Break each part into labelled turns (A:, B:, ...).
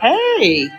A: Hey,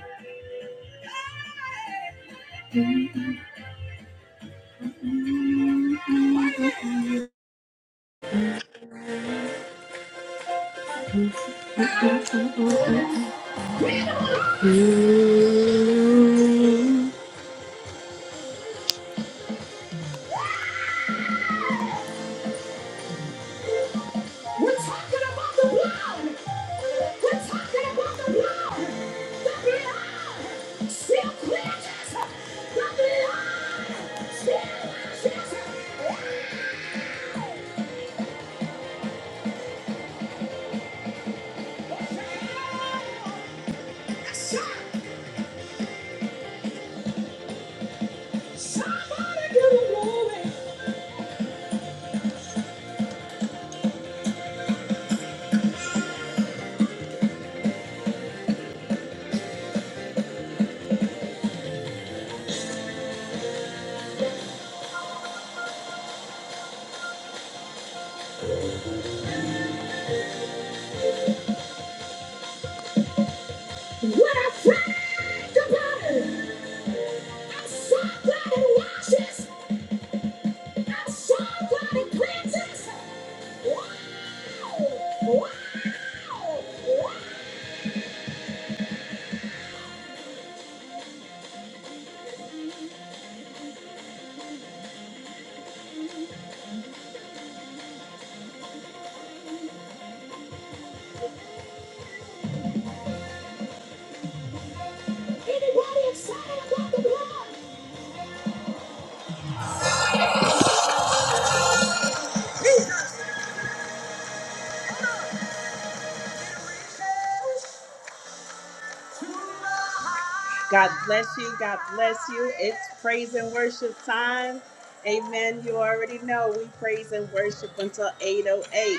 A: God bless you. God bless you. It's praise and worship time. Amen. You already know we praise and worship until 808.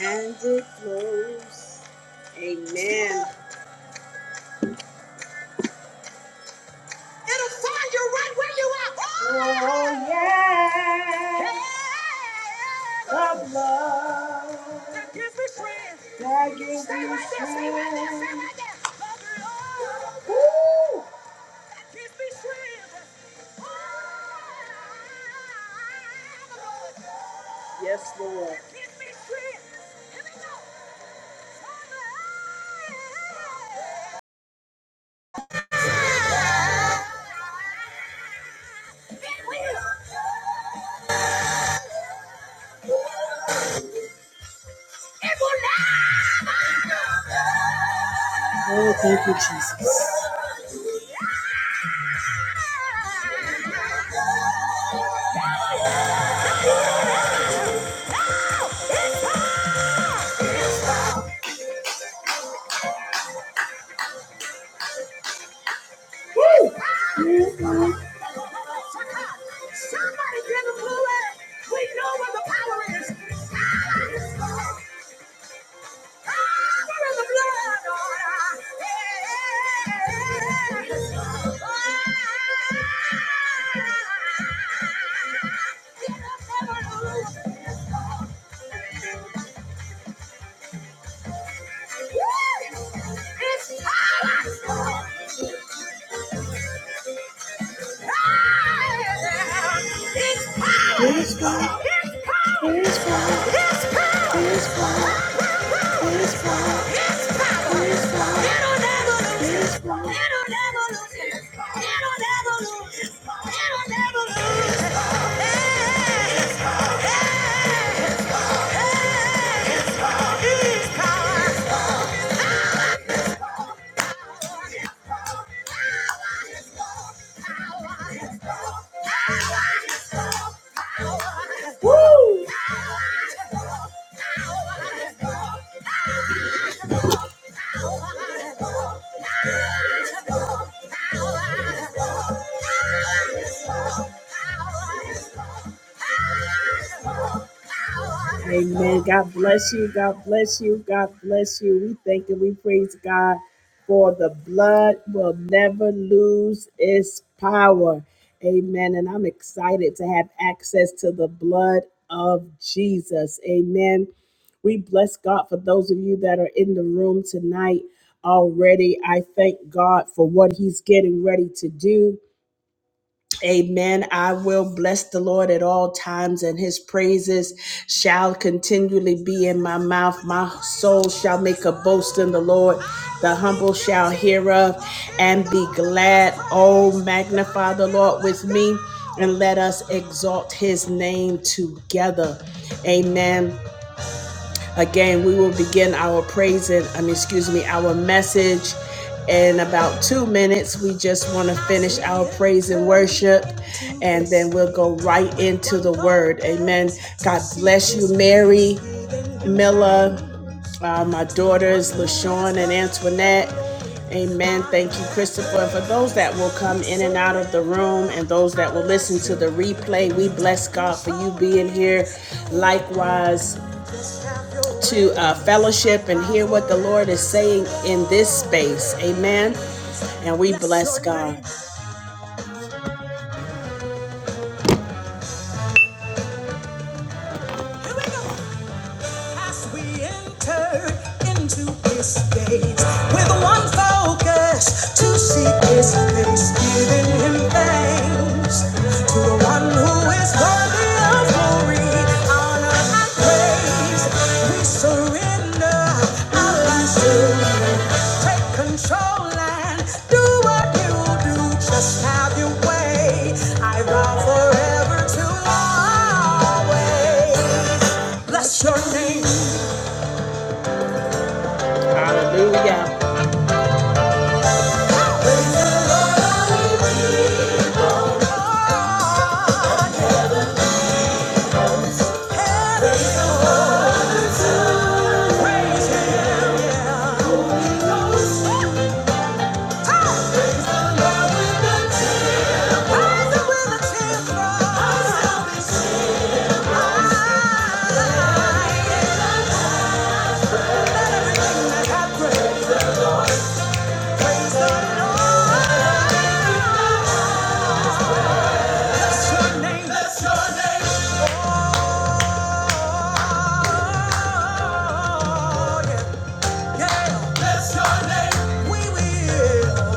A: And it flows. Amen. It'll find you right where you are. Oh, yeah. The blood. That gives me strength. That gives Stay me right there, stay right there, stay right there. The blood. Woo. That gives me strength. Yes, Lord. Oh, thank you, Jesus. Somebody get a blue We know where the power is. Power is in the blood. Yeah. Power is power. Power is power. Amen. God bless you. God bless you. God bless you. We thank and we praise God for the blood will never lose its power. Amen. And I'm excited to have access to the blood of Jesus. Amen. We bless God for those of you that are in the room tonight already. I thank God for what He's getting ready to do. Amen. I will bless the Lord at all times, and his praises shall continually be in my mouth. My soul shall make a boast in the Lord. The humble shall hear of and be glad. Oh, magnify the Lord with me, and let us exalt his name together. Amen. Again, we will begin our praise and, I mean, excuse me, our message in about two minutes. We just want to finish our praise and worship, and then we'll go right into the word. Amen. God bless you, Mary, Milla, uh, my daughters, LaShawn and Antoinette. Amen. Thank you, Christopher. And for those that will come in and out of the room and those that will listen to the replay, we bless God for you being here. Likewise, to uh, fellowship and hear what the Lord is saying in this space. Amen. And we bless God. Here we go. As we enter into His gates with one focus to seek His face, giving Him thanks to the one who is worthy of glory, honor, and praise. We surrender our lives to Take control and do what you do. Just have your way. I vow forever to always bless your name. Hallelujah. Rise up with a cheer for I bless your name. Bless your name. Oh, yeah. yeah. Bless your name. We will.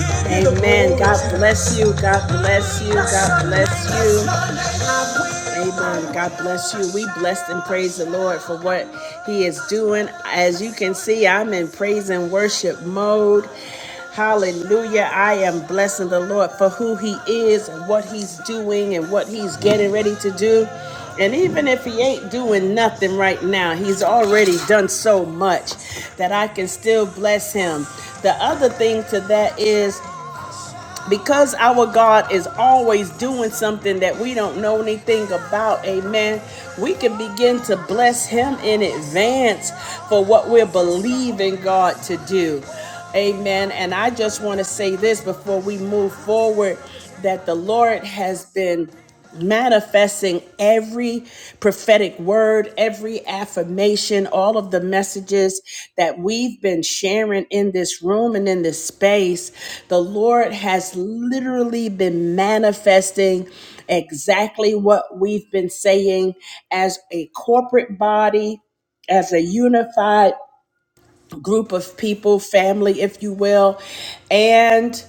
A: Amen. God bless you. God bless you. God bless you. Amen. God bless you. We bless and praise the Lord for what He is doing. As you can see, I'm in praise and worship mode. Hallelujah. I am blessing the Lord for who He is and what He's doing and what He's getting ready to do. And even if he ain't doing nothing right now, he's already done so much that I can still bless him. The other thing to that is because our God is always doing something that we don't know anything about, amen, we can begin to bless Him in advance for what we're believing God to do, amen. And I just want to say this before we move forward that the Lord has been manifesting every prophetic word, every affirmation, all of the messages that we've been sharing in this room and in this space. The Lord has literally been manifesting exactly what we've been saying as a corporate body, as a unified group of people, family, if you will, and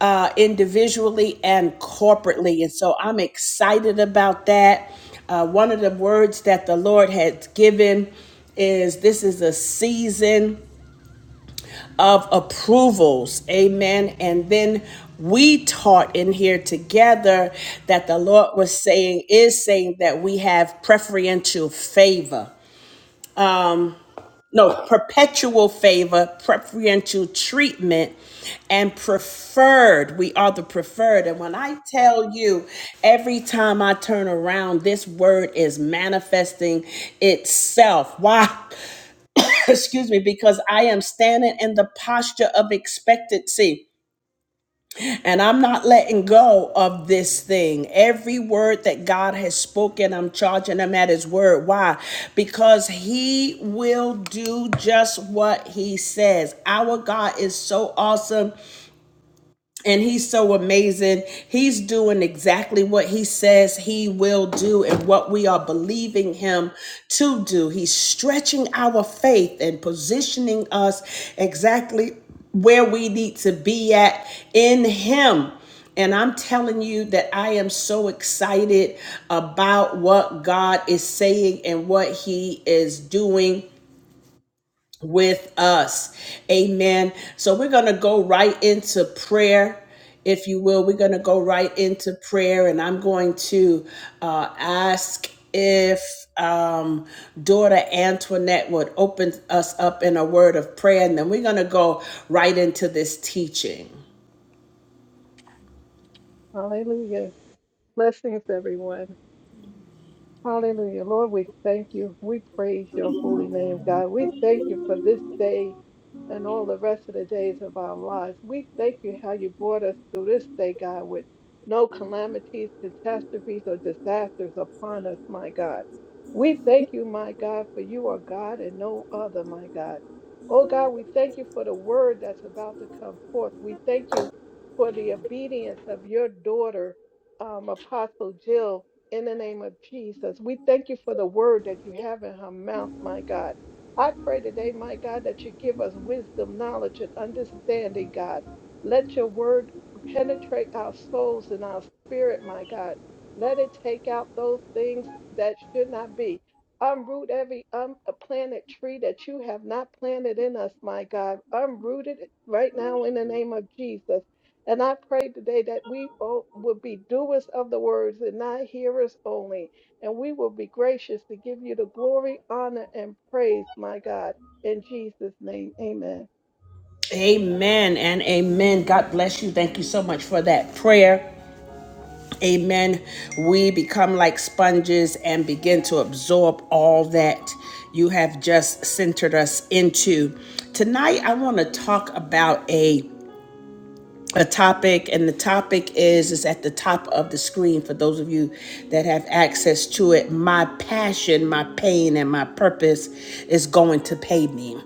A: uh, individually and corporately. And so I'm excited about that. Uh, one of the words that the Lord had given is this is a season of approvals. Amen. And then we taught in here together that the Lord was saying, is saying that we have preferential favor. no perpetual favor preferential treatment and preferred we are the preferred and when i tell you every time i turn around this word is manifesting itself why excuse me because i am standing in the posture of expectancy and I'm not letting go of this thing. Every word that God has spoken, I'm charging him at his word. Why? Because he will do just what he says. Our God is so awesome and he's so amazing. He's doing exactly what he says he will do and what we are believing him to do. He's stretching our faith and positioning us exactly where we need to be at in him. And I'm telling you that I am so excited about what God is saying and what he is doing with us. Amen. So we're going to go right into prayer. If you will, we're going to go right into prayer, and I'm going to uh, ask if um, daughter Antoinette would open us up in a word of prayer, and then we're going to go right into this teaching.
B: Hallelujah. Blessings, everyone. Hallelujah. Lord, we thank you. We praise your holy name, God. We thank you for this day and all the rest of the days of our lives. We thank you how you brought us through this day, God, with no calamities, catastrophes, or disasters upon us, my God. We thank you, my God, for you are God and no other, my God. Oh, God, we thank you for the word that's about to come forth. We thank you for the obedience of your daughter, um, Apostle Jill in the name of Jesus. We thank you for the word that you have in her mouth, my God. I pray today, my God, that you give us wisdom, knowledge, and understanding, God. Let your word penetrate our souls and our spirit, my God. Let it take out those things that should not be. Unroot every unplanted tree that you have not planted in us, my God. Unroot it right now in the name of Jesus. And I pray today that we bo- will be doers of the words and not hearers only. And we will be gracious to give you the glory, honor, and praise, my God. In Jesus' name, amen.
A: Amen and amen. God bless you. Thank you so much for that prayer. Amen. We become like sponges and begin to absorb all that you have just centered us into. Tonight, I want to talk about a a topic and the topic is is at the top of the screen for those of you that have access to it my passion my pain and my purpose is going to pay me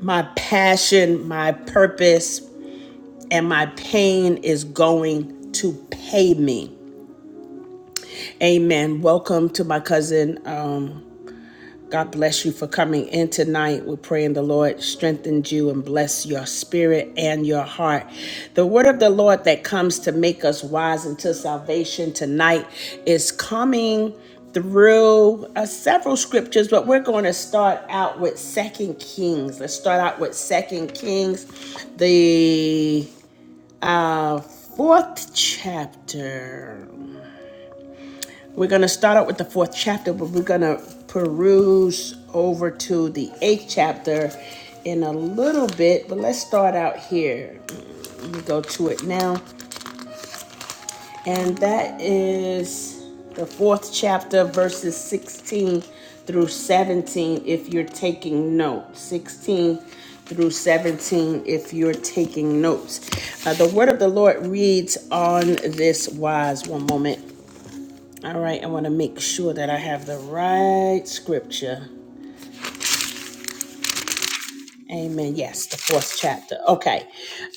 A: my passion my purpose and my pain is going to pay me Amen. Welcome to my cousin. Um, God bless you for coming in tonight. We're praying the Lord strengthens you and bless your spirit and your heart. The word of the Lord that comes to make us wise unto salvation tonight is coming through uh, several scriptures, but we're going to start out with Second Kings. Let's start out with Second Kings, the uh, fourth chapter. We're going to start out with the fourth chapter, but we're going to peruse over to the eighth chapter in a little bit. But let's start out here. Let me go to it now. And that is the fourth chapter, verses 16 through 17, if you're taking notes. 16 through 17, if you're taking notes. Uh, the word of the Lord reads on this wise. One moment. All right, I want to make sure that I have the right scripture. Amen. Yes, the fourth chapter. Okay.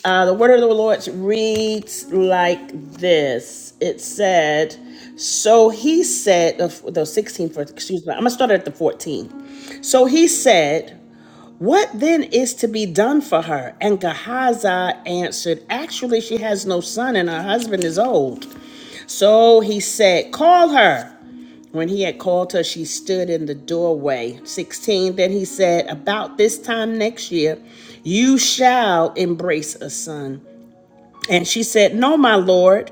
A: Uh, the word of the Lord reads like this It said, So he said, the the 16th verse, excuse me, I'm going to start at the 14th. So he said, What then is to be done for her? And Gehazi answered, Actually, she has no son and her husband is old. So he said, Call her. When he had called her, she stood in the doorway. 16. Then he said, About this time next year, you shall embrace a son. And she said, No, my Lord,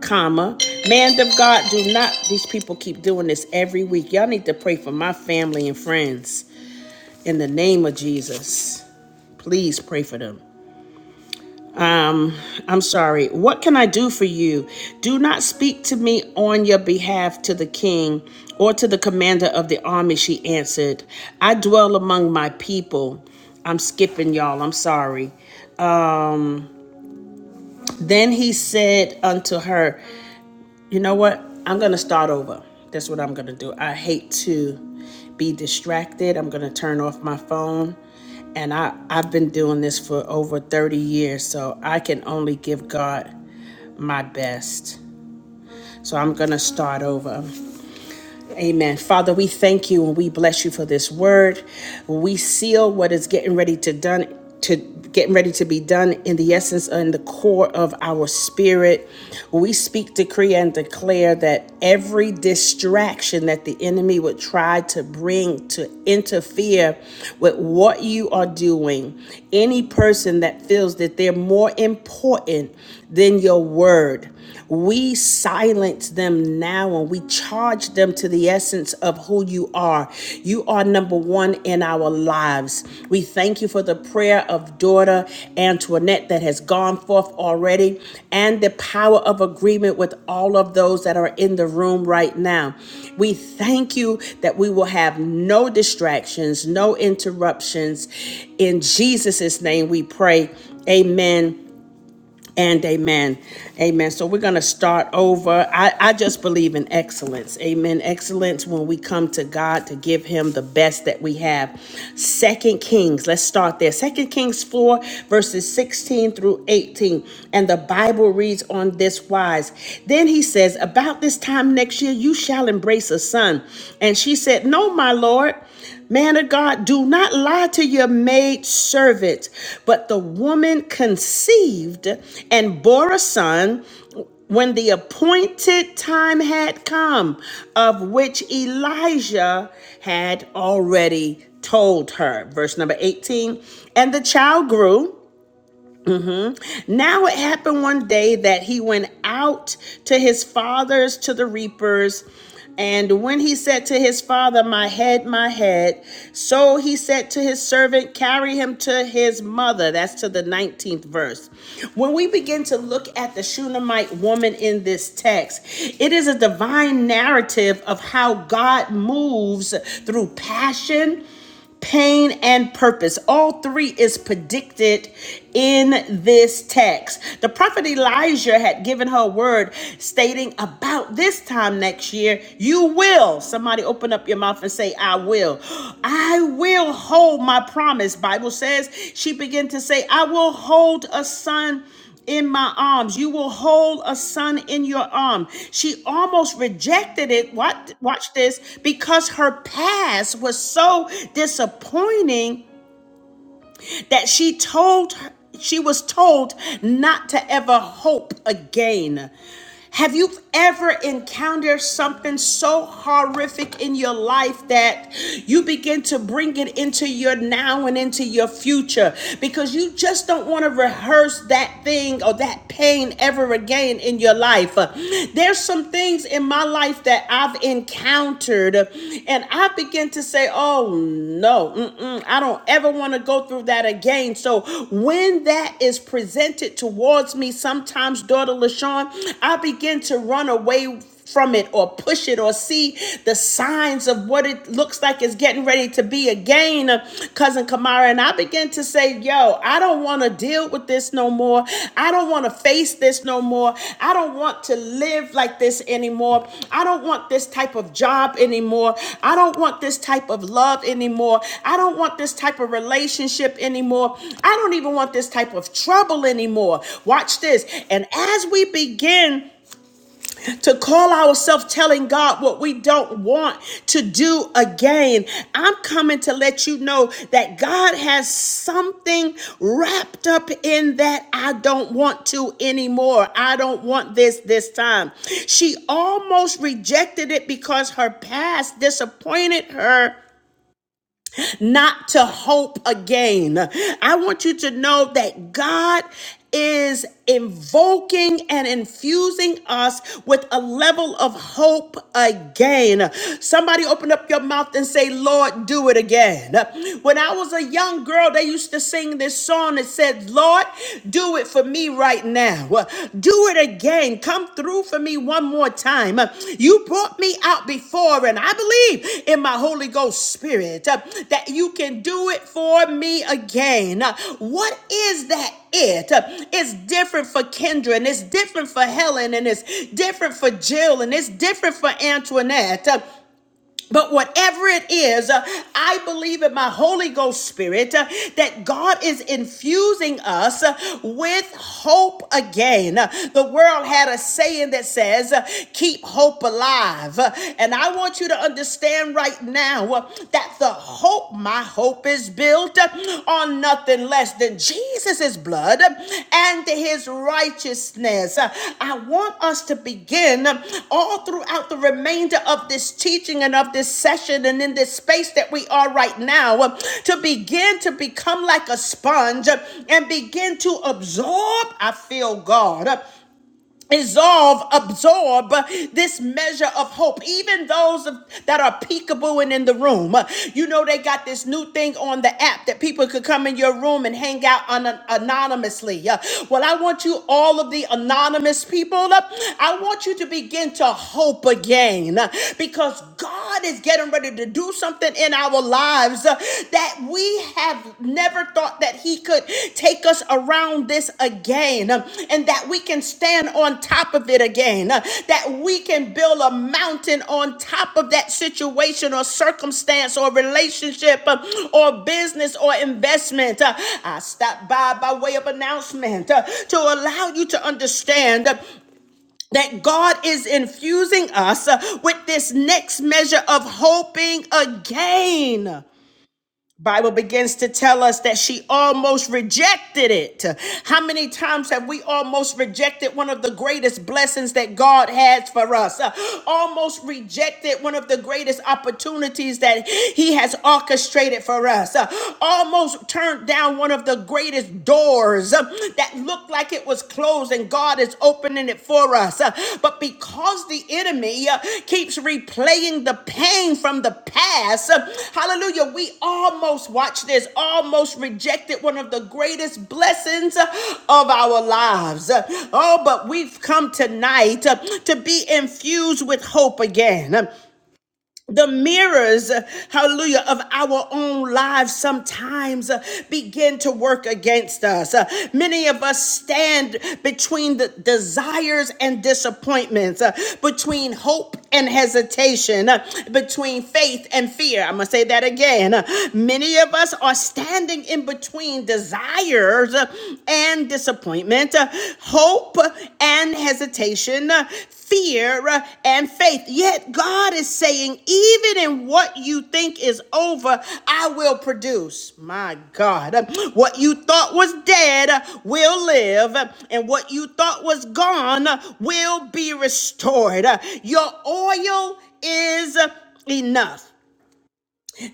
A: comma. Man of God, do not. These people keep doing this every week. Y'all need to pray for my family and friends in the name of Jesus. Please pray for them. Um, I'm sorry. What can I do for you? Do not speak to me on your behalf to the king or to the commander of the army, she answered. I dwell among my people. I'm skipping, y'all. I'm sorry. Then he said unto her, You know what? I'm going to start over. That's what I'm going to do. I hate to be distracted. I'm going to turn off my phone. And I, I've been doing this for over 30 years, so I can only give God my best. So I'm going to start over. Amen. Father, we thank you and we bless you for this word. We seal what is getting ready to done to getting ready to be done in the essence and the core of our spirit. We speak, decree, and declare that every distraction that the enemy would try to bring to interfere with what you are doing, any person that feels that they're more important than your word. We silence them now and we charge them to the essence of who you are. You are number one in our lives. We thank you for the prayer of daughter Antoinette that has gone forth already and the power of agreement with all of those that are in the room right now. We thank you that we will have no distractions, no interruptions. In Jesus' name we pray. Amen and amen. Amen. So we're going to start over. I, I just believe in excellence. Amen. Excellence when we come to God to give him the best that we have. Second Kings, let's start there. Second Kings 4, verses 16 through 18. And the Bible reads on this wise. Then he says, About this time next year, you shall embrace a son. And she said, No, my Lord. Man of God, do not lie to your maid servant. But the woman conceived and bore a son when the appointed time had come, of which Elijah had already told her. Verse number 18 And the child grew Mm-hmm. Now it happened one day that he went out to his fathers to the reapers. And when he said to his father, My head, my head, so he said to his servant, Carry him to his mother. That's to the 19th verse. When we begin to look at the Shunammite woman in this text, it is a divine narrative of how God moves through passion pain and purpose. All three is predicted in this text. The prophet Elijah had given her word stating about this time next year, you will. Somebody open up your mouth and say, I will. I will hold my promise. Bible says she began to say, I will hold a son in my arms. You will hold a son in your arm. She almost rejected it. What watch this because her past was so disappointing that she told her, she was told not to ever hope again. Have you ever encountered something so horrific in your life that you begin to bring it into your now and into your future because you just don't want to rehearse that thing or that pain ever again in your life? There's some some things in my life that I've encountered, and I begin to say, oh no, mm-mm, I don't ever want to go through that again. So when that is presented towards me, sometimes, daughter LaShawn, I begin to run away from it or push it or see the signs of what it looks like is getting ready to be again, uh, cousin Kamara. And I began to say, yo, I don't want to deal with this no more. I don't want to face this no more. I don't want to live like this anymore. I don't want this type of job anymore. I don't want this type of love anymore. I don't want this type of relationship anymore. I don't even want this type of trouble anymore. Watch this. And as we begin, to call ourselves telling God what we don't want to do again. I'm coming to let you know that God has something wrapped up in that I don't want to anymore. I don't want this this time. She almost rejected it because her past disappointed her not to hope again. I want you to know that God is invoking and infusing us with a level of hope again. Somebody open up your mouth and say, Lord, do it again. When I was a young girl, they used to sing this song that said, Lord, do it for me right now now. Do it again. Come through for me one more time. You brought me out before, and I believe in my Holy Ghost Spirit uh, that you can do it for me again. Uh, What is that? It Uh, it's different for Kendra, and it's different for Helen, and it's different for Jill, and it's different for Antoinette. Uh, but whatever it is, uh, I believe in my Holy Ghost Spirit uh, that God is infusing us uh, with hope again. Uh, The world had a saying that says, uh, keep hope alive. Uh, And I want you to understand right now uh, that the hope, my hope is built uh, on on nothing less than Jesus' blood and his righteousness. I want us to begin all throughout the remainder of this teaching and of this session and in this space that we are right now to begin to become like a sponge and begin to absorb. I feel God Resolve, absorb this measure of hope. Even those of- that are peekabooing in the room, you know they got this new thing on the app that people could come in your room and hang out on anonymously. Uh, Well, I want you all of the anonymous people. uh, I want you to begin to hope again uh, because because God is getting ready to do something in our lives uh, that we have never thought that He could take us around this again, uh, and that we can stand on top of it again, uh, that we can build a mountain on top of that situation or circumstance or relationship uh, or business or investment. Uh, I stopped by by way of announcement uh, to allow you to understand. uh, that God is infusing us uh, with this next measure of hoping again. Bible begins to tell us that she almost rejected it. How many times have we almost rejected one of the greatest blessings that God has for us? Uh, Almost rejected one of the greatest opportunities that he has orchestrated for us. Uh, Almost turned down one of the greatest doors uh, that looked like it was closed and God is opening it for us. Uh, But because the enemy uh, keeps replaying the pain from the past, uh, hallelujah, we almost, watch this, almost rejected one of the greatest blessings uh, of our lives. Uh, Oh, but we've come tonight uh, to be infused with hope again. Uh, the mirrors, uh, hallelujah, of our own lives sometimes uh, begin to work against us. Uh, Many of us stand between the desires and disappointments, uh, between hope and hesitation, uh, between faith and fear. I'm going to say that again. Uh, Many of us are standing in between desires uh, and disappointments disappointment, uh, hope and hesitation, uh, fear uh, and faith. Yet God is saying, even in what you think is over, I will produce. My God, uh, what you thought was dead uh, will live, uh, and what you thought was gone uh, will be restored. Uh, Your oil is uh, enough.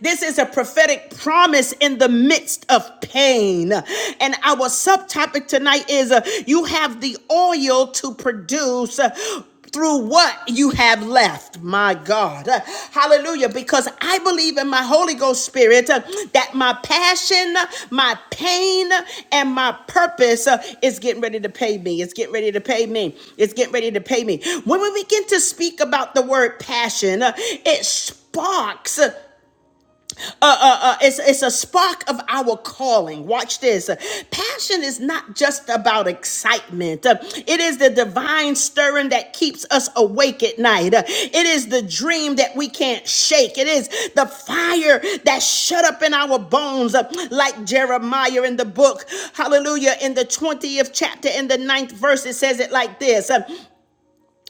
A: This is a prophetic promise in the midst of pain. And our subtopic tonight is uh, you have the oil to produce. uh, through what you have left, my God. Uh, Hallelujah. Because I believe in my Holy Ghost Spirit uh, that my passion, uh, my pain, uh, and my purpose uh, is getting ready to pay me. It's getting ready to pay me. It's getting ready to pay me. When we begin to speak about the word passion, uh, it sparks. Uh, uh, uh, uh, it's, it's a spark of our calling. Watch this. Passion is not just about excitement, Uh, it is the divine stirring that keeps us awake at night. Uh, It is the dream that we can't shake. It is the fire that's shut up in our bones, uh, like Jeremiah in the book. Hallelujah. In the 20th chapter, in the ninth verse, it says it like this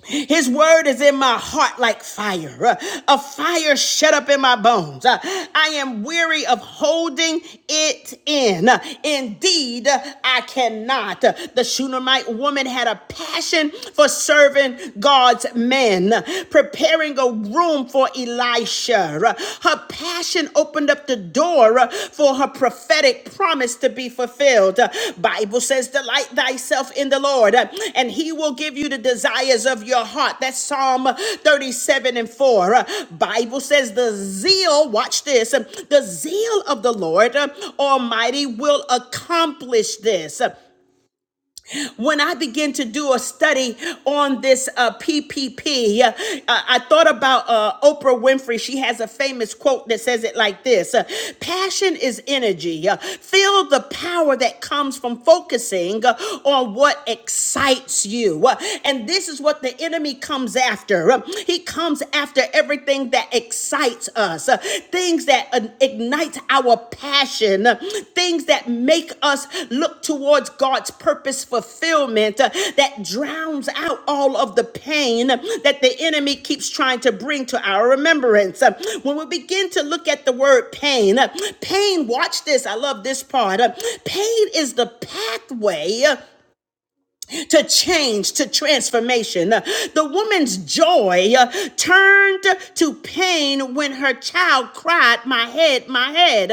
A: his word is in my heart like fire, uh, a fire shut up in my bones. Uh, I am weary of holding it in. Uh, Indeed, uh, I cannot. Uh, The Shunammite woman had a passion for serving God's men, uh, preparing a room for Elisha. Uh, Her passion Revelation opened up the door uh, for her prophetic promise to be fulfilled. Uh, Bible says, Delight thyself in the Lord, uh, and he will give you the desires of your heart. That's Psalm 37 and 4. Uh, Bible says, The zeal, watch this, uh, the zeal of the Lord uh, Almighty will accomplish this. When I began to do a study on this uh, PPP, uh, I thought about uh, Oprah Winfrey. She has a famous quote that says it like this uh, Passion is energy. Uh, feel the power that comes from focusing uh, on what excites you. Uh, and this is what the enemy comes after. Um, he comes after everything that excites ignite us, uh, things that uh, ignite our passion, uh, things that make us look towards God's purpose fulfillment, uh, that drowns out all of the pain that the enemy keeps trying to bring to our remembrance. Uh, When we begin to look at the word pain, uh, pain, watch this, I love this part. uh, Pain is the pathway to change, to transformation. The woman's joy uh, turned to pain when her child cried, My head, my head.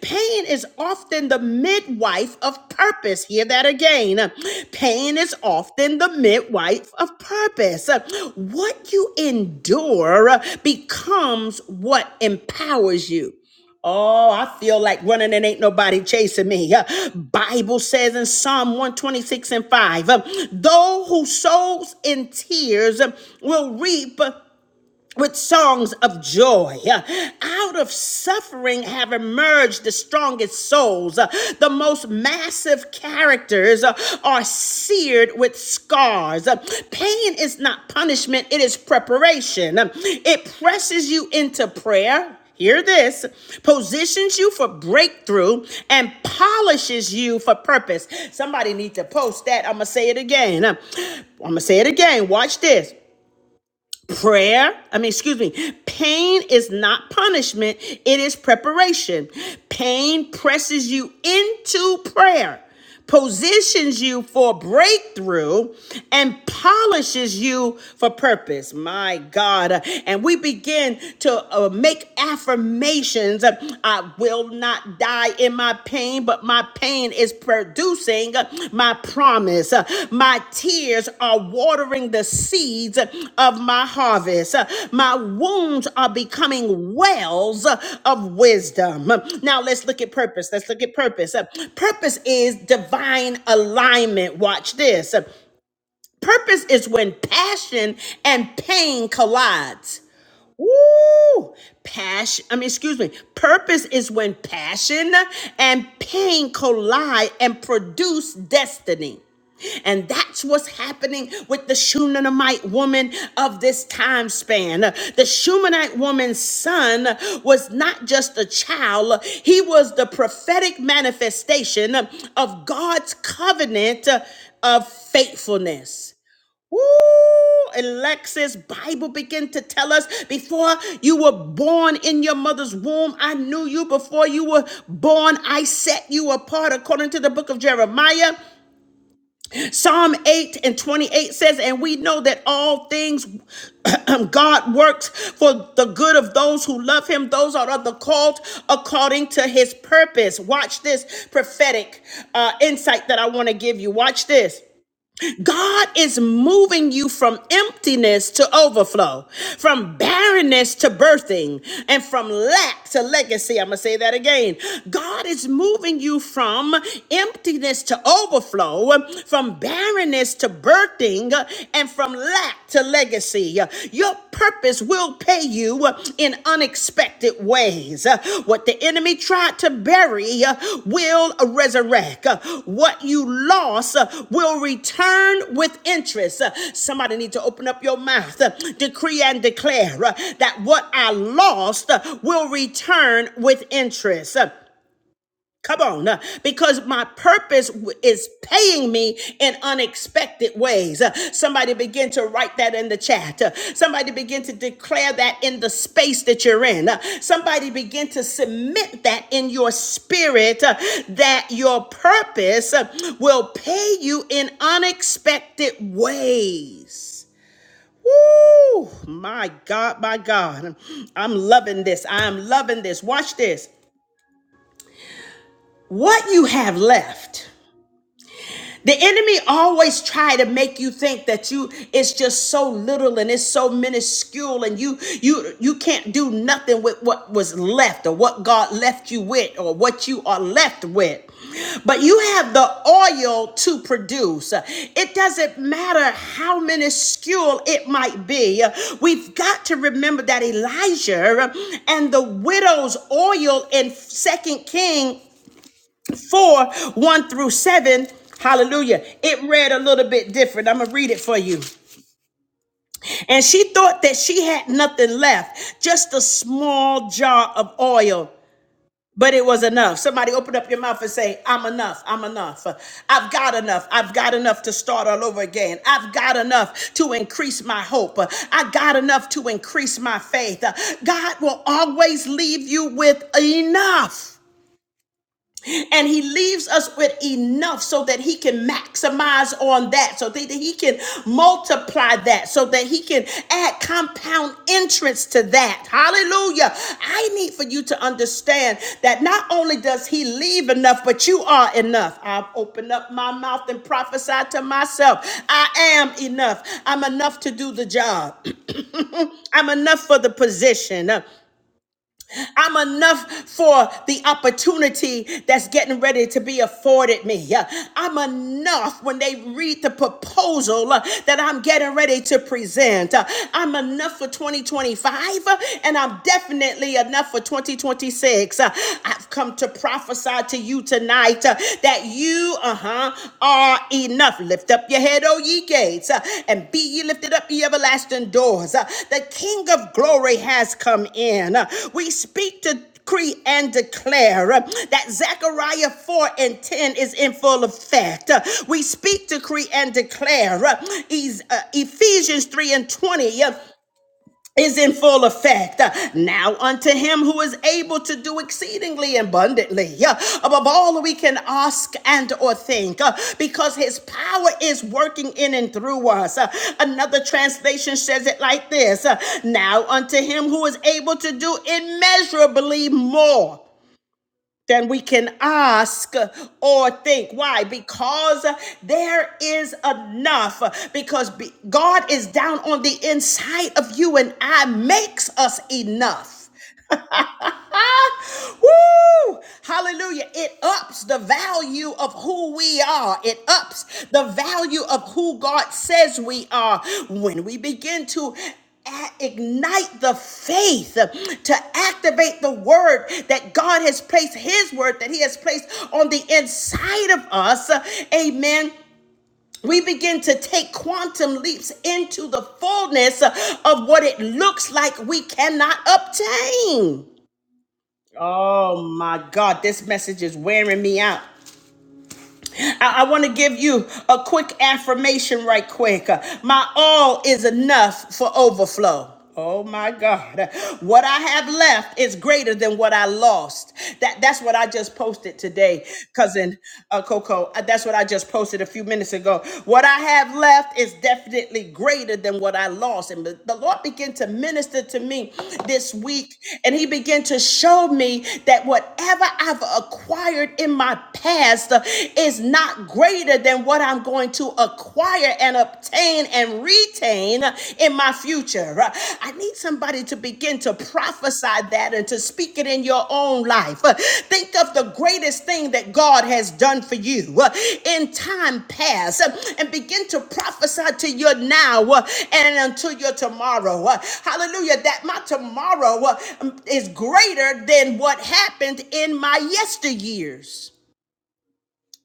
A: Pain is often the midwife of purpose. Hear that again. Pain is often the midwife of purpose. What you endure uh, becomes what empowers you. Oh, I feel like running and ain't nobody chasing me. Uh, Bible says in Psalm 126 and 5, uh, though who sows in tears uh, will reap uh, with songs of joy. Out of suffering have emerged the strongest souls. The most massive characters are seared with scars. Pain is not punishment, it is preparation. It presses you into prayer. Hear this positions you for breakthrough and polishes you for purpose. Somebody need to post that. I'm going to say it again. I'm going to say it again. Watch this Prayer, I mean, excuse me, pain is not punishment, it is preparation. Pain presses you into prayer, positions you for breakthrough, and polishes you for purpose. My God. And we begin to uh, make affirmations I will not die in my pain, but my pain is producing my promise. My tears are watering the seeds of my harvest. My wounds are becoming wells of wisdom. Now let's look at purpose. Let's look at purpose. Purpose is divine alignment. Watch this. Purpose is when passion and pain collide. Woo! Passion, I mean, excuse me. Purpose is when passion and pain collide and produce destiny. And that's what's happening with the Shunammite woman of this time span. The Shunammite woman's son was not just a child, he was the prophetic manifestation of God's covenant of faithfulness. Woo! Alexis, Bible begin to tell us before you were born in your mother's womb, I knew you. Before you were born, I set you apart according to the book of Jeremiah. Psalm 8 and 28 says, And we know that all things God works for the good of those who love him. Those are of the called according to his purpose. Watch this prophetic uh, insight that I want to give you. Watch this. God is moving you from emptiness to overflow, from barrenness to birthing, and from lack to legacy. I'm going to say that again. God is moving you from emptiness to overflow, from barrenness to birthing, and from lack to legacy. Your purpose will will pay you uh, in unexpected ways. Uh, What the enemy tried to bury uh, will resurrect. Uh, What you lost uh, will return with interest. Uh, Somebody need to open up your mouth, uh, decree and declare uh, that what I lost uh, will return with interest. Uh, Come on, uh, because my purpose w- is paying me in unexpected ways. Uh, Somebody begin to write that in the chat. Uh, Somebody begin to declare that in the space that you're in. Uh, Somebody begin to submit that in your spirit uh, that your purpose uh, will pay you in unexpected ways. Woo! My God, my God. I'm loving this. I'm loving this. Watch this. What you have left. The enemy always try to make you think that you it's just so little and it's so minuscule and you you you can't do nothing with what was left or what God left you with or what you are left with. But you have the oil to produce. It doesn't matter how minuscule it might be. We've got to remember that Elijah and the widow's oil in Second King. 4 1 through 7. Hallelujah. It read a little bit different. I'm going to read it for you. And she thought that she had nothing left, just a small jar of oil, but it was enough. Somebody open up your mouth and say, I'm enough. I'm enough. I've got enough. I've got enough to start all over again. I've got enough to increase my hope. I got enough to increase my faith. God will always leave you with enough. and he leaves us with enough so that he can maximize on that so that he can multiply that so that he can add compound entrance to that hallelujah i need for you to understand that not only does he leave enough but you are enough i've opened up my mouth and prophesied to myself i am enough i'm enough to do the job I'm enough for the position. I'm enough for the opportunity that's getting ready to be afforded me. Yeah. I'm enough when they read the proposal uh, that I'm getting ready to present. Uh, I'm enough for 2025 uh, and I'm definitely enough for 2026. Uh, I've come to prophesy to you tonight uh, that you, uh huh, are enough. Lift up your head, O ye gates, uh, and be ye lifted up, ye everlasting doors. Uh, The King of glory has come in. Uh, We speak to decree and declare uh, that Zechariah 4 and 10 is in full effect. Uh, We speak, decree, and declare uh, Es- uh, Ephesians 3 and 20. uh, is in full effect Uh, now unto him who is able to do exceedingly abundantly uh, above all that we can ask and or think uh, because his power is working in and through us Uh, another translation says it like this uh, now unto him who is able to do immeasurably more than we can ask or think. Why? Because there is enough. Because be- God is down on the inside of you and I, makes us enough. Woo! Hallelujah. It ups the value of who we are. It ups the value of who God says we are when we begin to ignite the faith to activate the word that God has placed, His word that He has placed on the inside of us. Amen. We begin to take quantum leaps into the fullness of what it looks like we cannot obtain. Oh my God, this message is wearing me out. I, I want to give you a quick affirmation, right quick. Uh, My all is enough for overflow. Oh my God. What I have left is greater than what I lost. That, that's what I just posted today, cousin uh, Coco. Uh, That's what I just posted a few minutes ago. What I have left is definitely greater than what I lost. And the the Lord began to minister to me this week, and He began to show me that whatever I've acquired in my past master is not greater than what I'm going to acquire and obtain and retain in my future. I need somebody to begin to prophesy that and to speak it in your own life. Think of the greatest thing that God has done for you in time past and begin to prophesy to your now and until your tomorrow. Hallelujah. That my tomorrow is greater than what happened in my yesteryears.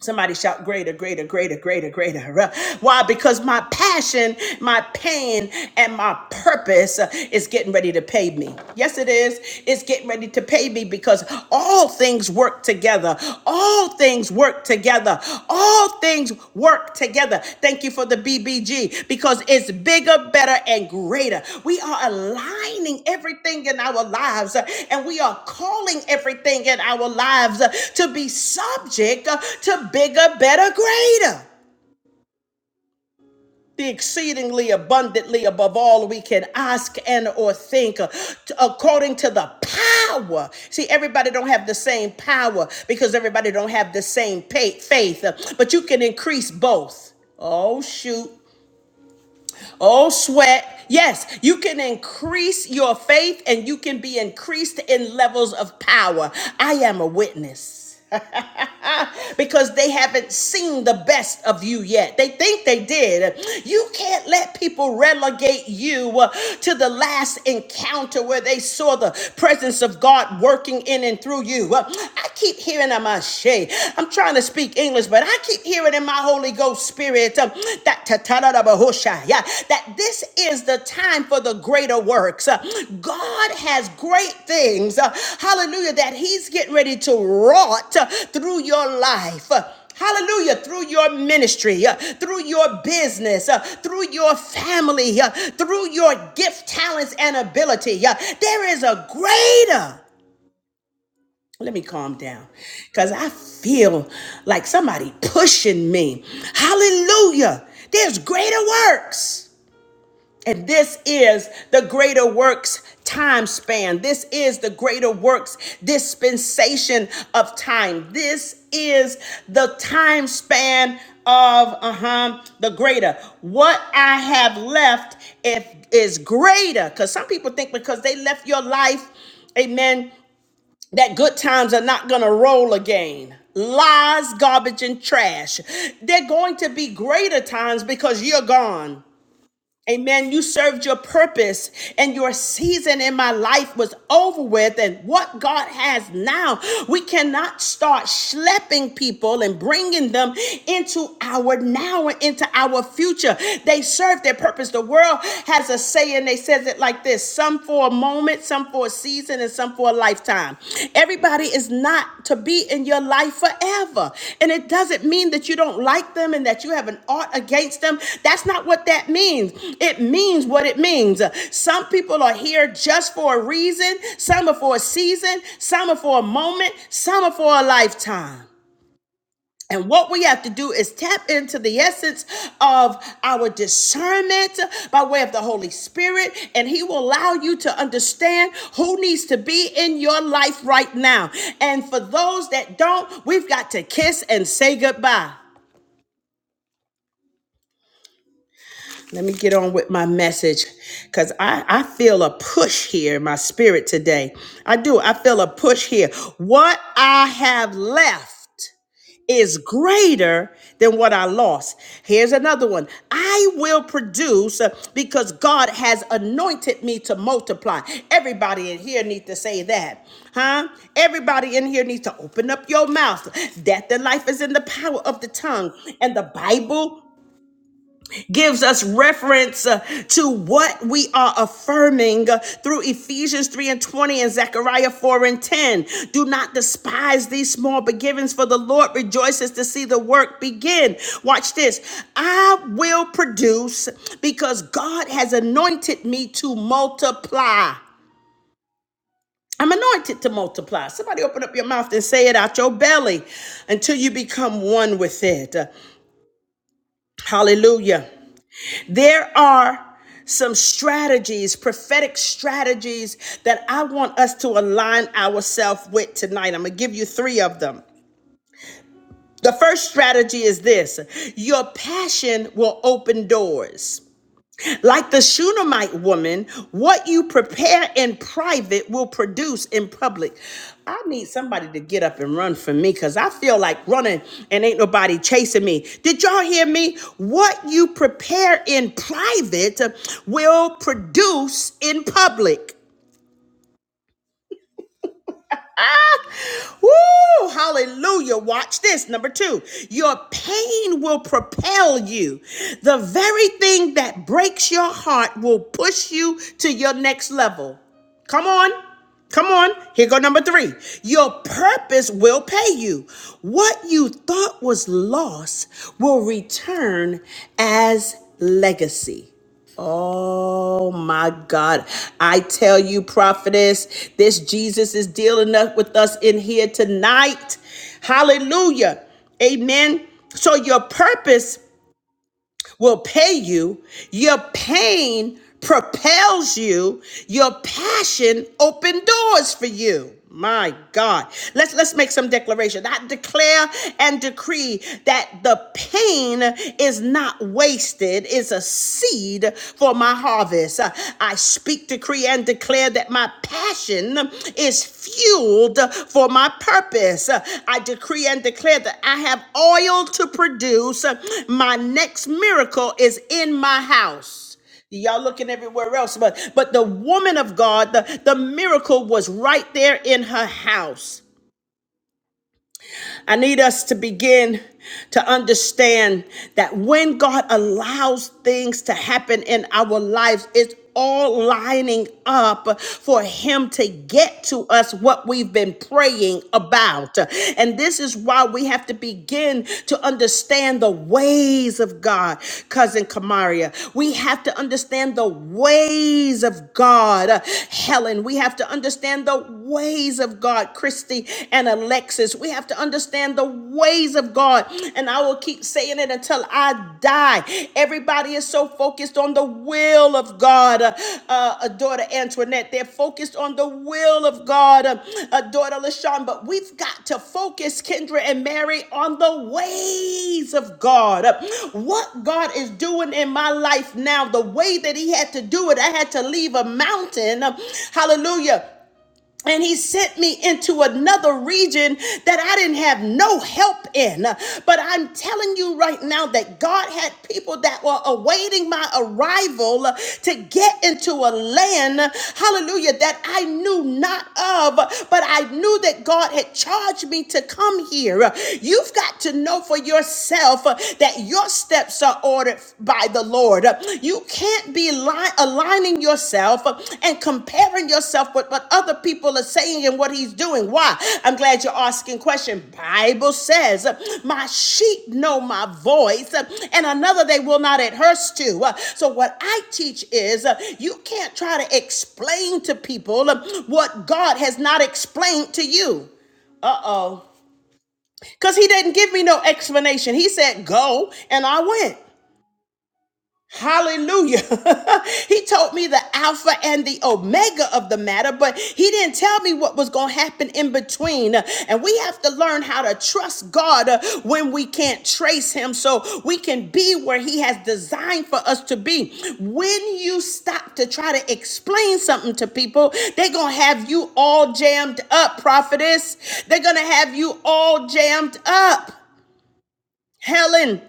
A: Somebody shout greater, greater, greater, greater, greater. Why? Because my passion, my pain, and my purpose uh, is getting ready to pay me. Yes, it is. It's getting ready to pay me because all things work together. All things work together. All all things work together. Thank you for the BBG because it's bigger, better, and greater. We are aligning everything in our lives uh, and we are calling everything in our lives uh, to be subject uh, to bigger, better, greater the exceedingly abundantly above all we can ask and or think uh, t- according to the power see everybody don't have the same power because everybody don't have the same pay- faith uh, but you can increase both oh shoot oh sweat yes you can increase your faith and you can be increased in levels of power i am a witness because they haven't seen the best of you yet. They think they did. You can't let people relegate you uh, to the last encounter where they saw the presence of God working in and through you. Uh, I keep hearing in my shade. I'm trying to speak English, but I keep hearing in my Holy Ghost spirit um, that ta- ta- da- da- ba- ho- sha- yeah, that this is the time for the greater works. Uh, God has great things, uh, hallelujah, that He's getting ready to wrought uh, through your life. Uh, Hallelujah, through your ministry, uh, through your business, uh, through your family, uh, through your gift, talents, and ability. Uh, There is a greater let me calm down because I feel like somebody pushing me. Hallelujah. There's greater works. And this is the greater works time span. This is the greater works dispensation of time. This is the time span of uh-huh the greater what i have left if is greater because some people think because they left your life amen that good times are not going to roll again. Lies, garbage, and trash. They're going to be greater times because you're gone. Amen. You served your purpose and your season in my life was over with. And what God has now, we cannot start schlepping people and bringing them into our now and into our future. They serve their purpose. The world has a saying, they says it like this some for a moment, some for a season season and some for a lifetime. Everybody is not to be in your life forever. And it doesn't mean that you don't like them and that you have an art against them. That's not what that means. It means what it means. Some people are here just for a reason, some are for a season, some are for a moment, some are for a lifetime. And what we have to do is tap into the essence of our discernment by way of the Holy Spirit, and He will allow you to understand who needs to be in your life right now. And for those that don't, we've got to kiss and say goodbye. Let me get on with my message because I, I feel a push here in my spirit today. I do. I feel a push here. What I have left. is greater than what I lost. Here's another one. I will produce uh, because God has anointed me to multiply. Everybody in here needs to say that. Huh? Everybody in here needs to open up your mouth. Death and life is in the power of the tongue. And the Bible gives us reference uh, to what we are affirming uh, through Ephesians 3 and 20 and Zechariah 4 and 10. Do not despise these small beginnings, for the Lord rejoices to see the work begin. Watch this. I will produce because God has anointed me to multiply. I'm anointed to multiply. Somebody open up your mouth and say it out your belly until you become one with it. Hallelujah. There are some strategies, prophetic strategies that I want us to align ourselves with tonight. I'm going to give you three of them. The first strategy is this your passion will open doors. Like the Shunammite woman, what you prepare in private will produce in public. I need somebody to get up and run for me because I feel like running and ain't nobody chasing me. Did y'all hear me? What you prepare in private will produce in public. Woo! Hallelujah. Watch this. Number two, your pain will propel you. The very thing that breaks your heart will push you to your next level. Come on. Come on. Here go number three. Your purpose will pay you. What you thought was lost will return as legacy. Oh my God. I tell you, prophetess, this Jesus is dealing up with us in here tonight. Hallelujah. Amen. So your purpose will pay you. Your pain propels you. Your passion opens doors for you. My God. Let's let's make some declaration. I declare and decree that the pain is not wasted. It's a seed for my harvest. I speak decree decree and declare that my passion is fueled for my purpose. I decree and declare that I have oil to produce. My next miracle is in my house. Y'all looking everywhere else, but but the woman of God, the, the miracle was right there in her house. I need us to begin to understand that when God allows things to happen in our lives, it's all lining up for him to get to us what we've been praying about. And this is why we have to begin to understand the ways of God, cousin Kamaria. We have to understand the ways of God, Helen. We have to understand the ways of God, Christine. Christy and Alexis. We have to understand the ways of God. And I will keep saying it until I die. Everybody is so focused on the will of God. Uh, uh, daughter Antoinette, they're focused on the will of God. Uh, uh, daughter LaShawn, but we've got to focus, Kendra and Mary, on the ways of God. Uh, What God is doing in my life now, the way that He had to do it, I had to leave a mountain. uh, Hallelujah and he sent me into another region that I didn't have no help in. But I'm telling you right now that God had people that were awaiting my arrival to get into a land, hallelujah, that I knew not of, but I knew that God had charged me to come here. You've got to know for yourself that your steps are ordered by the Lord. You can't be li- aligning yourself and comparing yourself with what other people are saying and what he's doing. Why? I'm glad you're asking question. Bible says, "My sheep know my voice, and another they will not adherse to." So what I teach is, uh, you can't try to explain to people uh, what God has not explained to you. Uh-oh. Cuz he didn't give me no explanation. He said, "Go," and I went. Hallelujah. he told me the Alpha and the Omega of the matter, but he didn't tell me what was going to happen in between. And we have to learn how to trust God uh, when we can't trace him so we can be where he has designed for us to be. When you stop to try to explain something to people, they're going to have you all jammed up, prophetess. They're going to have you all jammed up. Helen.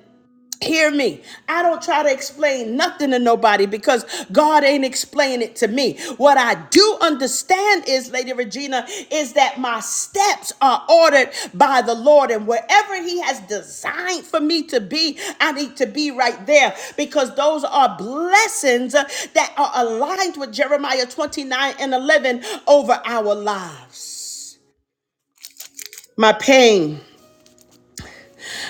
A: Hear me. I don't try to explain nothing to nobody because God ain't explaining it to me. What I do understand is, Lady Regina, is that my steps are ordered by the Lord, and wherever He has designed for me to be, I need to be right there because those are blessings uh, that are aligned with Jeremiah 29 and 11 over our lives. My pain.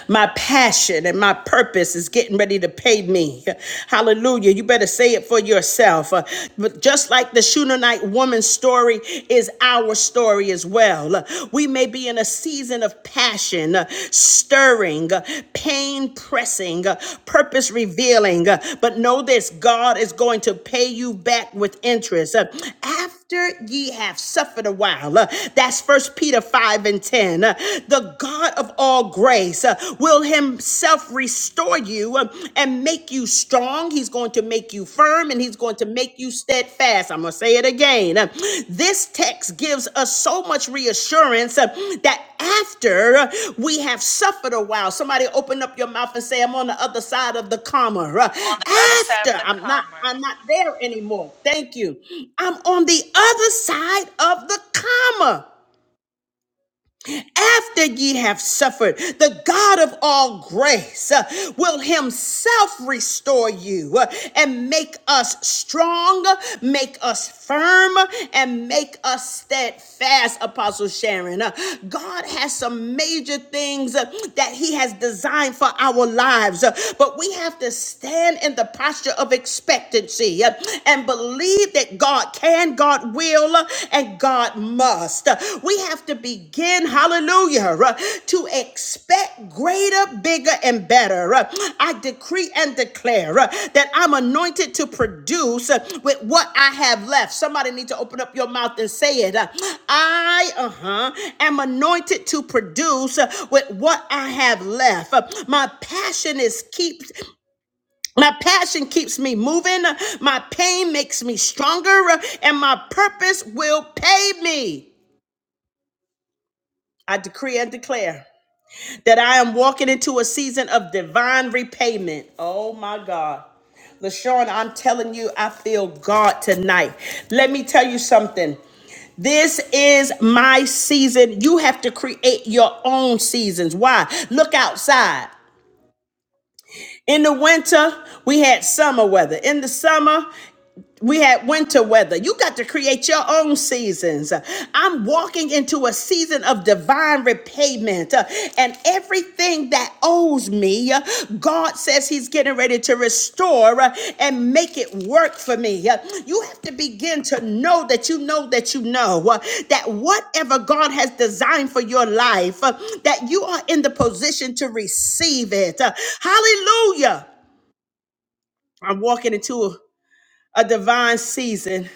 A: My passion and my purpose is getting ready to pay me. Hallelujah. You better say it for yourself. Uh, But just like the Shunammite woman's story is our story as well. Uh, We may be in a season of passion, uh, stirring, uh, pain pressing, uh, purpose revealing. uh, But know this God is going to pay you back with interest. Uh, After after ye have suffered a while. Uh, That's First Peter 5 and 10. Uh, The God of all grace uh, will himself restore you uh, and make you strong. He's going to make you firm and he's going to make you steadfast. I'm going to say it again. Uh, This text 6 gives us so much reassurance uh, that after we have suffered a while, somebody open up your mouth and say, I'm on the other side of the comma. Uh,
C: I'm on the other side of
A: After
C: the
A: I'm not,
C: comma.
A: I'm not there anymore. Thank you. I'm on the other side of the comma. After ye have suffered, the God of all grace uh, will himself restore you uh, and make us strong, make us firm, and make us steadfast, Apostle Sharon. Uh, God has some major things uh, that he has designed for our lives, uh, but we have to stand in the posture of expectancy uh, and believe that God God can, God will, and God must. We have to begin, hallelujah, to expect greater, bigger, and better. I decree and declare that I'm anointed to produce with what I have left. Somebody need to open up your mouth and say it. I, uh huh, am anointed to produce with what I have left. My passion is keep my passion keeps me moving. My pain makes me stronger, and my purpose will pay me. I decree and declare that I am walking into a season of divine repayment. Oh my God. LaShawn, I'm telling you, I feel God tonight. Let me tell you something. This is my season. You have to create your own seasons. Why? Look outside. In the winter, we had summer weather. In the summer, We had winter weather. You got to create your own seasons. I'm walking into a season of divine repayment. uh, And everything that owes me, uh, God says He's getting ready to restore uh, and make it work for me. Uh, You have to begin to know that you know that you know uh, that whatever God has designed for your life, uh, that you are in the position to receive it. Uh, Hallelujah. I'm walking into a a divine season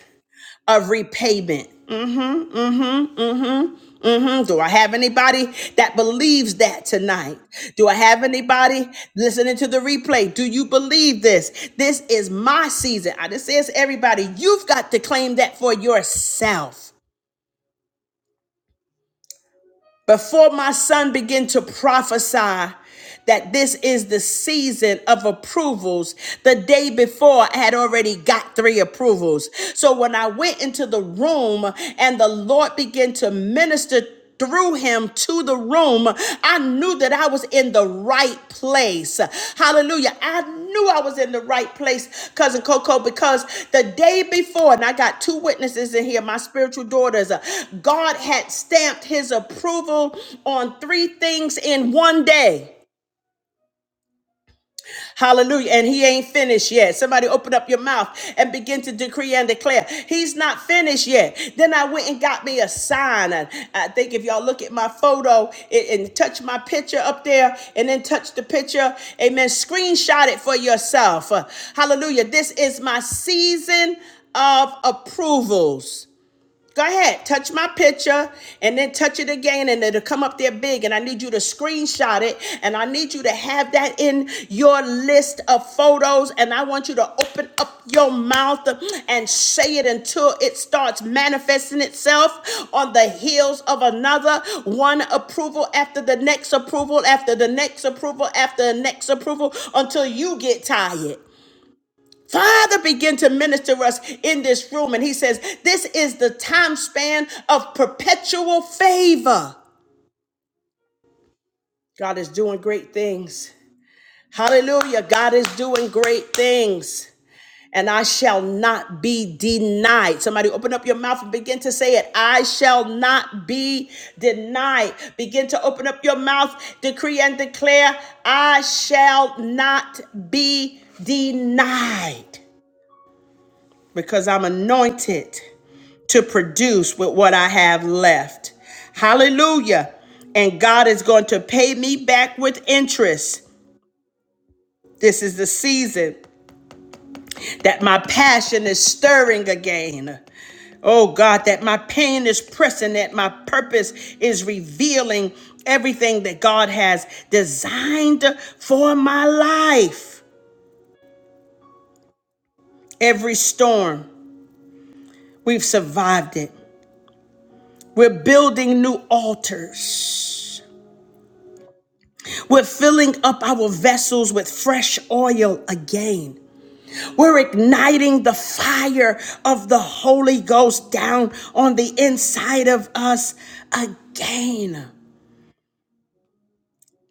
A: of repayment. Mm-hmm, mm-hmm, mm-hmm, mm-hmm. Do I have anybody that believes that tonight? Do I have anybody listening to the replay? Do you believe this? This is my season. I just says everybody, you've got to claim that for yourself. Before my son began to prophesy that this is the season of approvals, the day before I had already got three approvals. So when I went into the room and the Lord began to minister through him to the room. I knew that I was in the right place. Hallelujah. I knew I was in the right place, cousin Coco, because the day before, and I got two witnesses in here, my spiritual daughters, uh, God had stamped his approval on three things in one day. Hallelujah. And he ain't finished yet. Somebody open up your mouth and begin to decree and declare. He's not finished yet. Then I went and got me a sign. And I think if y'all look at my photo and, and touch my picture up there and then touch the picture, amen. Screenshot it for yourself. Uh, Hallelujah. This is my season of approvals. Go ahead, touch my picture and then touch it again, and it'll come up there big. And I need you to screenshot it, and I need you to have that in your list of photos. And I want you to open up your mouth and say it until it starts manifesting itself on the heels of another one approval after the next approval, after the next approval, after the next approval, until you get tired. Father began to minister us in this room, and He says, This is the time span of perpetual favor. God is doing great things. Hallelujah. God is doing great things. And I shall not be denied. Somebody open up your mouth and begin to say it. I shall not be denied. Begin to open up your mouth, decree and declare, I shall not be denied. because I'm anointed to produce with what I have left. Hallelujah. And God is going to pay me back with interest. This is the season that my passion is stirring again. Oh God, that my pain is pressing, that my purpose is revealing everything that God has designed for my life. Every storm, we've survived it. We're building new altars We're filling up our vessels with fresh oil again. We're igniting the fire of the Holy Ghost down on the inside of us again.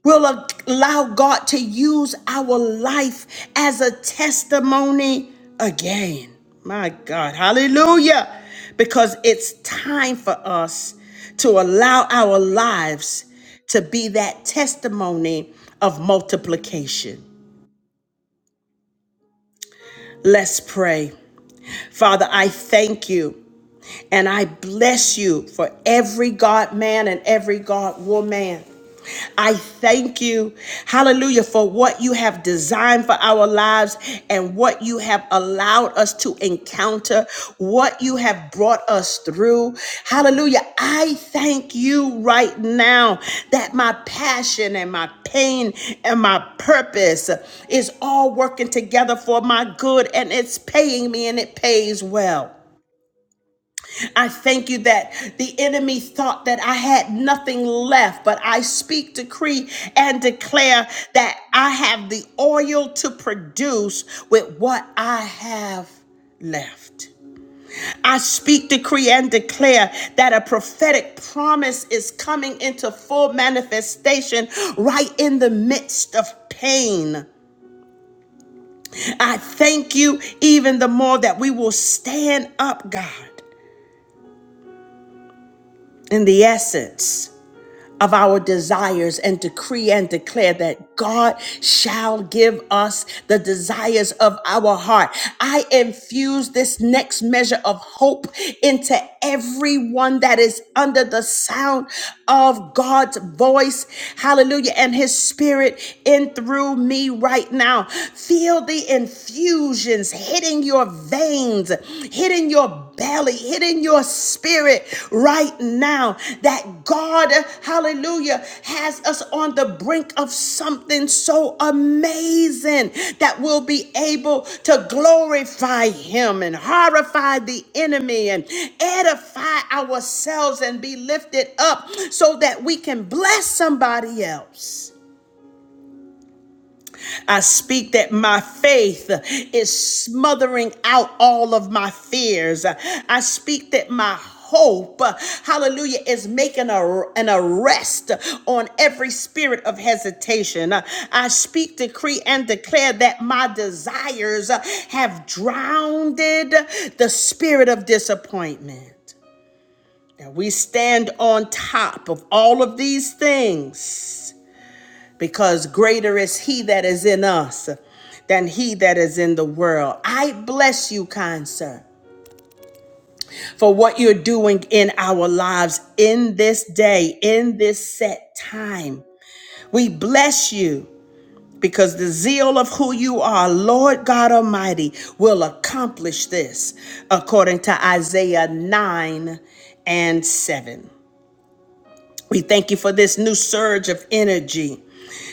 A: We'll allow God to use our life as a testimony again. My God, hallelujah. Because it's time for us to allow our lives to be that testimony of multiplication. Let's pray. Father, I thank you and I bless you for every God man and every God woman. I thank you, hallelujah, for what you have designed for our lives and what you have allowed us to encounter, what you have brought us through. Hallelujah. I thank you right now that my passion and my pain and my purpose is all working together for my good and it's paying me and it pays well. I thank you that the enemy thought that I had nothing left, but I speak, decree, and declare that I have the oil to produce with what I have left. I speak, decree, and declare that a prophetic promise is coming into full manifestation right in the midst of pain. I thank you even the more that we will stand up, God. in the essence of our desires and decree and declare that God shall give us the desires of our heart. I infuse this next measure of hope into everyone that is under the sound of God's voice. Hallelujah. And his spirit in through me right now. Feel the infusions hitting your veins, hitting your belly, hit in your spirit right now that God, hallelujah, has us on the brink of something so amazing that we'll be able to glorify Him and horrify the enemy and edify ourselves and be lifted up so that we can bless somebody else. I speak that my faith is smothering out all of my fears. I speak that my hope, hallelujah, is making a, an arrest on every spirit of hesitation. I speak, decree, and declare that my desires have drowned the spirit of disappointment. Now we stand on top of all of these things because greater is he that is in us than he that is in the world. I bless you, kind sir, for what you're doing in our lives in this day, in this set time. We bless you because the zeal of who you are, Lord God Almighty, will accomplish this according to Isaiah 9 and 7. We thank you for this new surge of energy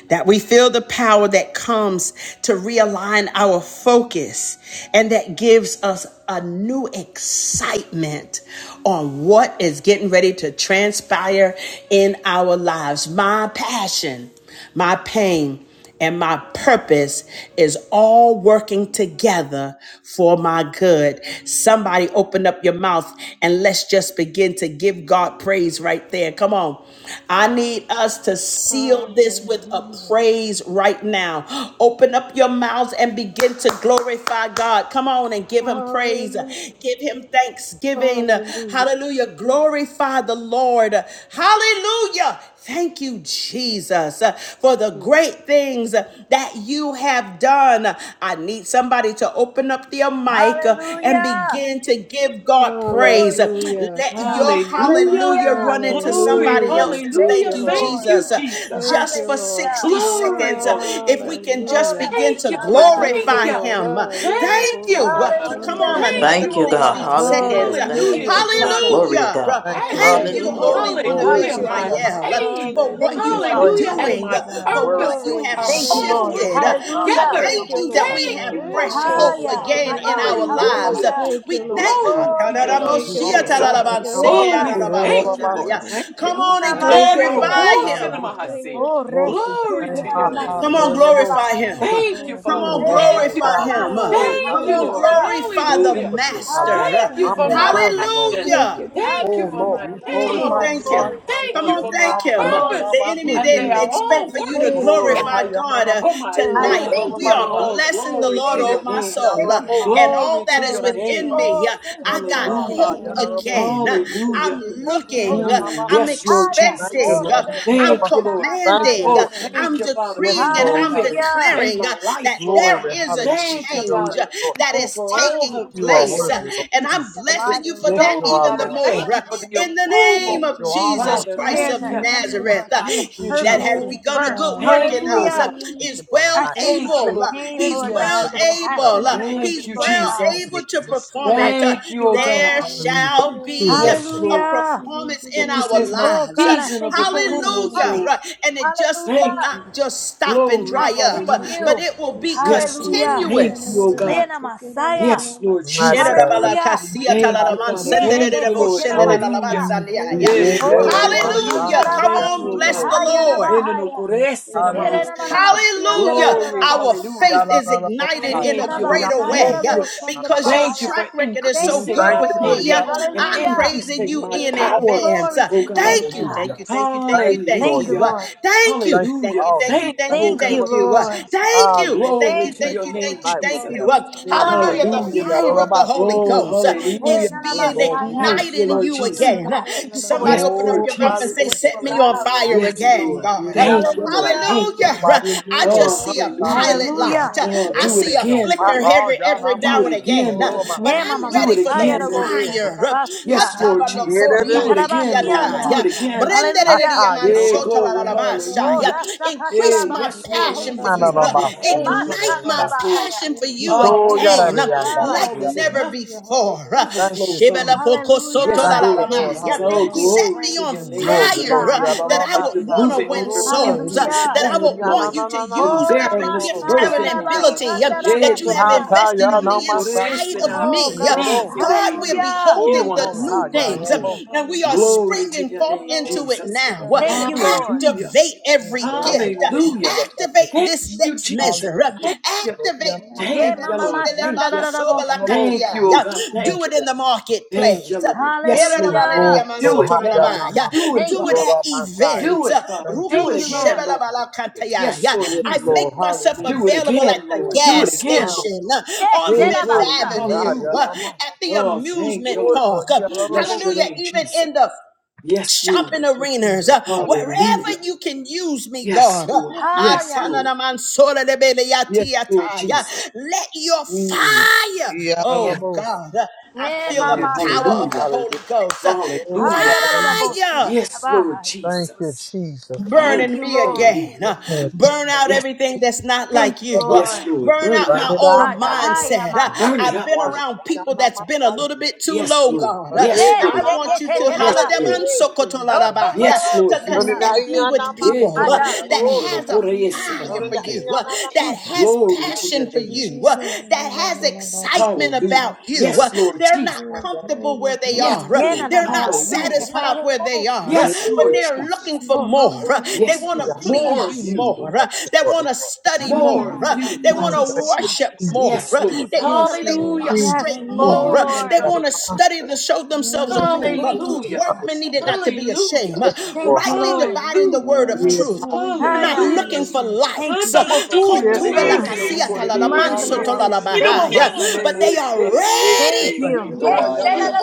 A: that we feel the power that comes to realign our focus and that gives us a new excitement on what is getting ready to transpire in our lives. My passion, my pain and my purpose is all working together for my good. Somebody open up your mouth and let's just begin to give God praise right there. Come on. I need us to seal this with a
B: Hallelujah.
A: praise right now. Open up your mouths and begin to glorify God. Come on and give him praise.
B: Hallelujah.
A: Give him thanksgiving.
B: Hallelujah.
A: Hallelujah. Glorify the Lord. Hallelujah. Thank you, Jesus, uh, for the great things uh, that you have done. I need somebody to open up their mic uh, and
D: Hallelujah.
A: begin to give God praise.
D: Glory to your name,
B: Hallelujah.
A: Let your
D: God.
E: Hallelujah.
A: hallelujah
D: Hallelujah.
A: run into
E: Glory.
A: somebody
B: Hallelujah.
A: else's
D: Thank
B: Thank
E: Hallelujah.
A: thank
B: you,
D: you,
A: you,
B: Lord.
E: Thank
D: Lord.
E: you,
A: Jesus. Uh,
E: Jesus.
B: Thank
A: Just
B: you,
A: for
B: Lord.
D: Hallelujah.
A: 60
E: Glory.
A: seconds, uh, if we
E: Hallelujah.
A: can
D: Oh,
A: just
B: Hallelujah.
D: Rabba
A: begin
E: Thank
A: to
E: you, Lord.
D: Shanda
B: Thank
D: Rabba
E: Thank
F: Hallelujah,
B: you,
D: Sa.
A: glorify
E: you.
B: Lord.
A: Him. Uh,
B: Ah, yeah,
F: hallelujah,
B: no, go,
A: Thank
E: Thank you,
B: ro,
A: you.
B: go,
A: uh,
E: Father.
B: sha,
A: Come
B: no, go,
D: Hallelujah.
A: on,
B: ro, go,
F: hallelujah.
E: Thank
D: Thank
B: no,
A: another
E: you,
G: Thank
F: Thank
D: you,
G: you,
B: yeah.
E: oh
D: Father.
F: you,
G: God.
E: God.
A: 60
F: God.
G: Hallelujah.
A: seconds.
G: Thank you,
D: Thank
E: Hallelujah.
F: Hallelujah,
B: Hallelujah.
D: you,
E: That
B: Thank
G: Jesus.
E: my
D: Father.
B: you,
G: Glory
F: Jesus.
B: Lord.
G: to
A: Hallelujah.
G: God.
H: Thank you,
A: Thank
B: Thank
E: passion,
D: Thank
H: Jesus.
B: you,
A: you,
D: you,
G: Hallelujah.
F: Hallelujah.
A: Holy
D: Lord.
B: Father.
A: One
H: Lord,
A: of
H: we
F: Thank
B: Thank
E: hallelujah,
F: you,
B: you,
H: thank you
E: my
D: Hallelujah.
B: God.
F: God.
H: tonight,
A: Israel,
H: Lord.
E: pain,
A: for
F: Hallelujah.
A: what
D: Thank you,
H: We
A: you
B: Hallelujah.
A: are
B: Thank
H: praise
D: Father.
B: you,
E: hallelujah,
H: you,
E: and
F: Thank
H: Lord,
B: Lord.
A: doing,
E: my
F: you,
H: Jesus, for the
F: God.
A: for
H: word,
A: what
E: purpose
H: Lord,
A: you
B: Glory.
A: have
H: Jesus.
E: are
F: Hallelujah.
D: Thank you,
E: all
D: Lord.
F: Yes.
B: Hallelujah.
H: Lord,
A: shifted.
E: working
H: Father God, in
A: We
F: Thank
H: the
D: Hallelujah.
F: you,
H: name
E: together.
B: Thank
F: thank
A: thank
F: you,
B: you,
H: of
A: you that
F: thank
H: God,
B: Lord.
A: we
F: you,
E: Thank
A: have
E: you,
F: Lord.
E: Lord.
A: fresh
B: Thank
E: Thank
H: glory
B: you.
A: hope
H: to
E: you.
D: Hiya,
F: Hallelujah,
H: your
F: God.
A: again
D: my
H: name,
A: in
D: God.
H: Lord.
A: our
B: Hallelujah.
H: In the name of God,
A: lives.
E: Hallelujah.
D: Hallelujah.
B: Thank
A: We
B: you,
A: thank.
B: Lord.
H: Lord,
E: Glory
F: Hallelujah,
E: to
A: Come
E: your
D: Glory.
H: God,
B: Thank
H: you
E: name,
B: you,
F: hallelujah,
H: are
B: Lord.
E: Jesus.
H: worthy, in
B: Ah,
H: the name
B: yeah,
H: of
B: no,
H: God,
B: go,
E: Oh,
B: ro,
E: we
B: go,
H: Lord,
F: hallelujah,
D: Debasa.
H: all
B: sha,
E: thank
H: of
B: no,
E: you,
B: go,
H: our
E: Lord.
B: ro,
H: side.
B: go,
F: Jesus.
B: no,
E: Thank
B: yeah.
E: you.
F: Thank you,
A: on
D: Nina
A: and
H: Thank
F: God.
B: Thank
E: In
B: you,
H: you,
E: the
H: Jesus.
D: Masaya.
B: Lord.
A: glorify
F: Hallelujah,
E: course of
A: him.
E: the
H: Hallelujah.
B: Thank
F: glory.
E: Mahasi.
B: you,
D: Oh,
H: Glory
D: res,
B: Jesus.
H: to
D: que
H: your
E: Glory
D: que
H: name,
E: to
B: Thank
D: na
B: you,
H: high
D: na
E: your
B: Lord.
H: power,
E: name,
A: Come
H: in
F: Hallelujah,
H: the
D: masia
A: on,
H: name
E: Jesus.
D: na
H: of
D: na
A: glorify
F: Jesus.
H: God.
A: him.
D: bahaya.
F: Thank you,
E: Thank you,
B: Thank
F: Lord.
B: you,
A: Come
E: Father.
A: on,
H: Mm,
B: Lord.
H: what a
D: Eh,
E: Thank
F: Hallelujah,
H: mighty
E: you.
A: glorify
D: shana
H: God we
A: him.
D: masia.
H: serve,
E: Thank
A: Come
E: you,
F: hallelujah,
A: on,
H: hallelujah.
B: Hallelujah.
E: Lord.
D: Hallelujah.
H: In
A: glorify the
B: Thank
F: hallelujah.
B: you,
E: Hallelujah.
H: omnipotent,
B: Jesus.
H: hallelujah,
A: master.
E: Thank you
B: Thank
E: for
B: you,
E: my
B: Lord.
D: Hallelujah.
H: omnipresent, Lord
E: passion.
B: Thank
A: Hallelujah.
H: Jesus.
B: you,
F: Hallelujah,
E: Thank you
B: Jesus.
H: Oh
E: for
F: God.
H: Lord,
D: Hallelujah.
E: my
H: we
B: Thank
A: Come
B: you,
A: on,
E: pain.
H: glorify
D: Oh,
B: Lord.
A: thank
H: you
F: Da-na-na-na-massa.
A: him.
E: And
H: right
D: glory
H: now,
D: to your
E: thank
A: Come
H: Lord
E: you
A: on,
D: name,
E: for
H: Jesus.
E: my
A: thank
D: God.
A: him. Uh,
F: Thank
D: Glory.
E: purpose.
A: The
F: you,
H: Atayarabasa.
A: enemy
B: Thank
E: And
B: you,
E: they
F: God.
A: didn't
E: are
B: Lord.
D: I
A: expect
E: all
A: for you to
E: working
D: thank
B: Thank
D: you,
B: you,
F: Da-na-na-massi.
H: Glory,
A: glorify
D: Lord.
B: Lord.
E: together
A: God uh,
E: for
H: hayanamase,
E: my
F: Thank you,
D: I
A: tonight,
E: good.
F: God.
A: but
D: thank
A: we
D: you,
A: are
B: Hallelujah.
D: Lord.
E: Oh,
F: Hallelujah.
H: yororobabasaya.
F: Thank
A: blessing
F: you
A: the
E: glory
B: Thank
E: to
A: Lord,
F: for
D: Thank
B: you,
A: oh
E: your
D: you,
A: my
D: God.
E: name.
B: Jesus.
F: Pastor
A: soul,
D: Thank
A: uh,
D: you,
H: Fiftyanamosa.
A: and
D: Father.
F: Tiro,
A: all
E: Glory to
A: that is
F: Pastor
E: your
H: Thank
B: Hallelujah.
H: you,
E: name.
A: within
B: Jesus.
F: Machado,
A: me.
D: Oh,
A: Uh,
D: thank
H: thank
D: you,
A: I
H: you,
F: for
A: got
D: Lord.
H: God.
B: Glory
D: Thank
F: Helen,
E: Hallelujah.
D: you,
B: to
A: hope
F: our
B: your
D: Jesus.
B: name.
H: Ayarabo.
F: um,
A: again. Uh,
B: Haya na
F: Holy
E: Hallelujah.
A: I'm
F: Ghost,
D: Thank
B: gorgosha
D: you,
F: Son,
D: Holy
A: looking.
F: and
A: Uh,
D: Spirit.
F: our
E: Mm,
F: Lord.
A: I'm
H: Yanamase.
E: yes, Lord
D: Haya.
H: Thank you,
D: Oh,
E: Jesus.
F: Amen.
A: expecting. Uh,
H: Lord.
F: I
D: rebe,
A: I'm
F: Thank
E: Thank you,
D: shekete
H: Yanamabasa.
D: na
F: you,
E: Lord.
H: Thank
F: Hallelujah,
H: you,
A: commanding.
D: masaya.
E: Oh,
A: Uh,
H: Lord.
F: God.
H: Jesus.
F: Thank
E: thank
A: I'm
E: you,
F: you,
E: Father,
F: God.
H: Yes,
E: for
A: decreeing and
F: Now,
H: Lord.
A: I'm
E: moving
D: Hallelujah.
H: Hallelujah.
E: in
A: declaring uh,
E: my
F: in
A: that
E: life,
F: Jesus'
E: Lord.
A: there
F: name.
H: Glory,
A: is a
F: Thank
H: hallelujah
E: Thank
H: to
E: you,
F: you,
H: your
A: change uh,
H: name,
E: Father,
F: God.
D: Thank
H: Lord
D: you
A: that
D: for
E: oh,
D: this
A: is
E: for
H: Jesus.
D: word.
E: all
A: taking
E: the
H: You are
A: place. Uh,
F: Hallelujah.
H: worthy,
E: blessings that
H: Lord
A: And
E: you
D: Thank
A: I'm
H: Jesus.
A: I'm
D: you
F: Just
D: that
E: have
F: thank
A: blessing
D: lives
F: you,
A: you
D: are
A: for
H: Yes,
F: Lord.
A: that
H: you
E: bestowed,
D: transformed,
H: are,
A: even the
D: God,
E: Father.
H: Lord.
D: that
H: You
F: Hallelujah.
A: more.
H: are
E: Thank
D: minds
E: you
D: are
H: my-
E: for the
A: In
D: renewed,
A: the
D: God,
H: Yes,
A: name
E: approval,
F: Thank
A: of
H: you
F: you,
H: are,
D: that
F: God.
A: Jesus
H: Lord.
E: Father.
H: You are my
A: Christ
D: prayers
E: Thank
A: of
D: are
E: you.
D: answered,
F: Hallelujah.
A: Nazareth,
D: Lord
A: uh,
D: God, that
E: Thank you,
A: he that
D: purpose
E: Jesus.
A: has
H: God,
D: is
F: Thank you,
A: begun a
D: birthed.
A: good
F: God.
A: work
E: Thank
A: in
E: you, oh
A: us uh,
D: Hallelujah.
E: God.
H: thank
F: Hallelujah,
H: you
A: is
H: for the
A: well
D: I
H: night.
D: thank
H: Lord.
D: you
E: Thank
D: for
F: Jesus.
E: you,
D: the
A: able.
E: Lord.
A: uh,
D: pain,
A: He's
E: Thank
F: The
D: Lord
E: you.
H: Thank
D: God,
A: well
H: you,
D: the
H: Lord.
F: lady for
H: You are
A: able.
D: passion
H: my-
A: uh,
D: and the
F: temple
E: Thank
D: purpose,
A: He's
F: for
E: you,
D: Lord
A: well
F: suffering
D: God.
H: Thank
F: in
E: Jesus.
H: you,
A: able to
H: Lord.
F: Jesus'
A: perform
D: I
F: name.
A: it.
D: thank
A: Uh,
E: Thank you,
D: you,
E: oh
D: Lord
H: thank
E: God.
H: you,
A: There
D: God.
H: hallelujah, for the
A: shall
F: Hallelujah.
A: be
H: children,
A: a
E: Yes,
H: Lord. Thank
E: Lord,
D: Hallelujah.
F: You're going
A: performance in
E: that
F: to
E: this
A: our
E: is
F: be
E: my
D: Oh,
A: lives. Uh,
D: God, I
E: season of
D: thank you for what's
E: approvals,
F: Ah,
A: Hallelujah.
D: coming.
E: Lord.
A: Right. And it just will
E: Thank
D: Hallelujah.
E: you.
A: not just stop and
F: thank
E: Glory,
D: I
A: dry up,
D: thank
A: uh,
E: hallelujah.
F: you,
A: but
D: you.
A: it will be
F: Jesus. Thank
E: Yes,
F: you,
E: Lord.
D: Hallelujah.
F: God. La, la,
H: you,
E: Thank
F: la, la,
H: Lord.
E: you,
A: continuous
E: oh
F: la,
H: Hallelujah.
F: la, la,
E: God.
D: Ena
F: la, la, la,
D: Messiah.
E: Yes,
F: la, la.
E: Lord
H: Mighty
E: Jesus.
A: Hallelujah.
H: God,
D: Hallelujah.
H: Jesus,
E: Thank you,
F: Hallelujah,
E: Father.
D: Yeah,
H: hallelujah.
E: Thank
D: Rebe
E: you, Lord.
F: Jesus.
D: Sekena
H: Oh,
E: Hallelujah.
D: Messiah.
H: Jesus, we
E: Yeah,
H: yeah,
F: Glory,
D: Oh,
H: that
E: glory,
H: ain't
D: robo
H: my
F: glory,
H: sock. I
E: hallelujah.
F: glory.
A: Come
H: got
E: Thank
A: on,
E: you, oh
D: shandarabasi,
A: bless
E: God.
A: the
D: haya
H: it.
F: Hallelujah.
A: Lord.
E: Eno no
D: rabahaya.
E: korese na
H: Hallelujah.
E: maasi.
H: Thank you,
D: Erenanamasi,
A: Hallelujah.
E: Glory,
A: Our
D: andarararabosia.
A: faith
E: hallelujah.
H: Yalla,
A: is
H: la, la, la, la,
A: ignited
H: la,
A: in
E: Thank
A: a
H: la,
E: you, Lord.
H: la, la, la, la,
A: greater
F: Hallelujah,
D: Ikarabasaya
E: Thank
A: way uh,
D: rabo
E: you.
H: la, la, la,
A: because
H: la.
A: your
E: Thank you
D: shandarabahaya.
F: Jesus.
A: track
E: for
A: record is
D: Thank
A: so
H: Mm,
D: you,
E: increasing
A: good
H: Thank
E: my
A: with
H: you,
D: Lord.
E: faith
A: me. uh,
H: Lord.
E: and
A: I'm
F: Hallelujah.
D: Hallelujah.
A: praising
E: increasing
A: you
E: my
A: in
F: God.
E: power,
A: advance.
D: Glory
A: Uh,
D: to
E: oh
D: you,
E: God.
A: Thank you.
D: God.
A: Thank
H: Hallelujah.
A: you. Thank you. Thank
H: Thank
A: you.
H: you,
A: Thank
H: Lord.
D: Thank you,
A: you.
E: Hallelujah.
A: Uh,
H: Jesus.
D: Lord.
A: Thank you.
H: Thank you for
A: Thank
E: Hallelujah.
A: you.
H: all
A: Thank
H: you do.
A: you.
E: Thank
A: Thank
H: Thank
E: you, oh
A: you.
D: Thank
H: you for
D: you,
E: God.
F: Thank
A: Thank
H: what
A: you.
F: you,
H: you're
A: Uh,
D: Lord.
H: doing.
F: Jesus.
A: Thank you.
F: Thank you,
H: Hallelujah.
A: Thank
E: Glory
A: you.
D: Thank
F: Lord.
E: to
D: you,
H: Thank
A: Thank
E: your
H: you
A: you.
H: for the
E: name,
D: Father.
A: Thank you.
H: night, what
A: Thank
E: Jesus.
H: you
A: you.
H: have
A: Uh,
H: said
F: Hallelujah,
H: and
D: Ah,
H: done,
A: Hallelujah. The
D: thank
H: Lord.
E: Hallelujah.
F: hallelujah.
A: fire
D: you.
A: of the
H: Yarabasa.
A: Holy
D: Thank
E: Oh,
D: you,
A: Ghost uh,
D: Lord. Hey,
E: hallelujah.
A: is
D: Nana
H: Oh,
A: being
F: Hallelujah,
H: Lord, we
D: Messiah.
H: thank
E: Thank
H: you
E: you,
A: ignited
F: hallelujah.
A: in
H: right
E: Lord
A: you
H: now,
E: Jesus.
D: Mm,
A: again. Uh,
D: God, thank you
A: so
D: for
H: Lord.
D: what you
A: Somebody
E: Yes,
A: open up
E: Lord
D: presented.
A: your
H: Oh,
D: Thank
A: mouth
D: you
A: and
D: for
A: say,
E: Jesus.
D: what
H: hallelujah.
D: you
A: Set me
H: Thank you.
A: on
D: allowed. God.
A: fire
E: Yes,
F: Glory,
D: Thank you,
A: again,
E: Lord.
D: Lord.
A: God.
F: glory,
A: Uh,
H: Yeah,
E: Thank
F: glory.
E: you, Lord.
H: Yanamasa. You
D: Hallelujah.
H: set
E: Thank
H: me on
E: you.
F: Hallelujah.
A: Hallelujah. Uh,
H: fire again,
A: I
H: Lord.
E: Oh,
A: just
H: Jesus.
A: see a
E: hallelujah.
A: pilot
F: Hallelujah,
H: Hallelujah.
A: light.
D: Hallelujah.
A: Uh,
E: Oh,
A: I
H: Oh,
E: do it
F: hallelujah,
A: see
H: set
A: a
H: me on
E: again,
H: fire.
A: flicker
E: Lord.
H: Oh,
A: every every
E: Do
A: now
E: it
A: and
H: Yanamasa.
A: again.
E: again,
A: Uh,
F: hallelujah,
E: Lord.
A: But
H: Yorobasa.
D: Nema
A: I'm
E: Do
D: mama
F: hallelujah.
A: ready
E: it
A: for
F: Thank
A: the
D: saya
F: you,
E: again, Lord.
F: God.
D: rabosha
H: Yerebe.
A: fire. Uh,
E: Yes,
D: rabasia.
H: Thank
E: Lord
H: you.
E: Jesus.
F: Hallelujah,
E: Do
A: Hatabanokoria
E: it
H: Yerebe.
E: again,
F: hallelujah,
E: Lord. Do
A: tikiataya.
D: Yitarabasiana.
E: it
H: Yorobasa.
F: hallelujah,
H: Yeah.
E: again.
H: Ha,
F: Jesus.
D: Hallelujah.
H: ha.
E: Yeah, glory.
H: Yorobasa.
D: Oh
E: Hallelujah.
A: Brenderediamansotalalalamashaya.
D: rasha
E: Yeah,
A: Increase my
E: yes,
D: katarabasia
E: Lord
D: Holy
A: passion for
E: Jesus.
A: you.
E: I
D: Spirit.
A: Uh,
E: will
H: Manarabasi,
E: hold my
A: Ignite my
E: promise,
H: Yogarabasa.
E: Lord.
D: Emashandarabaya.
A: passion for
F: Oh,
A: you
H: Mito
E: Ah,
F: glory,
E: all my
A: again.
F: glory,
A: Uh,
H: Yararayanda,
D: Isharararabas.
F: glory.
A: like
E: all is
H: Yararaba.
A: never
E: enough
F: Hallelujah,
E: for
A: before. Uh,
H: Thank
E: overflow,
H: you,
F: hallelujah,
E: Father.
A: Shebele
H: Jesus.
A: poko
F: Jesus.
A: soto
E: Yes,
A: la
H: Thank
A: la
D: Hallelujah.
H: you,
A: la
E: Lord
F: Thank
A: ma.
H: Lord.
E: Jesus.
A: Yeah.
F: you,
E: Oh,
D: Thank
H: Hallelujah.
D: you.
F: Lord.
A: Set
E: glory
A: me
E: to
A: on
E: your
H: Mm,
E: name,
D: Thank
H: glory,
D: you,
E: Jesus,
A: fire
H: Lord.
D: God.
A: uh,
F: Hallelujah.
D: I'm
A: that I
D: grateful.
E: that you're
A: would
H: Yararabasa,
A: want to
E: moving me
A: win
E: from
F: Glory,
A: souls,
H: Yororobasa.
A: uh,
E: emptiness to
D: Hallelujah.
A: that
F: glory,
A: I would want
E: overflow,
F: glory.
A: you to
E: from
A: use
D: Oh
H: Yanananamasi,
A: every
F: Thank
E: barrenness to
A: gift,
F: you,
D: ramasaya
A: talent,
E: birthing,
H: Yororobasa.
A: and
E: oh
F: Jesus.
E: God.
A: ability uh,
E: Eh,
A: that
H: Mm,
A: you
E: tono
A: have
F: Hallelujah.
D: rabashandarabasia.
H: Hata
A: invested
E: mahasino,
A: on the
E: no
H: Yanamasa,
A: inside
E: korese
A: of
E: na
D: Oh
A: me. Uh,
F: Hallelujah,
D: God.
E: mahalise
A: God,
H: Yororobasa.
E: de
F: Hallelujah,
A: we're
E: iko,
D: Hallelujah.
E: ino
H: Oh,
A: beholding the
H: glory,
E: mahasa
H: Ha
A: new things uh,
E: maike.
F: Hallelujah,
H: Yararabo.
A: and we are
F: Hallelujah, God.
E: Glory to
A: springing
E: your
F: La
A: forth
E: name,
A: into it
E: Jesus.
F: la la
A: now.
F: la la
A: Uh,
F: la la
D: Thank you,
F: la.
H: Yararabasa.
D: Lord.
E: Hallelujah.
A: Activate
H: Mm,
A: every
F: Oh,
A: gift,
H: Glory,
A: uh,
E: Hallelujah.
H: hallelujah. Thank you.
A: Activate
E: Thank
A: this
F: Jesus,
E: you,
A: next
E: Jesus.
F: yes.
A: measure.
E: Thank you.
H: Hallelujah. Lord,
A: Activate.
H: Yanamasa,
D: Yeah,
E: Thank you,
D: mama
E: Lord. Thank you.
D: mashandarabosia.
H: Yanamabo.
E: Thank you, oh God.
H: Thank
A: Do
E: Thank
A: it
E: you.
H: you,
A: in the
H: Jesus.
E: Thank
A: marketplace.
E: you, Lord.
A: Do
E: Yes, Lord.
H: Glory
D: Hallelujah.
H: to
E: Do it now, Lord.
H: Hajjana
E: Do it,
D: Thank
A: it
D: you.
H: Lord
E: Father.
A: at
H: on my side.
E: Do
A: events.
E: it, Father.
H: Thank you,
E: Do it
D: Thank you,
H: Jesus.
E: again,
D: Lord.
E: Lord.
H: Hallelujah.
E: Yes, Lord
H: Yes,
A: I
E: Jesus.
H: Lord.
A: make myself
H: Hallelujah.
E: Do it
A: available at
E: again,
A: the
H: Ooh,
E: Lord. Do
H: turn
A: gas
E: it
H: it
E: again,
H: around.
E: Lord.
A: station,
D: Yes,
A: on
H: Do
E: Hey,
H: it.
A: Fifth
E: glory.
D: Shedabasa.
H: Hallelujah.
A: Avenue,
E: Hallelujah.
H: Hajjana
A: at the
E: Oh, thank
H: Do
A: amusement
E: you, Lord.
H: it, Lord.
A: park.
H: He
E: Bless
H: honorable.
E: your
A: Hallelujah.
E: name,
A: Even
E: Jesus.
A: in the
E: Yes,
A: shopping
E: Lord.
H: Thank you,
A: arenas,
H: Jesus.
A: uh,
H: Hallelujah.
E: Hallelujah.
A: wherever you can use me,
E: Yes,
A: God. Uh,
E: Lord. Yes,
D: Haya.
E: Lord. Yes, Lord
A: Atananamansolalebeleyatiatai, uh,
E: Jesus.
A: Let your
E: Mm.
A: fire,
H: He
A: oh
H: honorable.
A: God, uh, I
D: Eh,
A: feel
H: Thank
A: the
H: you,
E: Oh,
D: Mama
H: Jesus.
A: power of
D: Saya.
A: the
E: hallelujah.
A: Holy
H: Hallelujah.
A: Ghost. uh,
H: Oh,
E: Hallelujah.
D: Haya da da da
H: hallelujah.
A: Fire!
D: bosian.
E: Yes, Lord
D: Abahaya.
H: Thank you,
E: Jesus.
H: Jesus.
A: Burn
E: Glory.
D: Thank
A: in
D: you,
A: me
D: Lord.
A: again.
E: Hallelujah.
H: Thank
A: Uh,
H: you,
A: burn
H: Jesus.
A: out
E: Yes,
A: everything that's not
D: Thank
A: like
D: you,
A: you. Uh,
E: yes,
D: Lord.
E: Lord.
A: burn
E: Burn it
A: out
H: Burn
E: up.
A: my
H: it out.
A: old
H: Hajjana.
D: Magaya
A: mindset. Uh,
E: Burn
D: Mahaya.
E: it
A: I've
E: up,
A: been
H: Wash
E: Lord.
A: around people that's been a
H: it.
A: little bit too
E: Yes,
A: low,
E: Lord.
A: God.
H: Yes,
A: Uh,
E: Yes,
D: Yes,
A: I
E: Lord.
A: want you to
E: Yes,
A: holiday
D: Sheketetelabasi.
E: Lord. Yes,
A: to
E: Lord
D: Ototorosianda.
E: Jesus.
F: Oh,
A: connect me with
E: Yeah,
F: Hallelujah,
E: to
A: people
D: My
A: uh,
E: my
D: God.
A: that
F: Hallelujah,
E: sin and
A: has
E: okore
A: a
E: yes
F: Hallelujah,
E: in
A: fire for you, uh,
F: Hallelujah,
A: that
F: God.
A: has
D: Jesus.
E: Glory to your
A: passion for
F: La
E: name,
A: you, uh,
E: Jesus.
F: la la la la
A: that has
F: la la la
A: excitement about
E: Hallelujah.
F: la.
A: you. uh,
E: Yes, Lord
A: They're
E: Jesus.
A: not
F: Oh,
A: comfortable
F: glory,
A: where they
E: Yes,
A: are.
F: glory,
A: uh,
E: Lord.
D: Yena na
A: They're
F: glory,
D: na
A: not
D: masa. Na
F: Hallelujah.
E: Hallelujah.
D: ta da
A: satisfied
D: da
A: where
D: da
A: they are,
D: bosia.
A: uh,
E: Yes,
A: but
E: Lord
A: they're
E: Jesus.
A: looking for
D: Oh,
A: more.
D: Rosso
A: uh, They
E: Yes,
D: Kutorabo.
A: want to
F: Jesus,
E: Lord.
D: Na da da
A: please
E: More of
A: you
F: Jesus,
D: basi.
E: you, Lord.
A: more. uh, They want to
D: Na
A: study
D: na na na
E: More
A: more.
E: of
A: uh,
D: masa.
E: you,
A: They
E: Father.
A: want to
F: Jesus, Jesus.
A: worship
F: Jesus.
A: more.
E: Yes,
A: uh,
E: Lord.
A: They
D: Jesus.
A: want to
F: Yes,
A: lay
F: Lord.
E: Hallelujah.
A: prostrate
D: Yes,
A: more. uh,
E: Glory to
F: Hallelujah.
A: They
D: Lord.
E: your name,
F: God.
A: want to study
E: Jesus.
A: to show themselves approved. uh,
D: Thank you,
E: Hallelujah.
D: Jesus.
A: Workmen
F: Yes,
A: needed
F: Lord.
A: not to be
F: Yes, Lord.
A: ashamed.
E: Hallelujah.
F: God.
A: uh,
H: Lord.
D: Thank you,
A: Rightly
D: Lord.
A: dividing the
E: Hallelujah.
A: word of
H: Yes,
F: Yes,
A: truth.
F: Lord.
A: We're not
D: Hallelujah.
F: Yes,
E: Hallelujah.
A: looking
F: Lord.
A: for
F: Yes.
D: Thank
A: likes.
D: you.
H: Oh,
A: But
H: yes,
F: Thank
H: Lord.
D: Mm.
F: you,
E: Atabahaserese
F: God.
D: Merciful
E: korerese.
H: Hallelujah.
D: Savior. Thank you.
A: they
E: Inobahase
A: are
H: Yes,
D: Thank
A: ready
E: kererese
H: Thank
D: you. Yes.
E: itobate.
F: Ooh,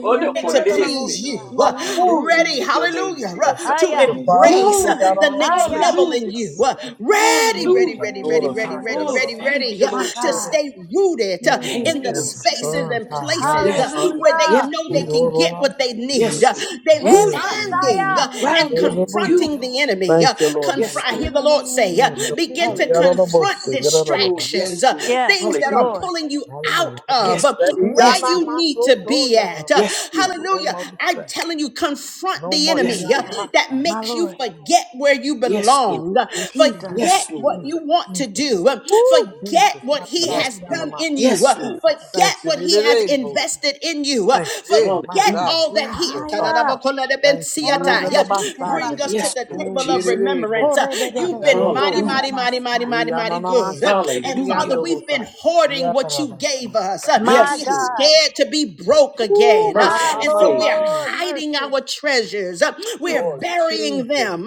E: Oda
A: to please
E: korerese.
F: glory,
A: you. uh,
H: you.
F: glory,
E: Glory
A: Ready,
F: God.
E: to your name,
A: hallelujah, uh,
H: Oh,
E: Jesus.
A: to
H: your
D: Hallelujah.
H: father,
A: embrace
H: he
A: uh,
F: Hallelujah.
H: got
E: Glory.
A: the
H: all of us.
A: next
F: Hallelujah,
D: Hallelujah.
A: level in
E: Hallelujah.
A: you.
F: Jesus.
A: uh,
H: I am just
A: Ready,
F: Yes,
H: going in
A: ready,
H: my
E: Hallelujah.
A: ready, ready,
H: daughter's
A: ready,
D: Jesus.
H: heart,
A: ready,
H: got
E: Oh,
H: all of
A: ready,
F: Lord.
H: us.
E: thank
A: ready
E: you,
A: uh,
F: Yes,
D: My
E: Lord
F: Lord.
A: to
H: Daughter,
E: Jesus.
D: God.
A: stay rooted uh,
H: mm,
A: in
E: Thank you,
A: the
H: and
E: Lord
H: my
F: Yes,
E: Jesus.
A: spaces
F: Lord.
H: son's
A: and
F: Yes,
H: heart, got
A: places
H: all
A: uh,
E: Yes,
H: of us.
E: Lord.
A: where they
F: God.
E: Yes,
D: Hallelujah.
A: know
H: He
A: they
H: got
E: Lord.
A: can get
H: all of us.
A: what they
F: Thank
A: need.
F: you,
E: Yes,
A: Uh,
E: Lord.
A: They're
D: Hey,
F: Jesus.
E: Rooted and
H: Grandson, my
A: standing
D: Messiah.
A: uh,
H: sister,
F: Glory,
H: he
A: and
H: got
E: grounded
H: all
E: in
F: glory,
H: of us.
E: you,
A: confronting
F: glory.
A: the
E: Lord.
A: enemy.
H: Thank you, Lord.
E: Yes,
A: Confront, I
H: Hallelujah.
A: hear
E: Lord
A: the Lord
E: Jesus.
A: say, uh,
H: Mm, no,
A: Begin
H: he
A: to
H: got all
E: Hallelujah.
H: of us.
A: confront
H: He got all of
E: Lord,
H: us.
A: distractions,
E: yes,
A: uh,
E: Lord.
D: Yes,
A: things that are
E: Hallelujah.
D: Lord.
A: pulling you out
H: Hallelujah. No more
A: of
E: Yes,
A: uh,
H: distraction. He
E: Lord.
H: got
A: where
E: Yes,
H: all
A: you
E: Lord.
H: of us.
A: need to
H: So, so,
A: be
H: got all of
A: at.
H: us.
A: Uh,
E: Yes, Lord.
H: No
A: hallelujah.
H: more
A: I'm
H: distraction.
A: telling you, confront
H: No
A: the
H: more. He
E: Yes,
A: enemy
H: got
A: uh,
H: all
E: Lord.
H: of
A: that
H: us.
D: My
A: makes you
D: Lord.
A: forget where you
E: Yes, Lord.
A: belong, uh,
H: Jesus,
D: Jesus.
E: Yes,
A: forget what
E: Lord.
H: Jesus,
A: you want to
H: Jesus.
A: do, uh,
H: Woo,
A: forget
H: Jesus, my
A: what he
E: Yes,
H: God.
A: has
H: He got all
A: done
H: of
E: Lord.
H: us.
A: in you,
E: Yes,
A: uh,
E: Lord.
D: Jesus.
H: Thank
A: forget
H: you
A: what he has
H: today, Lord.
A: invested in you. Uh, uh,
H: Thank you, yeah, my
A: Forget
E: Hallelujah.
H: God,
A: all that here.
H: Jesus. Oh,
D: Hallelujah.
H: God. Thank you,
D: Ore
A: Tadadabakoladabensiata.
H: Jesus,
D: me
A: Yeah.
H: the
D: shekete
A: Bring
H: Messiah.
A: us to
D: rabasia.
E: Yes,
A: the
E: Lord
H: Mm,
A: table
H: get
A: of
E: Jesus.
H: it, eh, Lord.
A: remembrance. Uh,
H: I
A: You've
H: got a
A: been mighty,
H: Lord.
A: mighty,
E: Hallelujah.
A: mighty, mighty, mighty,
H: We are
A: mighty
H: not on our
A: good. Uh,
H: side. Get it,
A: And
H: yeah,
E: Hallelujah.
A: Father,
H: Lord.
A: we've been
H: We
A: hoarding
H: are not
A: what
H: on
A: you
H: our
A: gave us.
H: side.
A: Uh,
D: My
A: We
E: Yes,
A: are
E: Lord.
D: God,
A: scared to be broke
H: Ooh,
A: again. Uh,
H: my,
D: my
H: my,
E: Merciful
A: And
H: my,
A: so we
H: my,
A: are
E: Savior.
H: my.
D: Lord,
A: hiding
D: mercy.
A: our treasures. Uh, We are
D: Jesus,
H: Lord,
A: burying
H: Jesus,
A: them.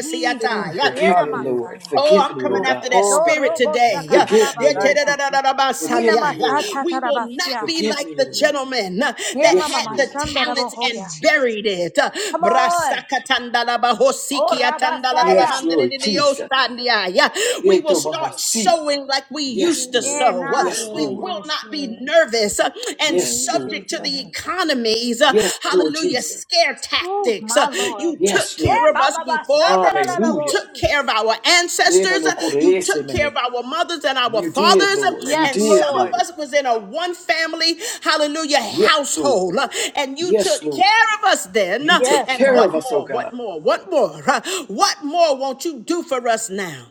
D: Jesus,
H: Jesus,
A: Yeah.
E: Forgive
D: Yena
E: me,
H: hallelujah.
E: Lord.
D: Messiah.
A: Oh,
E: Forgive
A: I'm
E: me, O
A: coming
H: Ooh,
A: after
E: God.
A: that
D: Yo
H: glory,
A: spirit
H: hallelujah.
D: robo
A: today. Yeah.
E: Forgive me,
A: Yeah,
H: Thank
E: Lord.
H: you,
D: shakatarabasia.
H: Jesus. Hallelujah.
D: Ina
E: Forgive me,
A: ta-da-da-da-da-da-ba-sandia. Yeah.
E: Lord.
A: We will not
D: masatarabasia.
A: be
E: Forgive me,
A: like the
E: Lord.
A: gentleman uh,
D: Ne
A: that
D: mama
E: Yes,
A: had the
E: Lord.
D: mashanda
A: talents and
D: rabohoya.
F: Jesus,
A: buried
F: Jesus.
A: it. Uh,
D: Come on. Oh,
H: Thank
E: Yes,
D: Rabasaya.
E: Lord Jesus.
A: brasakatandalabahosikiatandalalalamandiridiyosandia. Yeah. We will
E: Yeto
A: start
E: mahasi.
A: sowing like we
E: Yes,
A: used to
E: Lord.
D: Eh,
A: sow. Uh,
F: Yes,
E: Yes,
A: We
F: Lord.
E: Lord.
D: Nasaya.
A: will
F: Yes,
A: not be
F: Lord.
A: nervous uh, and
E: Yes,
F: Thank
E: Lord.
F: you,
A: subject to the economy
F: God.
A: economies, uh,
E: Yes, Lord
A: hallelujah,
E: Jesus.
A: scare
D: Ooh,
A: tactics. Uh,
D: my Lord.
A: you took
E: Yes,
A: care
D: Eh,
E: Lord.
A: of us
D: Baba
A: before, Um,
D: Bashanda
A: you
E: Hallelujah.
A: took
D: Rabosi.
A: care of our
E: Yeno
A: ancestors,
E: no
A: Uh, you
E: korese
A: took care
E: me.
A: of our mothers and our
E: You did,
A: fathers, Um,
E: Lord. You
D: Yes,
A: and
E: did,
A: some of
D: Lord.
E: Lord.
A: us was in a one family, hallelujah,
E: Yes,
A: household,
E: Lord.
A: Uh, and you
E: Yes,
A: took
E: Lord.
A: care of us then.
E: You
A: Uh,
E: took
D: Yes,
A: And
E: care of
A: what
D: God.
E: us, oh
A: more, what
E: God.
A: more, what more, Uh, what more won't you do for us now?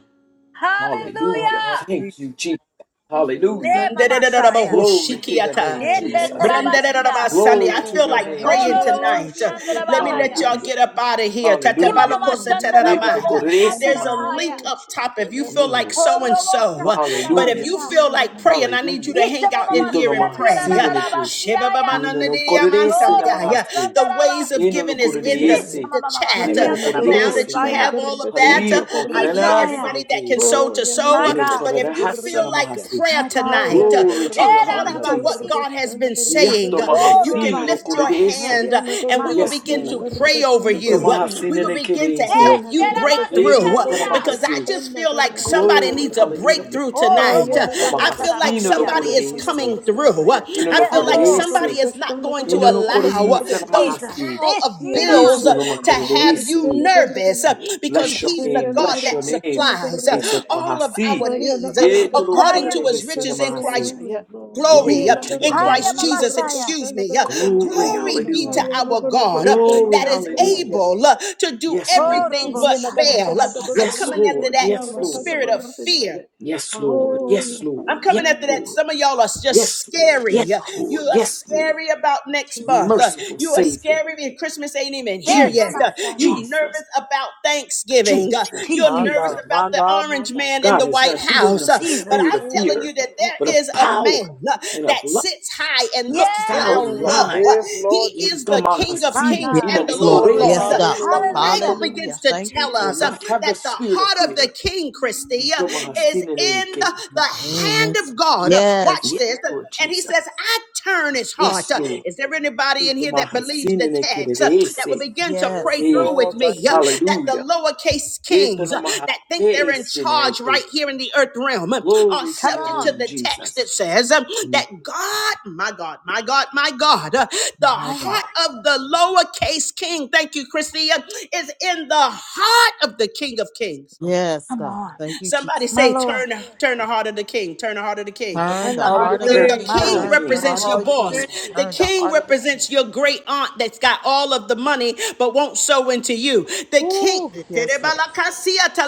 H: you, Lord,
E: Hallelujah.
H: Lord,
D: Hallelujah.
E: Thank
H: Jesus,
E: you, Jesus. Hallelujah.
D: Ne
F: Hallelujah,
D: mamasaya.
F: Jesus.
E: Glory to your
A: Andererabahoshikiata.
E: name,
D: Ne
H: Lord.
E: Jesus.
F: Hallelujah,
D: teterabasia.
F: Jesus.
A: Brendererabasani.
F: Thank
A: I
E: Glory
F: you,
E: to
A: feel
E: your
A: like
F: Lord.
E: name,
A: praying
E: Jesus.
A: tonight.
D: Ororobosi
A: Uh,
F: Hallelujah,
A: Let me let
D: andarabahaya.
A: y'all
E: Hallelujah.
A: get up out of here.
E: Hallelujah.
D: Imamama
E: Ino no
A: Tatabalakosatarabaya.
F: God.
D: shandarabasi
E: koresi
A: There's a
E: maha.
A: link
D: andarabahaya.
A: up top if you
F: Hallelujah,
A: feel like
E: Glory.
A: so and so.
D: Orobosha
A: Uh, But if
E: Hallelujah.
A: you
D: katarabasia.
A: feel like
F: God.
A: praying, I need you
E: Hallelujah.
A: to
D: Isha
A: hang out in
D: mamama
E: Ito no
A: here and
E: maha
A: pray. Yeah.
E: sine ne ke.
D: siandirararabasiaya.
E: Ino no koresi ne maha
A: Shibabamananadiyamansaniya.
E: se.
A: The ways of
E: Ino
D: Oroboshandarabasi.
E: no
A: giving
B: na
A: is in the,
D: Isha
B: gorgonaya.
E: koresi.
A: the
D: mamama
A: chat.
E: Ino
A: Uh,
B: Haya
E: no
B: na
A: Now that
E: koresi.
A: you have
D: siandarabohosaya.
A: all of that,
E: Hallelujah.
A: uh,
E: Po
A: I need
E: karanasi
D: Ishaya.
A: everybody
E: ne ke
A: that can
E: ite.
A: sow
B: Oh,
A: to
B: ya na
A: sow.
D: My
A: Uh,
E: Ino no
A: But
D: God.
B: gorgata
A: if
B: na
A: you
E: korerahasa
A: feel
E: ne maha
A: like
E: se.
A: prayer
D: My God.
A: tonight,
B: Hayana
A: uh,
E: Glory to your
A: according
E: name,
B: Gorgatana
A: to what
E: Jesus.
D: Derarabasi.
A: God has
B: Gorgoshana
A: been saying,
E: Yato
B: Gorgata
A: uh,
E: maha
A: you can
E: sine no
B: Gorganaya.
A: lift your
D: Orabasha.
E: koresi.
A: hand uh,
B: Hayana
A: and
D: My
A: we will
E: Yes,
D: God.
A: begin
B: Gorgoshana
A: to
E: Lord.
A: pray over
B: Gorgatana
E: Ito
A: you. Uh,
E: maha
A: We
E: sine
A: will
B: Gorganaya.
E: ne ke
A: begin
E: de
A: to help
E: ise.
B: Yana
A: you break
D: Esherabasi
E: Ito
B: Gorgatana
A: through
E: kora maha
D: andia.
A: because I
E: se.
A: just
B: Gorgoshana
A: feel like
B: Gorgata
A: somebody
E: Glory.
A: needs a
B: Gorganaya.
E: Hallelujah.
A: breakthrough tonight. Uh,
B: Hayana
D: Orobosha
A: I feel like
B: Gorgoshana
E: Tamahasino no
D: tatarabasia.
A: somebody is
B: Gorgatana
A: coming
E: correse,
A: through. Uh,
B: Gorganaya.
E: ino
A: I
E: no
D: Yes,
A: feel like
B: Hayana
D: Lord.
A: somebody
E: correse,
A: is not
B: Gorgoshana
A: going to
E: ino no
B: Gorgatana
A: allow uh,
E: correse,
A: those
B: Gorganaya.
D: Jesus.
E: Mahasi,
A: pile of
B: Yana
D: Eshira
A: bills
E: Isu
A: uh,
E: no
D: Masia.
A: to
B: Gorgatana
A: have you
E: macarese.
B: Gorgoshana
A: nervous uh,
B: Gorganaya.
A: because
E: Bless your
A: He's
D: Jesus.
A: the
E: name,
B: Hayana
A: God
E: bless your
A: that
E: name,
B: Gorgoshana
A: supplies uh,
E: Isu
B: Gorganaya.
A: all of
E: Mahasi,
A: our
B: Hayana
A: needs uh,
F: Hallelujah.
E: Yeto no
B: Gorgatana
A: according
D: Haya.
A: to His
E: correse,
B: Gorgoshana
A: riches in
E: Mahasi.
A: Christ
F: Glory,
B: Gorganaya.
F: glory,
B: Oh,
A: Glory
B: yes, yes,
A: uh,
E: Glory to your
A: in
E: name,
F: hallelujah,
D: Haya
A: Christ
E: Jesus.
A: Jesus,
D: Mamasaya.
F: Jesus.
A: excuse me. uh,
E: Glory,
F: Thank
A: Glory
F: you,
A: be to
F: God.
E: hallelujah.
A: our God uh,
F: Hallelujah,
E: Glory,
A: that is
E: hallelujah.
F: hallelujah.
A: able uh, to do
E: Yes, Lord
F: Thank
A: everything
F: you,
E: Jesus.
D: Orobo
A: but fail. Uh,
D: Satatara
A: I'm
F: Jesus.
E: Yes,
D: Masaya.
A: coming after
E: Lord.
A: that
E: Yes, Lord.
A: spirit of
F: Sikiranabasi.
A: fear
E: Yes, Lord. Yes,
F: Hallelujah,
A: I'm
E: Lord. Yes,
A: coming after
F: hallelujah.
A: that.
E: Lord.
A: Some of y'all are just
E: Yes, Lord.
A: scary.
E: Yes,
D: Jesus.
A: You
E: Lord.
A: are
E: Yes, Lord.
A: scary about next month.
D: Jesus.
A: Uh,
E: merciful
A: You are
E: Savior,
A: scary and Christmas ain't even here
D: Yeah,
A: yet.
E: Jesus,
A: Uh, You
D: Mamasaya.
E: Jesus,
A: nervous about Thanksgiving. Uh,
E: Jesus,
A: You're
H: My
A: nervous
D: Jesus.
E: Jesus.
H: God,
A: about
H: my
A: the
H: God, my
A: orange man in
E: God
A: the
E: has
A: White
E: not given
A: House.
E: us
A: Uh,
E: a
A: But
E: spirit
A: I'm
D: Jesus.
E: of
A: telling
E: fear,
A: you that
H: God.
E: but
A: there
E: of
A: is a
E: power
A: man uh,
E: and of
A: that
E: love
A: sits high and
E: and a
A: looks
H: And
D: Yes.
H: look,
E: sound
A: down
H: Lord,
A: low.
E: mind.
A: Uh,
H: yes,
A: He
H: Lord
A: is
H: Jesus.
A: the King of
D: My
E: Itamahasi
A: Kings
G: Yes,
A: and
D: God.
A: the Lord
G: Lord.
A: of
H: Glory,
A: Lords.
G: Yes,
A: Uh,
E: inanikurese
G: God.
F: Yes,
A: The
H: hallelujah.
A: Bible
D: Hallelujah.
H: Thank
F: hallelujah,
H: you.
G: Hallelujah.
A: begins to
G: Thank you,
A: tell
F: hallelujah.
E: will
A: us uh,
E: not
G: Jesus.
E: have the
A: that the
E: spirit of
A: heart of the
E: fear.
A: King, Christy, uh,
F: Mm,
A: is
F: Thank you,
A: in
E: Itamahasineneke.
A: the,
F: Jesus.
A: the hand
G: Yes.
A: of God. Uh,
G: Yes.
A: Watch
E: Yes,
A: this.
E: Lord
A: And he
E: Jesus.
A: says, I turn his heart.
E: Yes,
A: Uh,
E: Lord.
A: Is there anybody in here that believes the text uh, that will
E: Itamahasinenekirese.
A: begin to
H: Yes,
A: pray
G: Yes.
E: Eh,
A: through with
H: Lord, thank
A: me uh,
H: you.
A: that the
E: Hallelujah.
A: lowercase kings uh, that think they're in charge
E: Etonomahakeiseneke.
A: right here in the earth realm uh, are
E: Glory to
D: Come
E: your
A: subject to
D: on.
E: name,
A: the text that
E: Jesus.
A: says um,
E: Turn
A: that God, my God, my God, my God, uh, the
G: My
D: Haya.
G: God.
A: heart of the lowercase king, thank you, Christia, is in the heart of the King of Kings.
G: Yes,
D: Come
G: God.
D: on.
G: Thank you,
A: Somebody
G: Jesus.
D: My
A: say,
D: Lord.
A: turn, turn the heart of the king. Turn the heart of the king.
G: Turn
D: Turn the
G: the
H: Heart of
A: Um,
D: heart
H: the
D: of
G: heart
D: the
G: of
A: the,
G: the
E: the
D: king.
A: the
G: king.
H: King.
D: My
E: heart of the
A: king
D: Lord.
G: Turn
E: king.
G: the
H: Turn the
G: heart
A: represents
G: of
A: your
H: heart
G: the
H: of the
A: boss.
G: king.
A: The
G: Turn the
A: king
G: heart of the king.
A: represents your great aunt that's got all of the money but won't sow into you. The king,
G: Ooh,
A: it's
G: yes, Lord.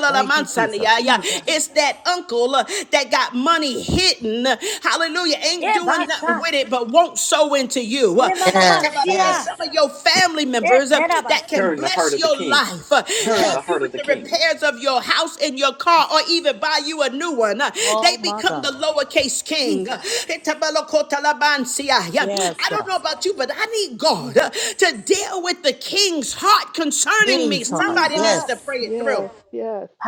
G: Thank you, Jesus.
D: Jesus.
A: that uncle uh, that got money hidden. Hallelujah. Ain't
D: Yeah,
A: doing nothing
D: Basa.
A: with it but won't sow into you to you. Uh,
D: Yeah, Mama
G: Yes,
A: It's
G: yes,
D: Mashia.
A: some of your family
D: Yeah,
A: members uh, that can
D: Terabasia.
E: Turn the heart
A: bless
E: of the
A: your
E: king.
A: life, uh,
E: Turn the
A: help
G: yes.
A: you
E: heart of
A: with
E: the
A: the
E: king.
A: repairs of your house and your car,
D: Jesus.
A: or even buy you a new one. Uh, They
G: Oh, my
A: become the
G: God.
A: lowercase king. Uh,
D: Jesus.
G: Yes,
A: I don't
G: God.
A: know about you, but I need God
D: Jesus.
A: uh, to deal with the king's heart concerning me.
G: King's heart.
A: Somebody needs to
D: Jesus.
G: Yes.
A: pray it through.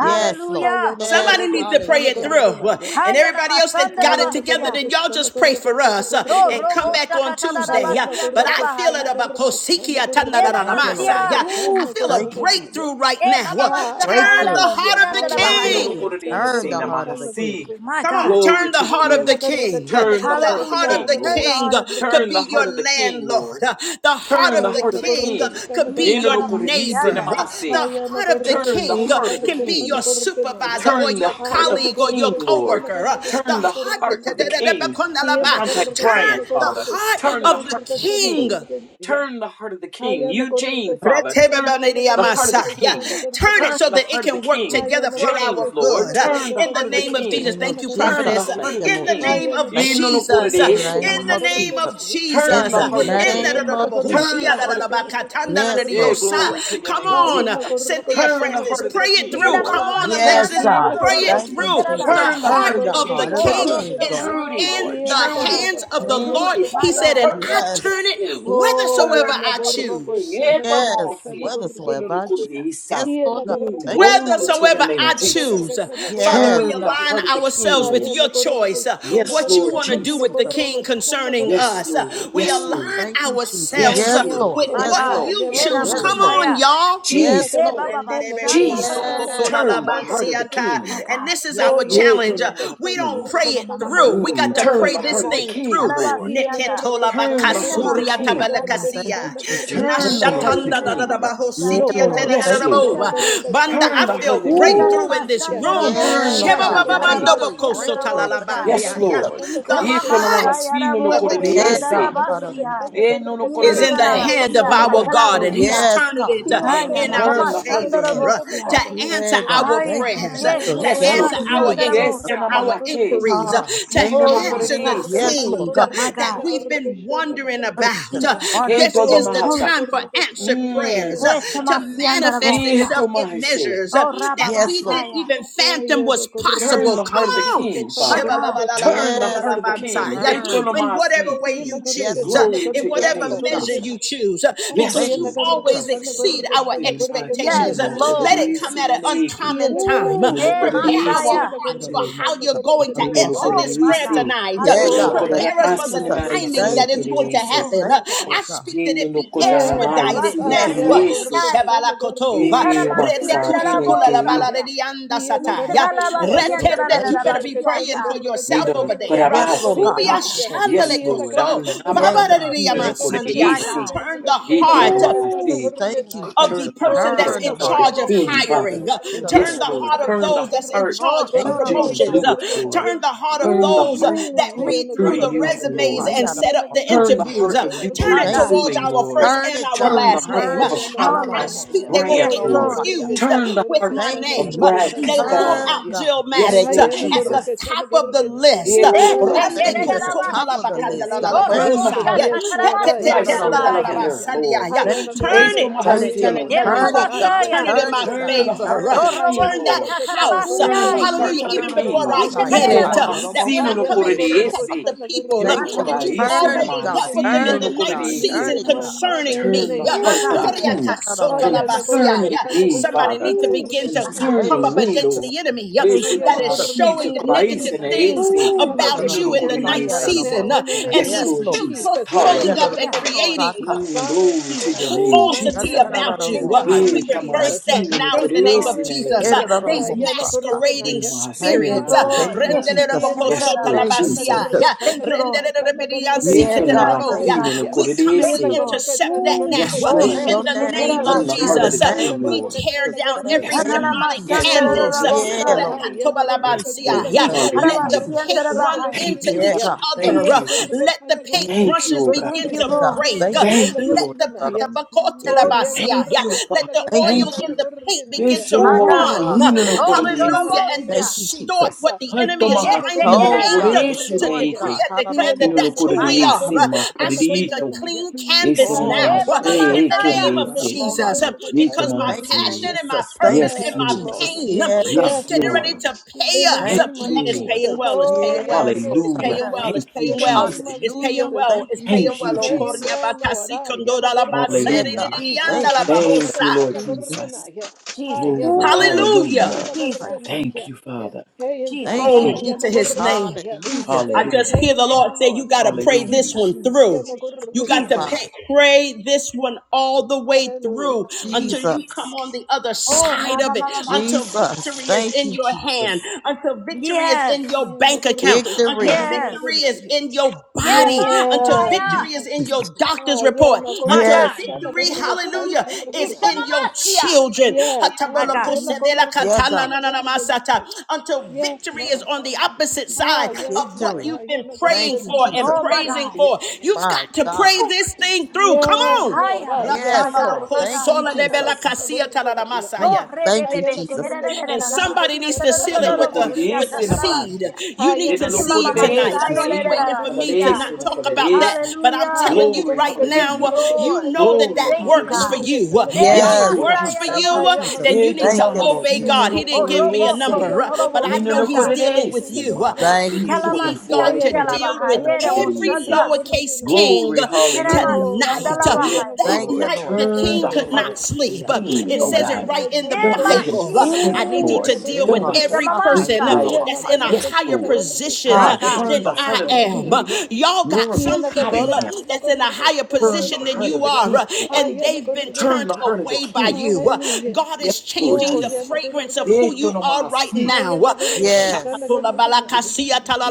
B: yes.
G: Lord. Yes.
A: Somebody needs to pray it through.
G: Hallelujah.
A: Uh,
B: Hayanakorokoshanagorganaya.
A: And
D: Haya na
A: everybody else that
D: masanda na
A: got it together, then y'all just pray for us uh,
D: Oh,
A: and come
D: robo
B: Hayanakorokoshanagorgatanakorganaya.
A: back on
D: shakata da da
A: Tuesday. Yeah.
D: basia and
A: But
D: la
A: I feel it
D: bahaya.
A: about Kosikia
D: Yena
G: Thank you, Lord.
A: Tandananamasa. Yeah.
D: masia.
A: I
G: Ooh,
A: feel a
G: thank you, Jesus.
B: Hayanagorokoshanagorgatanakorgashanagorgatanakorganaya.
A: breakthrough right
D: Eh,
A: now.
D: mama
A: Uh,
B: Ha,
D: mashakata
A: Turn
D: da
A: the
G: Breakthrough.
B: hallelujah.
A: heart of
D: bosia and
A: the
D: la
G: Heart
E: You know,
D: bahaya.
E: no
G: king.
A: king.
E: quarter day, he
G: Turn
E: say,
G: the heart of the king.
E: Namahasi.
D: My
B: Hayanagorokoshanagorgatanakorganaya.
A: Come on,
D: God.
E: Glory
A: turn the
E: to your
A: heart
B: Yeah. Hi,
A: of the
E: name.
B: Anna Gorga,
A: king. The
E: Turn the heart of the
A: heart of
D: Hallelujah.
B: Shanna
A: the
E: king,
D: Turn
E: Lord.
D: the
A: king
D: heart of the king.
A: could
E: Turn the
A: be
E: heart
A: your
E: of the king,
A: landlord.
E: Lord.
A: The heart
E: Turn
A: of
E: the
A: the
E: heart of the
A: king
E: king.
A: could
D: Nisha
E: You
A: be
E: know,
A: your
E: no
B: Gorga,
D: mama
E: quarter day, he
D: masia
E: say,
D: and
A: neighbor.
D: la bahaya.
A: The
E: Namahasi.
A: heart of the
E: Turn the
A: king
E: heart of the
A: can be
E: king.
A: your supervisor or
E: Turn the
A: your
E: heart of the
A: colleague or your
E: king, Lord.
A: co-worker. The
E: Turn the
A: heart
E: heart of the king. of Ashante
A: turn
E: Bryant,
A: the
E: Father.
A: heart
E: Turn the
A: of the
E: heart of the
B: Tanna
E: king.
A: king.
E: Turn the heart of the king. Eugene, Father. Turn the heart of the
A: Retebebanediamasaya.
E: king.
A: Turn it
E: Turn
A: so
E: the
A: that it
E: heart of the
A: can work
E: king.
A: together for our
E: James, Lord.
A: good. Uh,
E: Turn the
A: In the
E: heart of the
A: name of
E: king.
A: Jesus.
G: Name
A: Thank
G: of
A: you,
E: Turn
G: Jesus.
E: the
A: prophetess. Uh,
G: Thank
E: heart of
G: you,
E: the
A: In
G: Lord
A: the
E: king.
G: Jesus.
A: name of
G: Thank you. Jesus.
A: Jesus. Uh,
G: In the
E: Inonokorese
A: In
G: name
A: the
G: of
E: namahasi.
A: name
G: Jesus.
A: of
B: Gorga,
G: In
E: Turn
A: Jesus.
E: the
A: Uh,
B: Hiya
E: heart of the
G: the
A: In the
E: king.
G: name
B: nakarrakata
G: of
E: Turn
G: Jesus.
E: the
B: nakarrakasha
E: heart of the king.
G: Yes,
E: Yeah,
B: nakarrakata
G: Lord God.
E: glory
B: na
E: to your
A: Come
E: name,
A: on,
B: Haya
A: uh,
E: Jesus.
A: Cynthia
E: Turn
B: nakarrakasha
E: the
A: Francis.
E: heart of the
A: Pray
B: nakarrakata
A: it
E: king,
A: through.
D: Nina
E: Lord.
A: Come
D: mama
A: on,
B: nakarrakanaya.
D: masia
E: Turn
G: Yes,
D: and
E: the
A: Alexis.
D: la
B: Hiya
E: heart
D: la
E: of
G: God.
D: la
E: the
A: Pray
D: la
A: it
G: Thank
E: king.
B: nakarrakata
G: you,
A: through. The
G: Jesus.
E: Turn the
B: nakarrakata
D: bahaya.
E: heart
A: heart
E: of
G: Turn
E: the
G: the
A: of the
G: heart
B: nakarrakata
E: king,
G: of
D: Oh,
G: the
A: king
E: Father.
G: king,
D: rosho
A: is
G: God.
B: nakarrakanaya.
D: kotoro
E: Trudy,
A: in
E: Lord.
A: the
B: Hiya
D: bosia and la
E: Trudy.
A: hands
D: bahaya.
A: of
B: nakarrakata
A: the
G: Man,
A: Lord.
E: Trudy,
D: My
A: He
B: nakarrakasha
E: Father.
A: said,
D: God.
A: and
E: Turn
A: I
E: the heart
G: yes,
E: of
B: nakarrakanaya.
E: the
A: turn it
E: king.
B: Oh,
A: whithersoever
B: ya
E: Turn the
A: I
E: heart of the
A: choose.
E: king.
B: nakarrakasha
G: yes,
B: nakarrakata
E: Epamosi.
G: whithersoever I
B: nakarrakanaya.
G: choose. Yes,
D: Jesus.
E: Inunukurisa.
B: Hiya
G: Lord God.
E: Mm,
G: Thank
B: nakarrakata
E: glory to your
A: Whethersoever
B: nakarrakasha
E: name,
A: I
E: Jesus.
A: choose,
B: nakarrakata
A: Father,
G: Yes,
A: we
E: Turn the
G: God.
B: nakarrakanaya.
A: align
E: heart of the king,
A: ourselves
B: na
A: with
E: Lord.
A: your choice, uh,
B: nakarrakasha
E: Yes,
A: what you
E: Lord
A: want to
B: nakarrakata
A: do
E: Jesus.
G: Jesus.
A: with the king
B: nakarrakasha
A: concerning
E: Yes,
A: us. Uh,
B: nakarrakanaya.
E: Lord.
A: We
E: Yes,
G: Ooh,
E: Lord.
A: align
G: thank you, Jesus.
E: Yes,
A: ourselves
G: Yes,
A: uh,
B: Yes,
E: Lord.
A: with
G: Lord.
D: My
B: Lord.
G: Yes,
A: what
D: God.
B: Ah,
G: Lord.
A: you
B: yana
E: Yes,
D: Yena
A: choose.
G: Yes,
A: Come
E: Lord.
G: Lord.
A: on,
B: gorgonaya.
D: masaya.
A: y'all.
G: Yes,
B: Yana
E: Jesus.
D: Eh,
G: Lord.
D: Baba
A: And
B: gorgatana gorgashana
E: Jesus,
G: Yes, God.
E: turn
D: Bashandarabosia.
E: the
B: gorgatana
E: heart of the
D: My
E: king.
B: gorgonaya.
D: God.
A: this is
G: Yes,
B: Oh,
A: our
G: Lord.
B: yana
A: challenge. Uh, We
B: gorgatana
A: don't
E: Yetonomahasi.
A: pray
D: Ishama
A: it
D: Mama
B: gorgatana
A: through. We got
E: Mm,
A: to
B: gorgatana
E: turn
A: pray
E: the
A: this
E: heart of the
A: thing
B: gorgonaya.
D: Masandarabosi
A: through.
E: king, Lord.
B: Hiyana
D: Karabasianda.
B: karraka
E: Turn
B: chanda
E: the
D: Nina
E: heart of the
B: karraka chanda
E: king.
D: Mahaya
G: Mm,
B: karraka
G: thank you,
D: Rabasaya.
B: shanda
G: Jesus.
B: karraka
E: Turn
G: Thank
E: the
G: you,
B: chanda
G: Lord
E: heart of the
B: karraka
G: Jesus.
B: na
D: Orenene
E: king.
B: ya.
G: Yeah,
B: No
D: Masaya
G: Lord.
E: Yes,
B: korroko
G: Thank you,
E: Lord.
B: shanda
G: Jesus.
D: Rabosandara
B: karraka
D: Eshike.
A: Banda,
B: chanda
E: Turn
A: I
E: the
B: karraka
E: heart
A: feel
E: of the
B: chanda
D: Nisana
E: king.
A: breakthrough
G: Woo.
B: karraka
A: in
B: na
A: this
B: ya.
A: room.
E: Turn
G: Yes,
E: the
D: Masandarabosia
E: heart
B: Hayana
E: of
G: God.
E: the king.
B: karraka
G: Breakthrough.
B: chanda
G: Breakthrough.
B: karraka
G: Thank
B: chanda
G: you,
D: Tatarabasiandarabosaya.
E: Yes,
A: Yeah.
B: karraka
G: Jesus.
E: Lord.
B: chanda
A: The
D: Ikema
B: karraka na
A: heart
B: ya.
D: Masaya
E: Yetonomahasi
A: of
B: Hiyana
A: the
G: Yeah,
B: karraka
A: king
E: nonokoredeese.
G: God.
B: chanda karraka
D: Rabosandarabasia.
G: Hallelujah.
F: Hallelujah,
B: chanda karraka
D: Nina
A: is
B: chanda
G: Thank
A: in
F: hallelujah.
D: Nana
G: you,
A: the
E: Enonokorereke.
B: karroko
A: hand
G: Jesus.
D: Masia
A: of
B: shanda
A: our
F: Thank
B: karraka
F: you,
A: God, and
B: na
E: Inomahasi.
F: God.
D: Tatarabosia.
A: He's
B: ya.
G: Yes,
A: turning
G: God.
A: it uh,
B: Hiyana
D: Aya
A: in
F: Hallelujah,
G: Hallelujah.
D: Mama
B: karraka
A: our
E: Turn the
B: chanda
E: heart of the
F: Jesus.
B: karraka
E: king,
A: favor uh,
B: chanda
D: Masandarabosia.
A: to
E: Father.
B: na
A: answer
G: Yeah,
B: ya.
G: God.
A: our
G: Thank
D: Hallelujah.
G: you,
B: Ah,
F: Glory,
A: prayers, uh,
B: ya
D: Yes,
G: Jesus.
B: no
A: to
F: glory,
E: Yes,
B: corro
G: Thank
E: Lord.
A: answer
G: you,
A: our
G: Lord
F: glory.
B: chana
A: inqu-
G: Jesus.
B: corro
E: Yes,
D: shekarabasiandarabosa.
A: our
B: chana corro
F: Hallelujah,
E: namahake.
A: inquiries, uh,
B: ya.
G: Ah,
A: to
F: Jesus.
G: thank
E: Inu
B: Oh,
E: no
G: you,
B: ya no
A: answer
G: Jesus.
A: the
D: Yeshamamasa.
B: corro
F: Thank
E: Inonokoredeese.
G: Yes,
B: chana
G: Lord
A: things
F: you,
A: uh,
B: corro
G: God.
D: My
A: that
F: God.
D: God,
B: chana
A: we've
B: corro
A: been
B: chana
F: Hallelujah.
A: wondering
G: Turn it
B: corro
G: to
A: about.
G: the
A: Uh,
F: Hallelujah,
B: ya.
D: Jesus,
G: heart of the
A: This
F: Jesus.
A: is
B: Oh,
G: king.
A: the
B: ya
D: Holy
B: no
E: Edodomahasa.
A: time for
B: corro
D: Spirit.
A: answered
B: chana corro
A: prayers
E: Mm.
A: uh,
F: Yes,
B: ya.
A: to
F: Lord. Yes, God.
A: manifest
D: Yeshamasiandarabosa.
A: itself
F: Many
A: in
F: answer
E: Edomahase.
A: measures. uh,
D: Oh,
F: prayer
A: that
G: Yes,
A: we
G: Lord.
A: didn't
D: Rababasaya.
A: even
B: Ah,
A: fathom
B: ya no
A: was
B: corro
D: My
E: Turn
A: possible.
E: the
F: answers
D: God,
F: and
A: Come
E: heart of
B: chana
E: the
A: on.
B: corro
E: king,
F: chances.
B: chana
D: my
E: Father.
D: God.
B: corro chana
E: Turn the
F: There's
B: corro
G: Yes,
E: heart of the
B: chana
F: prayer,
A: Shebababadalabakotalabanta.
E: king.
B: corro
A: Yeah.
B: ya.
G: turn to
A: In
F: Lord, that
A: whatever
E: Edomasi.
F: is
A: way
G: the
B: Ya
G: king.
B: no
A: you
F: done in
B: corro
G: Yes,
A: choose, uh,
G: Lord
F: the
B: chana
E: Glory
G: God.
A: in
E: to
B: corro
F: name of
E: your
G: Yes,
A: whatever
B: chana
E: name,
G: Lord
B: corro
G: God.
A: measure
E: Jesus.
A: you
F: Jesus.
B: ya.
A: choose, uh,
D: Ooh.
E: Yes,
G: Thank
A: because
B: Ya no
G: you,
A: you
F: Yes,
E: Lord.
B: corro
F: enough
A: always
G: Jesus.
B: chana
F: prayer
B: corro
A: exceed
F: that
A: our
F: I
B: chana corro
D: Yes,
B: chana
A: expectations.
F: will
A: Uh,
B: corro
F: take
A: Let it
D: Lord.
F: care
B: ya.
A: come
F: of
A: at an
F: myself.
E: Sinemakininokorereseneneke.
B: Ya
A: uncommon
B: no corro
A: time. Uh,
F: Look
G: Ooh,
D: Ne
B: chana
F: on
G: thank
F: the
G: you,
B: corro
A: Prepare
G: Jesus.
A: our
D: Messiah.
F: pain,
B: chana
G: Get
A: hearts
G: a
B: corro
A: for
E: Inonokoreresenamase.
G: name on
A: how
B: chana
F: Lord.
A: you're
G: something.
B: corro
G: I
A: going to
G: don't
B: chana
G: know
A: answer
G: how.
D: Oh,
A: this
F: Yes,
D: my
A: prayer
B: corro
D: God.
F: my
E: Inonokorerese.
A: tonight.
F: prayer,
A: Uh,
F: God.
G: Yeah,
B: Oh,
G: God.
F: I
D: Hallelujah.
B: yes,
G: Thank
A: Prepare us
G: you,
A: for
B: Lord.
A: the
B: Ah,
F: will
B: yeah,
G: Jesus.
B: no,
F: take
B: go,
A: timing
B: go, go,
A: that
G: Thank you,
B: go,
A: it's
F: care
A: going
D: Yes,
F: of
A: to
G: Jesus.
B: no, go, go,
E: Inonokorerasenemaise.
D: Lord.
F: myself.
B: go,
A: happen. Uh,
B: na,
G: Thank you,
B: yeah.
A: I
G: Lord God.
A: speak that it be
F: Glory,
D: Yeah, da, da,
B: Yes,
D: da, da,
F: glory,
A: expedited
B: Lord. Ah,
G: Yes,
A: now.
B: yeah,
D: basiariya.
A: Uh,
B: no,
G: Lord.
B: go, go,
E: Inonokoranamaisenekerese.
B: go,
D: Hey.
B: cha, no, go, go, go,
A: Shabalakoto,
B: cha,
A: uh,
B: no, go, go, go,
A: Brendi
B: sha,
E: Eomasa.
B: no, go, go, go,
A: la
B: na,
E: Eneke.
B: yeah.
D: Ikanamasiandarabosaya.
A: Balaredianda
B: Yeah, no, go,
A: Satai,
B: go,
A: uh,
B: go, cha, no,
G: Yes,
B: go,
G: Lord.
B: go, go,
A: Retend that
B: cha, no,
A: you
G: Thank you,
B: go,
A: better
B: go,
G: Jesus.
A: be praying
D: Ishkalabasiandarabasiata.
A: for
B: go, cha,
A: yourself
B: no, go,
A: over
B: go, go,
A: there. uh,
B: cha,
G: Yes,
B: no, go,
G: Lord
E: Nidonokorabase.
B: go, go, cha, no, go, go,
A: Who
G: God.
B: go,
A: be
B: na,
D: Jesus.
B: yeah.
F: glory,
G: Hallelujah.
E: Yes,
B: Yeah, no,
E: Lord.
A: koso,
B: go,
F: hallelujah,
B: go, go,
G: Yeah,
E: Anama
G: God.
F: hallelujah,
B: cha, no, go, go,
E: no
A: Vabarediaman
G: Thank you,
B: go,
F: Jesus.
B: cha,
A: Sandia.
D: My
G: Jesus.
B: no, go,
E: koreyese.
D: God.
B: go, go,
A: Turn the
B: cha, no, go, go, go, sha, no,
E: Ito
A: heart.
B: go, go,
A: uh,
B: go, cha, no, go,
G: Ooh,
E: namase.
B: go, go,
G: thank
F: Ekenanananamasya,
B: na,
G: you,
B: yeah.
A: of
E: Turn
A: the
G: Jesus.
E: the
A: person
B: Oh,
A: that's
B: yeah,
E: heart
G: Turn the
B: no,
A: in
E: of
B: go,
G: heart
E: the
G: of
A: charge
G: the
A: of
B: go,
F: Hallelujah.
B: go,
G: king,
E: king,
B: sha,
D: Jesus.
G: God.
B: no,
E: Father.
B: go,
A: hiring. Uh,
B: go, go,
G: Get
B: cha,
G: a little
A: Turn
E: Yes,
A: the
G: more
B: no, go,
E: Lord.
B: go, go,
A: heart
G: stuff.
A: of
E: Turn
B: cha,
E: the
B: no,
F: Ekenanananamasya.
A: those
B: go, go,
A: that's
B: go,
A: in
E: heart
B: cha, no,
A: charge
D: Oh,
B: go, go, go,
A: of
E: of
G: Thank you,
B: na,
E: James
G: Jesus.
B: go,
A: promotions.
F: Glory,
B: go,
D: Shorobosaya.
A: Uh,
E: Lewis,
B: go, na,
E: Lord.
B: yeah.
F: glory,
A: Turn the heart of
E: Turn the
F: glory,
G: Ooh,
A: those
E: heart
A: uh,
G: thank you,
B: Oh,
A: that
F: glory,
E: of
G: Jesus.
A: read
B: yana
G: I
A: through
E: Trudy
G: don't
A: the
G: know.
E: Nugent,
B: gorgonaya.
A: resumes
G: I
E: Lord.
G: don't
A: and
F: glory,
A: set up
B: Yana
G: know.
A: the
G: I-
F: glory,
E: Turn the
A: interviews.
B: gorgachana
E: heart
A: Uh,
E: of
A: Turn
D: My
F: hallelujah.
E: Eugene
A: it
G: Thank
D: God.
B: gorgonaya.
G: you,
A: towards
E: Sewing,
G: Jesus.
A: our
E: Lord.
A: first
G: Turn
A: and
G: it,
A: our
G: God.
E: Turn the
A: last
E: heart
F: Mm,
A: name.
B: Oh,
A: Uh,
G: Turn
E: of
G: it.
F: Turn
D: Come
B: yana
F: to
A: I
G: I
E: Ashanti
G: don't
D: on,
A: I
D: Lord.
G: know.
A: speak,
B: gorgonaya.
G: I
A: they won't
E: Bryant,
B: Oh,
D: Yes,
A: get
G: don't
F: everlasting.
B: yana
G: know.
E: Lord.
F: God.
D: Lord.
G: I-
A: confused uh,
B: gorgachana
E: Turn the
A: with
E: heart
A: my
G: Thank
B: gorgachana
G: you,
E: of
A: name. Uh,
E: Brad
G: Jesus.
F: Mm,
B: gorgachana
A: They'll
D: Jesus.
A: pull
F: Jesus.
E: Castell.
A: out
G: Turn,
B: gorgonaya.
A: Jill
G: God.
E: Yes,
G: Thank
A: Maddox uh,
G: you,
E: Lord
B: Yana
A: at the
G: Jesus.
D: Jesus.
E: Jesus.
A: top
B: gorgachana
A: of the
B: gorgonaya.
A: list. Uh,
E: Ito
D: Eh,
B: Turn it
G: Ooh,
B: for
A: Rande
G: thank you
E: namase.
B: me,
G: at
F: Mm,
G: the
B: Lord.
A: kosota
G: top
A: la
G: of
D: shekererabasi.
G: the
B: In the
A: bakanda la
G: list,
A: la
B: name
A: la
G: God.
B: of
F: Jesus.
G: Thank
E: Turn the
G: you,
B: Jesus.
A: bohosa. Yeah.
E: heart
G: Jesus.
B: Yes, Lord.
E: of
A: Hete
B: I
G: I
D: Oroboshatataramasi
A: te
G: don't
B: yana
A: tenda
E: Thyson
G: know.
A: la la
F: Turn
A: la
D: andarabahaya.
G: I-
E: Elevator,
B: gorgonaya.
E: Lord.
A: basandia. Yeah.
G: Thank
B: Hayana
G: you,
A: Turn
G: Jesus.
A: it,
E: Aeto
A: turn
B: gorgonaya.
A: it,
G: Thank you,
A: turn
E: Mahasi,
A: it,
B: Release
G: Lord.
D: Ye
B: it,
A: turn it.
D: mama
G: Turn
A: uh,
B: Lord.
G: it,
B: I
F: it,
G: God.
A: turn
B: yana
D: masaya.
A: it
F: turn
A: in
F: it,
G: Turn
A: my
G: it,
E: turn
G: God.
E: the
B: gorgonaya.
F: turn it,
E: heart
A: favor.
G: Turn
A: uh,
E: of the
G: it.
F: God.
B: Haya
E: king,
B: no
A: turn that
E: Lord.
B: korga tana
A: house.
D: Oroboshatataramasi
A: uh,
E: Turn
B: korga
E: the
G: Ooh,
D: ay.
F: Turn
E: heart
G: shit,
A: hallelujah.
F: it,
B: shana
G: I
E: of
G: don't
E: the
A: Even
G: know. I
F: turn
B: korga
F: it,
A: before
E: king.
A: I
B: tana
F: turn
A: get
B: korga
F: it,
E: Ito
A: it, uh,
B: naya.
F: God.
G: don't
A: that
G: know.
D: Ishakarerabasiya.
G: I
E: Mahasi
A: when I
E: no
F: In
E: no
B: Haya
A: come
B: no
A: in
F: Jesus'
G: don't
A: contact
F: name.
B: korga
G: know.
A: with
E: koredeese.
A: the
B: tana
A: people,
B: korga
E: Ino
A: uh,
D: My
E: no
G: Thank you,
B: tana
F: Turn
D: God.
G: Lord.
A: that you've
F: it,
B: korga
E: koraise na
G: Turn
F: turn
B: tana
F: it,
G: it,
A: already
F: turn
G: God.
A: dealt
B: korga
A: with
F: it,
A: them
E: Mahasi no
B: naya.
A: in
G: Turn
A: the
E: no
F: God.
G: it,
A: night
F: Turn
G: God.
F: it
B: Release
F: on
E: koredeese.
G: Turn
A: season
B: it,
G: it,
F: another
B: my
G: God.
F: one,
B: Father,
F: shake
A: concerning
B: in the
F: it
E: Turn
F: on
A: me.
E: the
F: another
A: uh,
B: name
F: one.
B: of
D: My
E: heart of the
D: God.
G: Ooh,
F: Yeah,
B: Jesus.
E: king
G: Sha-da-da-da-ba.
B: Haya no korga
E: concerning
A: yeah.
B: tana
E: me,
B: korga
A: Somebody
E: Father.
A: needs
B: tana
A: to
G: Ooh,
B: korga
A: begin to
D: My
G: shoot.
B: tana
D: God.
G: thank
A: come
B: korga
G: you,
E: Concerning
A: up
E: me,
F: Jesus.
B: naya.
A: against
G: Jesus.
E: Lord.
A: the enemy yeah,
G: Thank
E: Eso
G: you,
E: na
B: Haya
A: that
B: no
A: is
G: Jesus.
B: korga
F: Turn
E: Mahasi to
F: it,
A: showing
B: tana
F: turn
B: korga
A: negative
E: koraise na
B: naya.
D: Jesus.
F: it,
A: things
E: ese.
B: I
G: Ooh,
B: come
F: turn it,
A: about
B: against
E: Ino no
A: you
B: the
G: da-da-da-da-ba.
A: in the
B: enemy
A: night
F: Jesus.
D: Jesus.
B: right
E: koredeese.
G: Sha-ya-da-da-ba.
A: season.
B: now
A: uh,
B: in the
G: Yeah,
A: And
B: name
E: Yes,
B: of
A: he's
G: yes,
E: Lord
G: Lord.
A: pu-
E: Jesus.
A: pu-
B: Jesus.
D: Jesus.
G: Yeah,
B: Haya
A: pulling
B: no
A: up
E: Hallelujah.
A: and
B: korga
D: Yes,
G: da-da-da-da-ba.
B: naya.
D: Lord.
A: creating. uh,
G: Saka.
E: Mm,
B: Silence
E: glory
B: the
E: to your
D: Jesus.
B: enemy
F: Mm,
E: name,
G: Ooh,
B: right
A: falsity
E: Jesus.
B: now,
F: mm,
B: God,
A: about
B: in the
A: you.
D: Thank
F: mm,
G: sha-da-da-da-da-ba.
A: Uh,
D: you,
B: name
D: Lord.
B: of
G: Hi-ya.
A: we
E: Eta
F: mm,
A: reverse
G: thank
B: Jesus.
G: you,
A: that
E: mahasino no
A: now in
G: Jesus.
D: Thank
A: the
D: you,
A: name of
E: korese
D: Lord.
B: Silence
E: na
A: Jesus.
G: Yeah,
B: them,
E: eke.
A: Uh,
B: God.
A: these
G: da-da-da-da-ba.
B: I
D: Thank you.
F: mm.
B: yeah, na
G: Saka.
B: garga na
A: masquerading
E: Ele
B: ya.
D: Thank
G: Thank
E: mahasino na
G: you,
D: you,
A: spirits. Uh,
G: Lord.
E: eke.
B: Silence
D: Lord.
G: Thank
F: Yeah,
G: you,
B: na
F: la, la,
G: Jesus.
B: yeah,
F: la,
B: na
F: la, la,
E: Yes,
F: la,
B: garga
F: la,
E: Lord
D: Reshekererererabas.
F: la,
G: Thank
B: cha,
G: you,
B: na
E: Jesus.
F: la.
B: garga
G: Jesus.
A: yeah,
B: cha, na
D: Thank you, Lord.
B: garga cha, na
F: Glory, glory,
B: garga
G: Yeah,
E: Efe
B: cha,
E: na
B: na
G: God.
D: Inala
B: garga
G: Thank
A: yeah,
B: na
G: you,
E: mahasino
D: Masaya.
E: no
B: ya.
A: we
G: Jesus.
A: come and
B: Yeah,
D: Thank
A: we
B: na
D: you,
E: korese.
D: Lord.
B: garga cha,
A: intercept
B: na
A: that
G: Ooh,
A: now
B: garga
E: Yes,
A: uh,
B: cha,
D: Oh,
B: na
E: Lord.
G: Bless
A: in
D: Ref,
G: your
F: glory,
B: garga
A: the
B: cha,
A: name
G: name,
D: Shekere
B: na
F: glory.
E: Turn
A: of
E: the
G: Jesus. In
E: heart
D: Basaya.
E: of
G: the
B: garga
E: the
A: Jesus. Uh,
B: cha, na
E: King,
G: name
A: we
G: of
E: Lord.
B: garga cha,
A: tear
B: na
G: Jesus.
A: down
G: Thank,
B: garga na
A: every
E: Yes,
B: ya.
G: thank
D: Nikanana
E: Lord.
G: you,
A: demonic
E: Yes,
G: Jesus.
E: Lord
B: Oh,
A: canvas.
D: Masandara
A: Uh,
B: yes,
E: Jesus.
G: Yeah,
F: Hallelujah.
B: Lord.
D: Bosaya.
G: Lord.
B: I
F: Every
B: am a
F: demonic
E: Yes,
F: thing
G: Yeah,
A: Rekatobalabansia.
E: Lord.
B: Gurgatana
F: in
A: Yeah.
F: the
G: God, I'm
F: name
G: gonna
F: of
A: Let
G: fight
B: Gurgatana
E: Hallelujah.
A: the
G: you.
A: paint
F: Jesus.
B: Gurgashana
A: run
D: Bahaya.
E: Thank
A: into
B: Gurgana.
E: you,
G: Yeah,
E: Father.
B: Yeah,
A: each
G: God. Thank
A: other.
E: Thank
G: you,
B: Yana
A: Uh,
E: you.
G: Jesus.
A: Let the
B: Gurgatana
G: Thank
A: paint
G: you,
E: Thank you,
B: Gurgatana
A: brushes
E: O
G: Jesus.
E: God.
A: begin
D: Thank
G: Yeah,
D: you,
A: to
B: Gurgashana
G: God.
D: Lord.
A: break. Uh,
G: Thank you,
E: Thank
B: Gurgatana
E: you,
G: Jesus.
A: Let
E: Lord.
A: the
G: God, I'm
B: Gurgana.
G: gonna
B: Oh,
G: get it.
B: yeah, na
A: Patabakotelabasiya.
E: Thank
A: Yeah.
E: you,
B: gorgeta,
A: let
B: na
E: Father.
A: the
G: Thank you,
A: oil
E: Thank
G: Jesus.
B: gorgeta, na
A: in
E: you.
A: the paint
B: gorgena,
A: begin
B: yeah.
E: Yes,
A: to
E: no
D: My
G: Ooh,
D: God.
B: Oh,
A: run. Uh,
G: Ah,
E: mahasino
B: yes,
E: no
G: Thank
D: Oh,
G: you,
B: Lord,
G: Jesus.
B: in the
E: korese.
A: Hallelujah. And
B: name
G: Thank
D: Shorobosia.
B: of
G: you,
A: distort
B: Jesus.
G: Jesus.
A: what
B: uh,
A: the
E: Ai
A: enemy
E: toma
A: is
B: Aya
D: Yes,
B: na
A: trying to
E: racindo no
G: Oh,
B: gorgeta,
A: paint
B: na
A: uh,
G: God.
E: cure
D: Shekerasi.
E: ese
A: to
B: gorgena,
G: Destroy
E: ne
B: yeah.
E: ete.
A: decree
G: God.
A: and
G: I don't
A: declare
G: know,
B: Iya
E: E
B: na
A: that
G: Lord.
E: no
A: that's
E: cure
A: who we
D: My
B: gorgeta,
A: we
E: de
B: na
A: are.
D: God.
E: ese ma
A: I
B: gorgeta, na
A: speak a
E: carito.
B: gorgena, yeah.
A: clean
E: Ese
A: canvas
E: na
B: Aya
G: Oh,
E: ma
B: na
A: now
D: Yeah,
A: uh,
D: Mama
E: se
G: shut
A: in
B: gorgeta,
G: up.
E: e
A: the
B: na
A: name
D: Masaya.
A: of
E: ese.
G: I'm
B: gorgeta,
G: on
B: na
A: Jesus
G: high.
A: uh,
E: E
B: gorgeta,
F: Jesus.
B: na
A: because
E: toma
A: my
G: Thank you,
B: gorgena,
E: raci.
A: passion
B: yeah.
A: and my
G: Jesus.
A: purpose
G: Thank you,
A: and
E: Yes,
B: Yes,
A: my
E: Lord.
F: That's
B: Lord.
G: Jesus.
A: pain
F: the
A: um,
G: Yeah,
A: is
G: God.
F: perfect
B: Yes,
E: Yes,
A: getting
F: life
A: ready
B: Lord.
E: Lord.
F: in
A: to
F: this
A: pay
B: In the
A: us
F: generation.
E: Yes,
A: uh,
G: Thank
B: name of
G: you,
A: and it's
E: Lord.
F: Yes.
A: paying
B: Jesus.
G: Jesus.
A: well, it's
B: Oh,
A: paying
B: yes,
A: well.
B: it
G: Yes, oh
B: is,
F: Jesus'
A: It's
G: God.
F: name.
E: Hallelujah.
A: paying
B: God.
D: Jesus.
B: Uh,
A: well. It's
E: Thank you,
B: in
A: paying
B: the
A: well.
B: name
E: Jesus.
B: of
A: It's paying
G: Hallelujah.
B: Jesus.
A: well.
G: Thank
A: It's
G: you,
A: paying
G: Jesus.
B: It's
E: Thank
A: well.
E: you,
A: Oh,
D: Jesus.
B: paying
E: Jesus.
A: Korea
B: well, Lord.
A: Batasi
B: Ah, yeah, no,
A: Kondoda La
B: go, go, go, nah,
G: Yeah,
A: Basere de
B: yeah.
E: Hallelujah.
G: God.
B: Ah,
D: Jesus.
G: Thank
B: yeah,
A: La
G: you,
B: no, go, go,
E: Thank
B: go,
E: you,
A: Bahosa.
B: ta,
E: Lord
B: no,
G: Jesus.
B: go, go, go, nah,
E: Jesus.
B: yeah. Ah,
D: Jesus.
B: yeah, no,
E: Glory.
B: go,
G: Ooh,
B: go, go,
G: son
B: sha,
A: Hallelujah.
E: Hallelujah.
G: of
B: no, go,
G: a
B: go, go,
D: Jesus.
B: nah,
G: bitch.
E: Thank
B: yeah.
E: you,
B: It's
E: Father.
B: paying,
D: Jesus.
B: God.
G: Thank you,
B: Ah,
A: Glory
E: Thank
G: Jesus.
B: yeah,
A: be
E: you,
A: to
B: no, go,
A: his
E: Lord.
B: go, go, nah,
A: name.
B: yeah.
G: Hallelujah.
D: Jesus.
A: I
B: It's
A: just
E: Hallelujah.
A: hear the
B: paying
A: Lord
B: now,
A: say, You
B: Lord.
A: got to pray
G: Yes,
E: Hallelujah.
A: this
D: Jesus.
A: one
B: Ah,
F: Jesus,
B: yeah,
A: through.
B: no, go,
F: Jesus,
B: go,
A: You
B: go,
A: got
B: nah,
A: to
F: Jesus.
D: Jesus.
B: yeah.
G: my
A: pay, pray this one all the way
B: Hallelujah.
A: through
F: Oh, thank you,
A: until
D: Jesus.
A: you come
G: Jesus.
A: on
F: Jesus.
A: the other
D: Oh,
A: side
D: Rabba
A: of it,
D: Mama Masha.
A: until
G: Jesus.
A: victory is
G: Thank
A: in
G: you,
A: your hand,
G: Jesus.
A: until victory is in
B: Ah,
D: Yes.
A: your
B: yeah, no,
A: bank
B: go, go,
A: account,
B: go, sha,
G: Victory.
A: until
B: no,
F: Thank
B: go,
F: you,
B: go,
D: Yes.
B: go,
A: victory
B: nah,
A: is
B: yeah.
A: in your
F: Jesus.
D: Yeah,
A: body, until
B: Yes.
D: Messiah.
F: Thank
A: victory is
F: you,
A: in your
F: Jesus.
A: doctor's
B: Ah, yeah,
A: report,
B: na
D: My
A: until
B: gorgo
D: God.
G: Yes.
B: shana
G: Lord.
A: victory,
B: gorgo
A: hallelujah
G: Ooh,
B: tana
A: hallelujah,
G: thank
B: gorgo
A: is
G: you,
B: na
G: Lord.
A: in
B: yeah.
A: your
D: Ishamamasya.
A: children.
B: Yes,
D: My
B: ah,
F: Thank
D: God.
B: yeah, na
F: you,
B: gorgo
F: Lord
G: Yeah, God.
B: shana gorgo
F: Jesus.
B: na yeah.
A: Until
B: Yes,
A: victory is
B: Lord.
A: on the opposite
F: Hallelujah,
A: side
B: Ah,
F: Jesus.
B: yes,
A: of what
B: Lord.
G: Victory.
B: Ah,
A: you've
B: yeah,
A: been
B: na
A: praying
G: Thank
B: gorgo
G: you,
A: for
B: tana
G: Jesus.
A: and
D: Oh,
B: gorgo
D: my
B: na
A: praising
D: God.
B: yeah.
A: for. You've
G: My
A: got to pray
G: God.
D: Ooh.
A: this thing through. Come
B: Yes,
A: on
B: Lord.
D: Hiya.
B: Ah, yeah, na
D: My
G: Yes,
D: God.
G: Lord.
B: gorgo
D: My
G: Thank
D: God.
G: you,
B: shana
D: My God.
B: gorgo
G: Jesus.
B: tana gorgo na yeah.
G: Mm.
D: Oh,
B: Ah,
G: Thank you,
B: yeah,
D: rebebebe.
B: na
G: Jesus.
B: gorgo
A: and
B: tana gorgo
A: somebody
D: Shikerererereremasya.
A: needs
B: shana
A: to seal
E: no
B: gorgo
A: it
E: lo
A: with
B: tana
A: a
B: gorgo
D: Tarararararabosya.
A: with
B: na
A: a
E: correrese na
B: yeah.
A: seed
E: maki.
D: Tatarabasya.
B: Ah,
A: you need
E: E
B: yeah,
E: no
B: na
A: to
D: Yee,
E: lo
D: Mama
B: gorgo
A: seed
G: Thank
B: tana
G: you,
A: tonight i
E: correrese,
A: know
G: Jesus.
D: Messiah.
B: gorgo
A: you are
E: e
A: waiting
B: shana
A: for me
B: gorgo
A: to
D: Rerereremasya.
B: tana
E: matarese
A: not
E: na
A: talk
B: gorgo na
A: about
B: yeah.
A: that
E: carerese.
A: but i'm
B: Ah,
D: Hallelujah.
B: yeah,
A: telling
B: na
A: you
E: Glory,
A: right
B: gorgo
A: now
D: Thank
B: tana
A: uh,
E: hallelujah.
D: you,
B: gorgo
A: you
D: Lord.
B: tana
A: know that
E: Glory,
B: gorgo
A: that
D: Thank you,
B: shana
A: works for
D: God.
E: hallelujah.
B: gorgo
A: you Uh,
B: tana
D: De
A: if
B: gorgo
E: Yes,
A: it
B: na
G: Yes,
D: mama
B: yeah.
E: Lord
G: God.
A: works for
E: Jesus.
G: Thank
A: you
G: you,
A: uh,
B: Haya
D: sayarabosa.
A: then
G: Jesus.
A: you
E: E
A: need
G: Thank
A: to
B: nagorgesha
G: you, Lord
A: obey
G: Jesus.
E: tomahasino
A: god
E: no
A: he
B: nagorgenaya.
A: didn't give me a
D: Boroboso
E: correrese.
B: Haya
A: number uh, but i
E: E no
A: know
B: nagorgesha
E: lo
A: he's
D: totolobosianda.
A: dealing
B: nagorgesha
A: with
E: correrese,
A: you Uh,
E: ma
G: Thank
B: nagorgenaya.
G: you,
E: e
A: i
E: tu e
A: need
G: Jesus.
A: god
B: Haya
D: Ikalamasiandi
A: to
E: poetere
A: deal with
E: na
B: nagorgesha
D: alabahayera
A: every
B: nagorgesha
E: carerese.
D: boshanda.
A: lowercase
B: nagorgenaya.
A: king
E: Glory,
A: uh,
E: hallelujah.
B: Oh
D: Ikeramasianda
A: tonight
B: God,
A: Uh,
B: haya
E: Yes,
D: labahay.
A: that
G: Thank you,
E: Lord.
A: night,
B: nagorgesha
G: Lord.
A: the
E: Turn
G: Send
A: king
E: the
G: it
A: could
G: on
E: heart
G: more.
A: not
B: nagorgenaya.
E: of
D: Jesus.
E: the
G: Yeah.
A: sleep. Uh,
E: king,
A: It
B: Haya
E: oh
A: says it
E: God.
A: right in
B: nagorgesha
A: the
E: Don't let him
A: Bible.
B: nagorgesha
A: Uh,
D: Emasi.
E: sleep,
A: I need you
G: Ooh.
B: nagorgesha
A: to
E: Lord.
A: deal with
E: Don't let
G: Eva,
E: us
B: nagorgenaya.
A: every
E: sleep,
G: Sakaya,
A: person uh,
D: Ishamamasa.
B: Haya
E: Lord.
A: that's in a
G: Rabakaya.
E: Yes,
B: nagorgesha
A: higher
E: Lord.
B: nagorgesha
A: position
D: My
A: uh,
E: Ah,
G: Thank you,
D: God.
E: turn
A: than
E: the
B: nagorgesha
G: Jesus.
E: heart
A: I
E: of the
A: am. Uh,
E: king.
B: nagorgenaya.
A: Y'all got
B: Haya
E: Norvey
A: some people uh,
E: Cottingham,
D: Jesus.
B: nagorgesha
A: that's in a higher
B: nagorgesha
E: turn the
A: position than
E: heart of
A: you
E: the
B: nagorgenaya.
A: are,
E: king,
A: uh,
E: Lord.
A: and
B: Haya
A: they've been
E: Turn
A: turned
E: the
B: nagorgenaya.
E: heart of the
A: away by
E: king.
A: you. Uh,
B: Hallelujah.
A: God
E: Yes,
A: is
E: Lord
A: changing
D: Jesus.
B: Oh,
A: the
B: yeah,
E: Jesus.
A: fragrance of who
B: nagorgenaya.
E: Eto
A: you
E: no
A: are right
E: mahasi.
A: now.
B: Yes,
G: Yes.
F: Glory,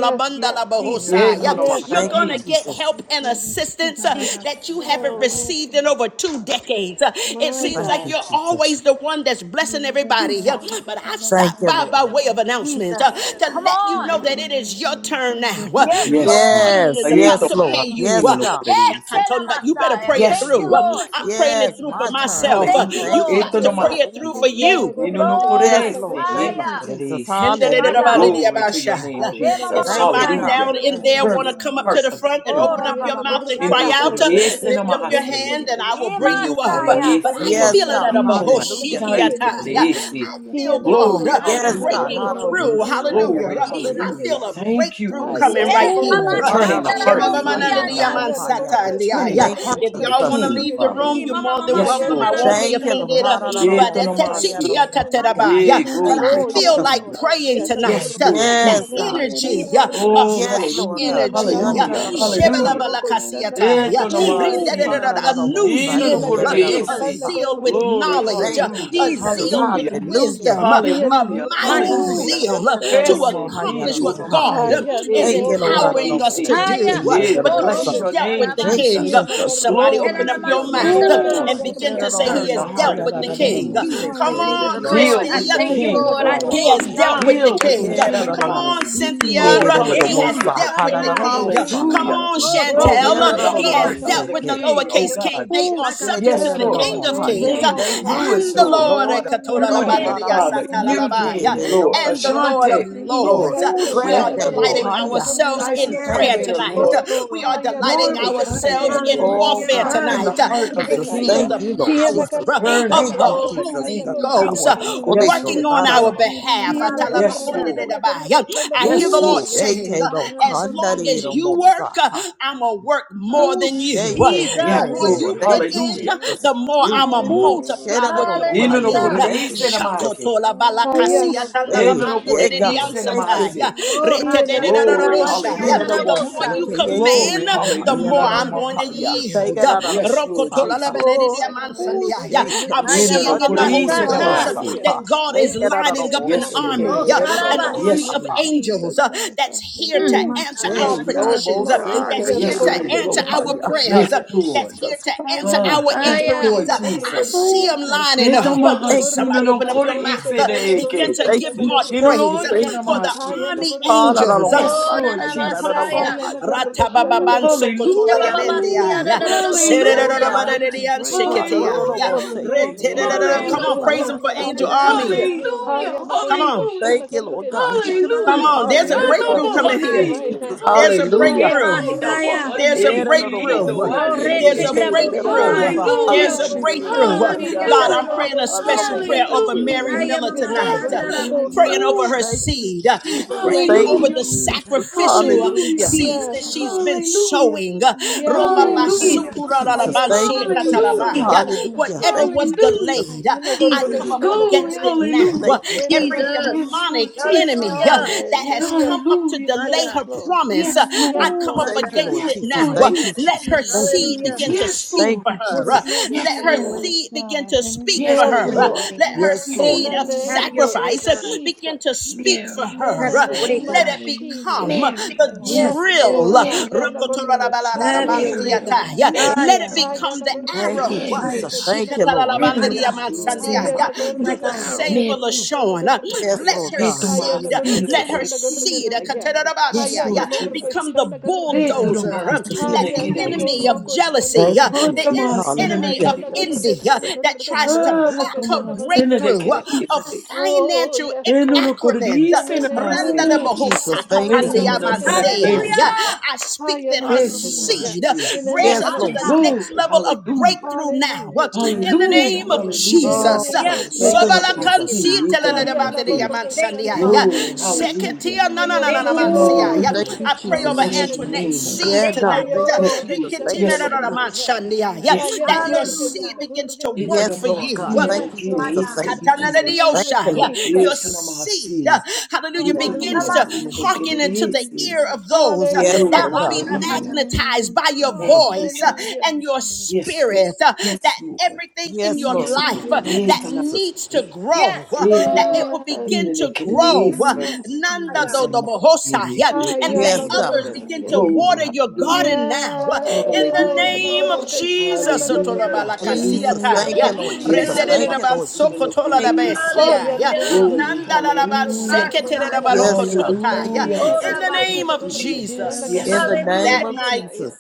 A: Uh,
B: Lord.
D: Jesus.
E: Eto
F: hallelujah,
G: Mm.
E: no
F: Jesus.
B: Yes,
A: you're
G: Thank
F: Shut
A: going
G: you,
B: Lord.
A: to
E: mahasin.
A: get
G: Jesus.
A: help and assistance uh,
D: Jesus.
A: that you haven't
B: Oh,
F: up.
B: yes,
A: received in
B: Lord.
A: over two decades. Uh, It
B: My
A: seems
G: Thank
A: like
D: Jesus.
G: you,
B: God.
A: you're
G: Jesus.
A: always the one that's blessing
F: Glory, glory,
A: everybody. uh,
D: Jesus.
A: But I've
G: Thank
A: stopped
G: you,
A: by
G: Lord.
A: by way of announcement uh,
D: Jesus.
A: to
D: Come
B: Hallelujah.
A: let you
D: on.
A: know that it is your
F: glory,
A: turn now.
F: glory.
A: Uh,
F: He
D: Yes,
F: kid, da,
A: Your
E: Yes,
F: da, da,
D: Lord.
F: da,
E: Lord.
A: pain is
G: Yes,
F: da, da,
A: about
F: da,
E: Eto
F: da, da,
G: yes,
A: to
G: Lord.
A: pay
F: da, da,
E: mahasin
A: you. Uh,
G: Yes,
F: da.
E: lo
G: God.
D: Yes,
E: korerese.
D: Shana
A: Shakatonda, You better
D: Messiah.
A: pray
F: Yes,
A: it
D: Thank
E: Yes,
F: Lord.
D: you,
A: through.
E: Lord
A: Uh,
F: He
D: Lord.
E: Jesus.
A: I'm
F: kid, da,
A: praying
F: da,
A: it
G: Yes,
A: through
F: da, da,
A: for
G: my
F: da, da, da, da,
G: turn
F: da,
A: myself.
F: da.
A: Uh,
G: now.
D: Thank you,
E: Hallelujah.
G: Thank
A: You've
G: you,
D: Lord.
A: got
F: Shut
B: Thank
E: Eto
A: to
E: no
B: you,
F: it.
G: Jesus.
A: pray it
B: Lord.
E: mahasi.
A: through
F: He
A: for
F: kid,
A: you.
D: Thank
F: da,
D: you,
F: da, da, da, da, da, da,
G: Yes,
F: da,
D: Lord.
F: da.
E: Yenunukorerese,
G: Lord. Thank
F: Shut
D: Haya.
G: you,
B: Ayanagorokoshanagorogenaya.
G: Jesus.
E: emakorerese.
D: My
B: Thank you,
D: God.
G: Hallelujah.
F: it.
B: Lord.
E: Glory to
B: Ay-
E: your name,
D: Rema
A: If
E: Jesus.
D: mama
G: Thank you,
A: somebody
D: saya.
G: God.
E: Hallelujah.
A: down in
G: Thank you,
A: there
E: Turn
A: want
G: Jesus.
A: to
B: Ayanagorokoshanagorogenaya.
F: Ah,
A: come
E: the
A: up to
E: heart
A: the
F: Yes,
E: of the
A: front
F: Lord.
A: and
D: Oh,
A: open
E: king.
A: up your
D: rababa
F: Hallelujah,
A: mouth and cry
D: bashanda.
F: Jesus.
A: out, uh,
F: Glory.
E: Yenunukorerese
A: lift up your
E: namahase.
A: hand and
F: Hallelujah,
A: I
B: Ayanagorokoshanagorogenaya.
A: will bring
D: Ima
F: Jesus.
A: you up. Uh,
D: saya.
A: But
E: Yenunukorerese
A: I
G: Yes,
A: feel
F: Thank
A: it at
G: God.
A: a
F: you,
E: makinywa.
F: Jesus.
G: Hallelujah. Thank
A: bahoshikiatai.
G: you,
F: Hallelujah,
B: Ayanagorokoshanagorogenaya.
A: I
G: Jesus.
E: Yenaitererese.
F: hallelujah,
A: feel
B: Hiya
A: God
E: Glory,
F: hallelujah.
A: uh,
B: nagarraga
D: My
G: Yes,
D: God.
B: tana
G: God.
E: hallelujah.
F: Glory,
A: breaking
B: gorrogo
F: glory,
E: Mm,
A: through.
G: Hallelujah.
B: shana
F: glory.
B: garraga
A: Hallelujah.
F: Thank
E: Glory,
A: Uh,
B: tana
F: you,
A: I
B: gorroge
D: Jesus.
E: hallelujah.
A: feel a
F: Jesus.
B: naya.
E: Thank you,
A: breakthrough
F: Thank you,
E: Jesus,
A: coming
B: Hiya
A: right
D: Eh,
F: Lord. Thank
A: here.
E: for
B: nagorrogo
G: Ooh,
F: you,
D: baba
A: Uh,
E: turning
F: Lord.
E: the
D: shanda
E: heart of
D: rabo
E: the
F: Hallelujah,
B: hallelujah.
E: king, oh
D: sianda.
E: God.
B: Hiya
F: hallelujah,
G: hallelujah.
E: For
B: nagorroga
F: Jesus.
B: tana
E: turning the
G: Thank
E: heart
G: you,
B: gorroga
A: If
E: of the
B: shana
A: y'all want to
G: Jesus.
E: king,
A: leave
B: garraga
A: the
F: Glory,
E: Father.
B: naya.
A: room,
D: Ni
A: you're
F: glory,
D: mama
A: more than
D: mama
E: Yes,
F: glory.
B: Hiya
A: welcome. I
D: shanda
E: Lord
A: won't
D: rabo
E: Jesus.
A: be
B: nagorroga
G: Thank you,
D: sia.
B: tana
F: Hallelujah,
G: Lord.
A: offended. uh,
B: gorroga
F: hallelujah,
B: shana
A: But
E: Yeto
A: uh,
B: garraga
F: Jesus.
B: tana
E: namahase.
B: gorroge
D: My
G: Hallelujah.
B: naya.
D: God.
A: tetsikiakaterabaya.
E: Yeah,
A: But
G: Thank
A: I
G: you,
E: glory,
B: Oh
F: Oh, glory,
B: yes
A: feel
G: Jesus.
A: like
E: hallelujah.
B: Lord.
A: praying
B: Hiya
D: Jesus.
A: tonight.
E: Yes,
A: Uh,
B: nagorrogo
E: Lord
A: that
B: shana
G: Yes,
E: Jesus.
G: God.
B: garraga tana
A: energy, uh,
D: Jesus.
B: gorroge
A: a
E: Oh,
B: naya.
G: Yes,
A: fresh
G: Lord
E: hallelujah,
G: God.
B: Hiya
A: energy, uh,
B: nagarraga
E: hallelujah,
F: glory,
B: tana
G: Shatarabah.
D: Jesus.
E: hallelujah.
B: gorrogo shana
F: glory.
A: Shebelabalakasiatai, uh,
B: garraga
E: Eto
B: tana
F: Hallelujah,
D: Jesus.
G: Ooh,
B: gorroge
E: namahasi.
A: rindadadada,
B: naya.
A: a new
G: hallelujah.
E: Ino
F: hallelujah,
B: Hiya
A: zeal,
F: God.
E: dokoro
A: uh,
B: nagarraga
E: de
A: a
D: Jesus.
E: ese.
B: tana
A: zeal with
B: gorrogo
F: Thank you,
E: Glory,
B: shana
A: knowledge, uh,
G: Thank
B: garraga
G: you,
A: a
E: hallelujah,
F: Jesus.
B: tana
D: Jesus.
G: Jesus.
A: zeal with
B: gorroge
E: hallelujah,
B: naya.
F: Thank you,
G: Hallelujah.
F: God.
A: wisdom, uh,
B: Hiya
A: a
E: hallelujah,
F: Hallelujah.
B: nagarga
D: My
A: mighty
B: chana
D: God.
G: Ooh,
E: hallelujah.
B: gorgo
A: zeal uh,
F: Hallelujah.
B: shana
A: to
E: Ese
B: garga na
F: Glory,
B: ya.
A: accomplish
E: mito
A: what
F: glory,
G: shatadadadamohayadadamoha.
D: Jesus.
A: God
G: Yeah.
E: namai.
A: uh,
F: glory.
B: Haya na
A: is
G: Thank
E: E
G: you, Lord.
E: tene de
B: gorgo
A: empowering
F: Yes,
A: us
B: shana
E: ese.
F: God.
A: to
F: I
B: garga
A: do
D: Haya.
A: uh,
F: Thank
E: Eh,
B: chana
F: you,
D: Oh,
F: God.
A: because
G: Adadadamosikeyedadadamosa.
E: bless
B: gorga
A: He's
D: robo
E: your
B: na
A: dealt
B: ya.
A: with
E: name,
A: the
G: Thank you,
D: shalabasi.
A: King.
E: Jesus.
B: Hiya
A: Uh,
F: Thank you,
G: Jesus.
F: Father, for
A: Somebody
B: nagarga
F: what
E: Glory
A: open up
B: chana
E: to
F: you do
A: your
E: your
F: in our
B: gorgo
E: name,
A: mouth uh,
E: O
F: life.
G: Ooh,
F: I
B: shana
E: God.
A: and
F: Thank
A: begin
B: garga
F: you,
A: to
D: Ikenanamasiandorororobosia.
F: Lord
A: say,
B: chana
A: He
E: Turn
A: has
E: the
B: gorga
A: dealt
E: heart
F: God.
B: na
E: of
A: with
E: the
A: the
B: ya.
A: King.
E: king,
A: Uh,
F: Hallelujah.
E: Lord.
D: Jesus, I
A: Come
D: thank you,
A: on,
B: Hallelujah.
E: Deal
D: Lord.
A: Christy.
D: I
E: with the
A: uh,
D: thank you,
F: Ooh,
E: king,
D: Lord. I
E: Father.
A: he
D: thank
G: shatadadadamohayadadadadamosekeyedadadamosikeyedadadamoha.
A: has
D: you,
F: glory,
D: God.
A: dealt with the
E: Deal
F: glory,
E: with the
A: king.
F: glory.
E: king,
A: Come
E: Father.
B: Hayanakorokoshanagorgatanagoraganai.
A: on,
F: Hallelujah,
A: Cynthia.
E: Oh,
B: Hallelujah.
F: Jesus.
D: Hey,
A: He has
D: Mama
B: Thank you
G: Yedadadamosikeyedadadamosa.
E: hallelujah.
B: for
A: dealt with the
D: Saya.
B: dealing with
F: Thank
B: the
A: king.
F: you,
B: King,
A: Come
G: Hadadadadamosaka.
E: Hallelujah.
B: Father.
A: on,
F: Jesus.
D: Oh,
B: Oh,
E: Oh,
F: Come on.
A: Chantel.
E: turn the
A: He has
E: heart
D: Roshokotorororobosia.
E: of
A: dealt
E: the
A: with the
F: Hallelujah,
G: Yedadadadamoseke.
E: king, oh
A: lowercase
E: God.
A: king. They
F: Jesus.
B: yanagorokoshanagorgatanagoraganai.
G: Ooh,
A: are
D: My God.
A: subject to
E: Yes,
B: yes,
A: the
E: Lord.
B: Lord.
A: king of
G: shatadadadamoha.
B: Thank
F: Ooh,
G: yeah.
A: kings
B: you,
F: thank
E: James
B: Lord.
G: Thank
F: you,
G: you,
B: Huh?
F: God.
E: Lewis,
A: and the
G: Jesus,
E: Lord.
A: Lord.
G: Lord.
F: Hallelujah.
G: Lord,
E: Trudy,
D: Yes,
E: Father.
F: Hallelujah.
E: Eugene, Lord.
A: And the
G: how
B: Hayanakorokoshanagorgatanagoraganai.
A: Lord of
F: Oh,
E: Ashante,
F: thank you
B: Hiya
F: for this
E: Lord.
A: lords.
G: Oh,
F: blood.
B: nagarga
F: And
A: We
G: shake
A: are
F: then
B: chana
E: Brad,
F: it
G: that
B: gorga
A: delighting
E: Lord.
F: worship you.
B: shana
G: Mohaya.
F: And then
B: gorga
A: ourselves
F: I'm a
A: in
E: Dyson
B: chana
D: yes,
A: prayer
G: Thank
F: seat.
G: you,
B: gorga
E: Elevator,
B: naya.
A: tonight.
G: Jesus.
E: Lord.
A: We
D: Lord.
A: are
B: Haya
F: Oh,
A: delighting
E: Norby
B: nagarga
F: glory,
B: chana
A: ourselves
E: Cunningham,
F: glory,
A: in
B: gorga
E: Lord.
G: Oh,
B: chana
F: glory.
A: warfare
D: Hallelujah.
G: God.
B: gorga
E: Turn
G: Thank
E: the
A: tonight.
G: you,
B: chana
E: heart
F: Hallelujah,
E: of the
B: gorga
D: Thank
A: I
D: you,
G: Jesus.
E: king,
A: feel
B: naya.
D: Father.
E: Lord.
G: Thank
A: the
G: you,
F: hallelujah,
G: Lord
B: Hiya
A: power
G: Jesus.
A: uh,
F: Jesus.
B: nagarga
D: Thank
E: Turn
D: you,
E: the
A: of
B: chana
G: Thank
A: the
E: heart
G: you,
E: of the
B: gorga
D: Lord.
G: Jesus.
B: chana
A: Holy
E: king.
G: The
F: Oh,
D: Thank
F: thank
A: Ghost
D: you,
B: gorga
G: power
F: you,
A: uh,
G: of
D: Holy
G: the
B: shana
F: Lord.
G: Holy
F: And
D: Spirit.
E: Yes,
F: then
G: Ghost.
F: I
B: gorga
A: working
E: Lord
A: on
B: naya.
E: Jesus.
A: our
F: worship you. And then
A: behalf.
B: Hiya
F: I'm a
G: Sarararabosayarabo.
E: Yes,
F: seat.
B: nagarga
D: Hallelujah.
E: Lord.
B: chana
A: Atalabakundededabai. Uh,
B: gorga chana
A: I hear
E: Yes,
A: the
B: gorga
G: Ooh,
A: Lord
F: Thank you,
E: Lord.
B: naya.
G: shake
A: saying,
F: Lord.
A: uh,
G: it,
B: Haya
A: as
D: Jesus.
B: nagarga
A: long
G: Mokandari,
A: as
B: naya.
F: Hallelujah.
A: you
F: Lord.
A: work, uh,
G: Mosaha.
A: I'm going to work more
G: Oh,
A: than you.
F: Hallelujah,
G: shake
A: Uh,
G: it,
A: The
E: Yes,
D: Jesus.
G: make
A: more
G: me.
F: Jesus.
E: Lord.
A: you
B: Hallelujah.
A: put
G: Thank you,
F: Thank
A: in,
F: you,
E: Hallelujah.
A: uh,
F: Lord.
G: Jesus.
A: the more
F: Oh,
A: I'm going to
F: Father, and then
G: Ooh,
B: Hallelujah.
F: I
G: shake
A: multiply
G: it,
F: worship
A: what
F: you.
A: you're
F: And
E: Yendo
F: then
A: putting
E: no
F: I'm
B: Haya
G: Mohaya.
F: a
A: in.
D: Hallelujah.
A: Uh,
G: Thank
F: seat.
G: you,
B: nagarga
E: korerese
B: naya.
G: Jesus.
E: namake.
F: Oh,
B: Haya
F: glory,
G: Ooh,
F: glory,
E: Yendo
G: shake.
B: nagarga
E: no
G: Yeah,
F: glory.
B: shana
G: God.
E: korerese
B: gorga
G: Thank
F: Yes,
B: naya.
A: Shakotolabalakasiatandalamandedededeansatai.
F: Lord.
A: Uh,
G: you.
E: namahase.
D: Oh,
F: Yes,
B: Hiya
F: Lord.
D: Rasha
B: nagarga
E: Glory,
G: Ooh,
D: Katarabasi
B: chana
A: retededededoroboshai.
G: shit,
A: Uh,
D: and
G: I don't
E: hallelujah.
B: gorga
A: The
G: want
F: Yes,
G: to
B: chana
A: more
G: say,
D: Navosa.
A: you
F: Lord.
G: can
B: gorga
G: you
F: Yes,
B: naya.
G: take me
E: Glory,
F: Lord.
G: more
A: command,
G: high?
A: the
G: Yeah, I
A: more
E: hallelujah.
B: I
G: don't
A: I'm
B: I
G: want
A: going to
G: high,
B: good
F: Hallelujah.
G: yeah.
B: look at
G: Take
B: shun,
A: yield.
B: no
G: it
B: good
G: out of
B: look at
G: the
E: Yes,
B: I
G: water,
B: get.
E: Lord Jesus.
B: Oh,
F: Yes,
B: I
F: Lord.
B: command
G: Ooh,
A: Rokotolalabaledidiamansandiaya.
B: Satan
G: shit,
B: and his
G: take
A: I'm
G: me
D: I
G: more
E: Yendo
D: am a
G: high,
E: no
A: seeing
B: accusers.
A: in the
G: get it
D: mama
G: in
A: Holy
E: korerese
G: the
A: Ghost uh,
D: sata.
G: water,
E: namase.
B: Hallelujah.
A: that
F: Yes,
A: God
G: Take
A: is
B: Take
F: Lord.
G: it
B: his
G: out of the
A: lining
F: Yes,
B: hands
A: up
G: water,
A: an
B: off
E: Yes,
F: Lord.
B: it
G: can
E: Lord.
A: army,
D: Oh,
B: right
G: you get it
A: uh,
G: out of
B: now in
G: the
A: an
B: the name
D: Sarabas!
A: army
E: Yes,
G: water,
A: of
B: of
E: Lord.
B: Jesus.
A: angels uh,
F: Mm,
A: that's
F: thank you,
A: here
B: Thank
A: to
D: Mm,
B: you.
F: God.
G: Ooh,
D: my
A: answer
D: God,
A: our
E: Yes,
D: my
G: shit,
F: Yes,
E: Lord.
G: no
D: God.
B: Yes,
F: Lord.
G: more
A: petitions, uh,
B: Lord.
G: say,
B: I
G: can
A: that's
B: yeah, no,
A: here
G: you
E: Yes,
A: to
B: good go,
G: get it
B: go,
E: Lord.
A: answer
G: more
B: sha,
G: high,
B: no,
A: our
B: go,
F: Thank
G: yeah.
B: go,
F: you,
B: go, I
A: prayers,
G: Thank
E: Yes,
A: uh,
F: Lord.
B: yeah.
G: you,
A: that's
E: Lord.
A: here
G: Jesus.
A: to
B: Ah,
A: answer
B: yeah, no,
E: Ah,
A: our
B: go, go,
E: yes,
F: Thank
B: go,
F: you,
D: Aya.
B: sha,
A: inquiries.
E: Lord
B: no,
A: Uh,
B: go,
F: Lord.
B: go,
A: I
B: go,
E: Jesus.
B: no,
A: see
B: yeah.
G: Ooh,
A: them
F: Hallelujah.
G: thank you,
A: lining
B: Ah,
G: Jesus.
E: Eta
A: up.
F: Thank
A: Uh,
B: yeah,
F: you,
B: no,
G: Thank
B: good
F: God.
G: you,
E: mahasi
B: go,
E: no
B: go,
A: Somebody
E: no
A: open
B: cha,
A: up
B: no,
A: your
B: go, go,
A: mouth.
B: go,
E: korerese
A: uh,
B: cha, no,
E: de
G: Jesus.
B: go,
A: Begin
B: go,
E: eke.
B: go,
A: to
B: sha,
G: Thank
A: give
B: no,
G: you,
B: go,
F: Mm,
A: God
B: go, go,
E: Yendo
G: Jesus.
B: no,
F: thank
E: no
B: yeah.
A: praise
F: you,
A: uh,
G: Thank you,
A: for
F: God.
A: the
B: I
G: Jesus.
E: kanamahasi.
A: army
G: Ah, la,
B: dispatch
F: Hallelujah.
G: la, la,
A: angels. uh,
G: mo,
E: Yes,
D: Oh,
G: sa, ka,
E: Lord
D: Nana
G: ya, la, la,
A: Come
G: la,
A: on.
E: Jesus.
G: mo,
F: Mm,
D: Masaya.
G: ha, ya.
F: thank you, God.
E: Ooh,
A: Ratababan
D: Isha
A: sokotola
F: Hey,
A: la
D: Baba
E: hallelujah.
F: hey,
A: bendia.
D: Basia,
G: Ooh,
A: Yeah.
D: Nana
G: bless
D: Nana
F: glory,
G: your
F: glory,
G: name,
B: the
D: Bosandara
E: Hallelujah.
G: God,
F: glory.
G: Jesus.
B: angels
D: Bahaya.
A: Sererorobadadian
B: right
G: God, I
B: now
E: Hallelujah.
B: uh,
G: don't
A: seketea.
G: know
A: Yeah.
G: what
B: from
G: to
B: the
F: Thank
G: say.
F: you,
B: north,
G: Can't get it,
D: Oh,
F: God.
B: east,
G: I don't
A: Reteredororo.
F: Hey,
B: south,
E: Hallelujah.
A: Come
G: know
D: Rosho
A: on,
F: da,
B: and
G: what to
F: da,
G: say.
D: Kotoro
A: praise
B: west.
A: him for
G: Thank
A: angel
G: you,
F: oh,
D: Bosiandara
A: army.
G: Jesus.
B: Hallelujah.
D: Bahaya.
E: Hallelujah.
A: Come on.
E: Hallelujah.
G: Thank you,
F: Break
G: Lord
F: every
G: God.
D: Isha
F: chain,
A: Come
D: Mama
B: To
E: Hallelujah.
F: God.
A: on.
B: bring
A: There's a
B: in the
D: Siandara
G: Hallelujah.
A: breakthrough
F: Hallelujah.
A: coming
G: Thank
B: finances
G: you,
A: here.
E: Atabohasi.
D: Bosikai.
B: right
F: Glory,
G: Jesus.
F: to God.
B: now.
A: There's a
B: uh,
G: Hallelujah.
D: E
E: Hallelujah.
A: breakthrough.
F: Mm,
D: Masaya.
A: There's
F: Thank
A: a
G: Yeah,
F: you,
G: I don't
F: God,
G: know
F: for
A: breakthrough.
G: what to
E: Atabohatirikino
G: say.
D: Oh,
F: breaking
G: Can't get
F: every
A: There's
G: it.
E: atirire.
D: Reshe
A: a
G: Hey, I
F: chain,
G: don't know
F: Lord.
G: what
A: breakthrough.
G: to
D: Grabosiai.
G: say. Ah,
A: There's
E: Hallelujah.
G: da,
A: a
G: da, da, da,
D: Isha
G: da.
A: breakthrough.
D: Mama
G: Call ya,
A: God,
G: ma.
D: Siandara
F: Ha-da-da-da-bo-shake-it-da-da-da-da-ma-see.
A: I'm
E: Hallelujah.
G: Ah,
A: praying a
G: I don't know
A: special
D: Bosiai.
G: what to
F: Father,
A: prayer
G: say.
F: thank
A: over
F: you
G: Can't-
E: Hallelujah.
F: for
A: Mary
F: your
D: Aya
A: Miller
D: Mama
F: blood,
A: tonight.
F: God,
D: Shandara
F: in
E: Hallelujah.
F: the
A: Praying
F: name
D: Bosa.
F: of
A: over
G: Ooh,
A: her
G: thank you,
F: Jesus.
A: seed, uh,
D: Jesus,
G: Jesus.
B: Yes,
A: praying
G: Thank
A: over
G: you,
B: Lord.
E: Hallelujah.
A: the
F: Hallelujah, God,
G: Jesus.
F: in
A: sacrificial
F: the
A: uh,
E: Hallelujah.
G: Hallelujah.
F: name of
A: seeds
D: Jesus,
B: Yes,
A: that she's
B: Lord.
A: been
F: Jesus.
E: Hallelujah.
A: sowing. Uh,
B: Yes,
F: Thank
A: Romba
F: you,
G: Ooh,
B: Lord.
G: thank
F: God.
D: Jesus,
G: you,
A: basukura la la
G: Jesus.
F: Hallelujah,
B: Hayana
F: hallelujah,
G: Thank
A: banshia
G: you, Jesus.
F: in
B: gorgoshana
A: katalaba.
F: the
E: Hallelujah.
D: Jesus.
A: Yeah,
F: name of
G: Hallelujah.
B: gorgenaya.
A: Whatever
G: Thank
F: Jesus.
G: you,
A: was
F: Christ.
E: Hallelujah.
G: Jesus.
A: delayed, uh,
B: Hayana
A: I
F: Thank
D: Jesus,
A: come up
F: you,
B: gorgoshana
F: God.
E: Glory,
F: Thank
A: against it now.
B: gorgenaya.
E: hallelujah.
A: Uh,
G: Thank you,
B: In the
A: Every
B: name of
F: you,
E: Yes,
D: Jesus.
A: demonic
E: Lord
B: Jesus.
E: Jesus.
A: enemy uh,
D: Hallelujah.
A: that has
F: Jesus.
B: Hallelujah.
A: come up to
E: Hallelujah.
D: My
A: delay
B: Yes,
D: God.
A: her
B: Lord.
F: Ah,
A: promise.
F: ma,
A: Uh,
E: Yes,
F: ma, ma, ma,
A: I
B: Yes,
E: Lord.
F: ma,
G: Oh,
A: come up
F: ma,
D: My
B: Lord.
F: ma,
G: thank you,
F: ma,
D: God.
A: against
G: Lord
E: Yes,
A: it
G: Jesus.
A: now.
E: Lord
A: Uh,
B: In the
G: Thank you,
E: Jesus.
A: Let
G: Jesus.
F: In
A: her
F: the
G: Thank you,
F: name
A: seed
F: of
D: Hallelujah.
A: begin
G: Jesus.
A: to
E: Yes,
F: Jesus.
A: speak
E: Lord.
G: Thank
A: for
G: you,
A: her.
D: Holy
A: Uh,
G: Jesus.
B: name of
D: Spirit,
A: Let
E: Yes,
D: have
A: her
D: your
B: Jesus.
E: Lord.
D: way.
F: Yes,
A: seed begin
F: God.
A: to
F: In
A: speak
D: Have
E: Yes,
A: for
B: Yes,
D: your
A: her.
D: way,
A: Uh,
F: the
E: Lord.
B: Lord.
D: Lord.
A: Let
F: name of
A: her
F: Jesus. Yes,
G: Yes,
E: Yes,
G: Lord.
B: In
F: God. In
A: seed
B: the
A: of
F: the
E: Lord.
F: name
E: Ma-
D: Have
F: of
B: name
D: your
B: of
D: way,
A: sacrifice uh,
D: God.
F: Jesus.
A: begin
B: Jesus.
A: to speak for
E: Mary, oh,
B: In
A: her.
D: Have
B: the
F: Yes,
A: Uh,
D: your way,
F: God.
B: name
E: Mary,
B: of
A: Let it
D: God.
F: Hallelujah,
B: Jesus.
F: God.
A: become uh,
E: Mary,
A: the
E: Lord.
B: Yes,
D: Yes,
B: Lord.
A: drill.
D: Lord.
A: Uh,
E: Mary,
A: Let
B: Hayana
F: Hallelujah,
B: gorgoshana
D: Have
F: Jesus.
D: your
E: Mary,
F: In
D: way,
F: the
E: Lord.
B: gorgenaya.
F: name
D: God.
F: of
E: Mary,
A: it
D: Hiya.
F: Jesus
E: Lord.
F: Christ.
A: become the
F: Thank
A: the
F: you, God.
G: Thank you,
A: arrow. Uh,
E: Mary,
D: Hiya.
G: Jesus.
E: Father.
G: Thank you, Lord.
E: Neno
D: My
E: no
A: Shikatalalabandaria
B: Hayanagurgashanagargatanagarganaya.
F: Yes,
D: God.
E: kore
F: Lord. Let
A: mansandia.
F: it
A: Yeah.
E: sinema.
F: become
D: My
F: the
A: Do the
D: God.
F: arrow.
A: same for
E: Mary,
F: Mm.
A: LaShawn.
F: Thank
A: Uh,
F: you,
G: Yes,
B: Hayanagurgatanagargashanagarganaya.
A: Bless
G: Lord
A: her
G: God.
F: Jesus.
E: neto ma
G: Thank
A: seed. Uh,
G: you,
E: sino no
A: Let
G: Jesus.
A: her
E: kore
F: Thank
E: isi.
A: seed uh,
F: you,
B: Hayanagurgashanagarganaya.
F: Lord.
E: Yes,
A: katarabashia, yeah,
E: Lord
F: Hallelujah.
E: Jesus.
A: become the
E: Reto
G: Thank
B: Hayanagurgashanagarganaya.
E: no
G: you,
A: bulldozer
E: ma
A: uh, that
E: sine
A: the
E: kere de
G: Jesus.
E: isi.
A: enemy of
F: Ooh. Thank
A: jealousy,
G: Thank
A: uh,
F: you,
G: you,
E: Ah,
A: the
G: Jesus.
B: Hayanagurgashanagarganaya.
E: toma
A: en-
E: a
F: Jesus.
E: sina de
A: enemy
G: Hallelujah.
A: of
E: quererese.
A: envy uh, that tries to block
E: Ah,
F: Yes, Lord.
A: her
E: toma a sina de
A: breakthrough
B: Hayanagurgatanagargashanagarganaya.
A: uh,
E: quererese.
A: of
B: Oh,
A: financial
B: yes,
A: ac-
E: Eno no
B: Lord.
A: acromens.
B: In
E: cordice
B: the name of
E: namase.
G: Oh, Jesus.
B: Jesus.
A: Uh,
G: Thank you,
F: Yeah,
E: Ese no
F: no, no,
G: Jesus.
E: no
A: I
F: no, no,
G: Thank
F: no,
G: you,
B: Hayanagurganaya.
F: no.
G: Lord.
E: cordice.
D: Hallelujah.
A: speak that her
E: Eso no
F: Hallelujah,
B: Hayanagurganaya.
A: seed uh,
E: mase.
B: In
F: Jesus.
B: the
D: Yeah,
A: brings us
B: name
G: Yes,
B: of
A: to
G: Lord.
A: the
F: Yes,
D: basta.
F: God.
A: next
B: Jesus.
E: Glory,
A: level of
E: hallelujah.
A: breakthrough now. uh,
B: Hallelujah.
A: In the
D: Jesus.
F: Yes,
B: Yes,
E: Hallelujah,
A: name
F: Lord,
A: of
B: Lord.
F: in the
B: In
E: hallelujah.
F: name
B: the
F: of
G: Oh,
A: Jesus. Uh,
B: name
D: Yes,
B: of
G: God. Thank
E: Eto
G: you,
E: no
D: Lord.
F: Jesus.
B: Jesus.
D: Thank
G: Jesus.
D: you,
E: mase,
D: God.
E: eto no mase.
F: Hallelujah.
D: Thank you, Father.
A: Sobalakansitelelelebandeleyamansandiyaya.
E: Glory,
B: Ayanagorogoshanagorganaya.
E: hallelujah.
A: Seketia
D: Thank you, Lord.
G: Oh,
A: nananananamansiyaya.
G: thank
E: Hallelujah.
G: you,
A: I pray over
G: Jesus.
E: Bless
G: Thank
E: your
G: you,
B: Ayanagorogachanagorgashanagorganaya.
A: Antoinette's
E: name,
G: Jesus.
E: oh
F: Hallelujah.
A: seed
E: God.
G: Yeah,
D: Thank
A: tonight.
G: God.
D: you,
G: Thank
A: uh,
G: you,
E: Yes,
D: Lord.
G: Jesus.
E: Lord.
G: Thank you,
E: Yes,
G: Lord God.
E: Lord.
F: Yes,
B: Ayanagorogoshanagorganaya.
F: yes,
A: Riketinelelelemansandiyaya.
F: yes,
E: Yes,
A: That
E: Lord
F: yes,
A: your
E: Jesus.
F: yes.
A: seed
D: Hallelujah.
A: begins to
E: Eto
B: Ayanagorogachanagorganaya.
A: work
E: no
G: Yes,
A: for
G: Lord
A: you.
E: mase
G: God.
F: Yes,
A: Uh,
E: na de
B: Yes,
G: Thank you,
F: yes,
D: My
B: Lord.
G: Jesus.
F: yes,
D: God.
G: Thank
E: quererese
F: yes,
G: you,
B: In
F: yes,
B: the
F: God.
G: Jesus. Thank
B: name of
F: In
G: you,
A: Katanadadiosha.
F: the
A: Yeah.
G: Lord
F: name of
B: Jesus.
A: Your
G: Jesus.
E: Yes, no
F: Jesus.
A: seed, uh,
E: mercy.
A: hallelujah,
E: Yes, Yesu namasi. Yesu
A: begins
B: Hallelujah.
E: namasi
A: to
F: Hallelujah,
A: hearken into the
E: nebekedesi.
A: ear
F: hallelujah.
A: of those uh,
G: Yes,
A: that
B: Hallelujah.
E: Glory,
G: Lord
A: will be
G: God.
E: hallelujah.
A: magnetized
F: Yes,
A: by your
F: God,
E: Thank you,
A: voice
F: yes,
A: uh,
F: God,
E: Jesus.
B: Hallelujah.
A: and
F: yes,
A: your
F: God.
E: Yes, Lord.
A: spirit. uh, That
E: Yes, Lord.
A: everything in
G: Yes,
A: your
G: Lord
E: Yes,
G: God.
A: life uh,
B: Hallelujah.
E: Lord.
G: Thank you,
A: that
E: Yesu
F: Mm.
G: Jesus.
A: needs to
E: namasi.
A: grow,
D: Yes,
A: uh,
E: Yesu
A: that it
D: Lord,
A: will
B: Yes.
E: namasi
A: begin to grow. Uh,
E: nebekedesi.
F: Kiranamasi.
D: my
B: Resurrection
A: Nanda do
D: God.
E: Yesu
B: life,
A: do
E: namasi
B: Lord.
A: bohosa, yeah. and let
G: Yes,
E: nebekedesi.
F: Oh,
G: God.
A: others begin
B: Ayanagorganaya.
A: to
F: glory,
E: Glory,
A: water
F: glory,
A: your
F: glory,
E: hallelujah.
A: garden
F: glory,
A: now.
B: Yes,
F: glory.
A: In the
D: Oh,
B: Haya
E: Hallelujah.
A: name of
D: Lord.
F: Hallelujah.
B: Nagorgesha
A: Jesus. Sotola
D: Hallelujah.
E: Hallelujah.
B: Nagorgenaya in
G: Jesus.
B: the
E: Hallelujah.
A: balakasiata,
G: Thank
B: name
G: you,
A: yeah.
B: of
G: Lord Jesus.
E: Yes,
D: Hallelujah.
B: Jesus.
E: Yesu
A: Renderere
G: Thank
E: namasi
G: you, Lord
F: Kiriranamasi.
G: Jesus.
A: bansokotola la
G: Thank you.
E: nebekedesi.
A: beshia,
B: Haya
A: yeah.
D: Hallelujah.
F: Glory,
E: Glory,
B: Nagorgesha
A: Nanda la la
F: glory,
B: Nagorgeta
F: glory.
E: hallelujah.
A: banseketere
D: Messiah.
G: Yes,
F: Hallelujah.
B: Nagorgenaya.
G: God.
A: balokosota,
G: Thank
A: yeah.
G: you,
B: Hiya
E: Hallelujah.
F: Hallelujah.
D: Oh,
G: Jesus.
A: In the
D: Rabbi.
B: Nagorgeta
E: Thank
A: name of
E: you,
B: Nagorgesha
E: Jesus.
A: Jesus.
G: In
E: Yes.
G: the
E: Lord.
B: Nagorgeta
G: name
D: Hallelujah.
A: That
G: of
F: Nikiriranamasi.
A: night,
G: Jesus.
B: Nagorgenaya.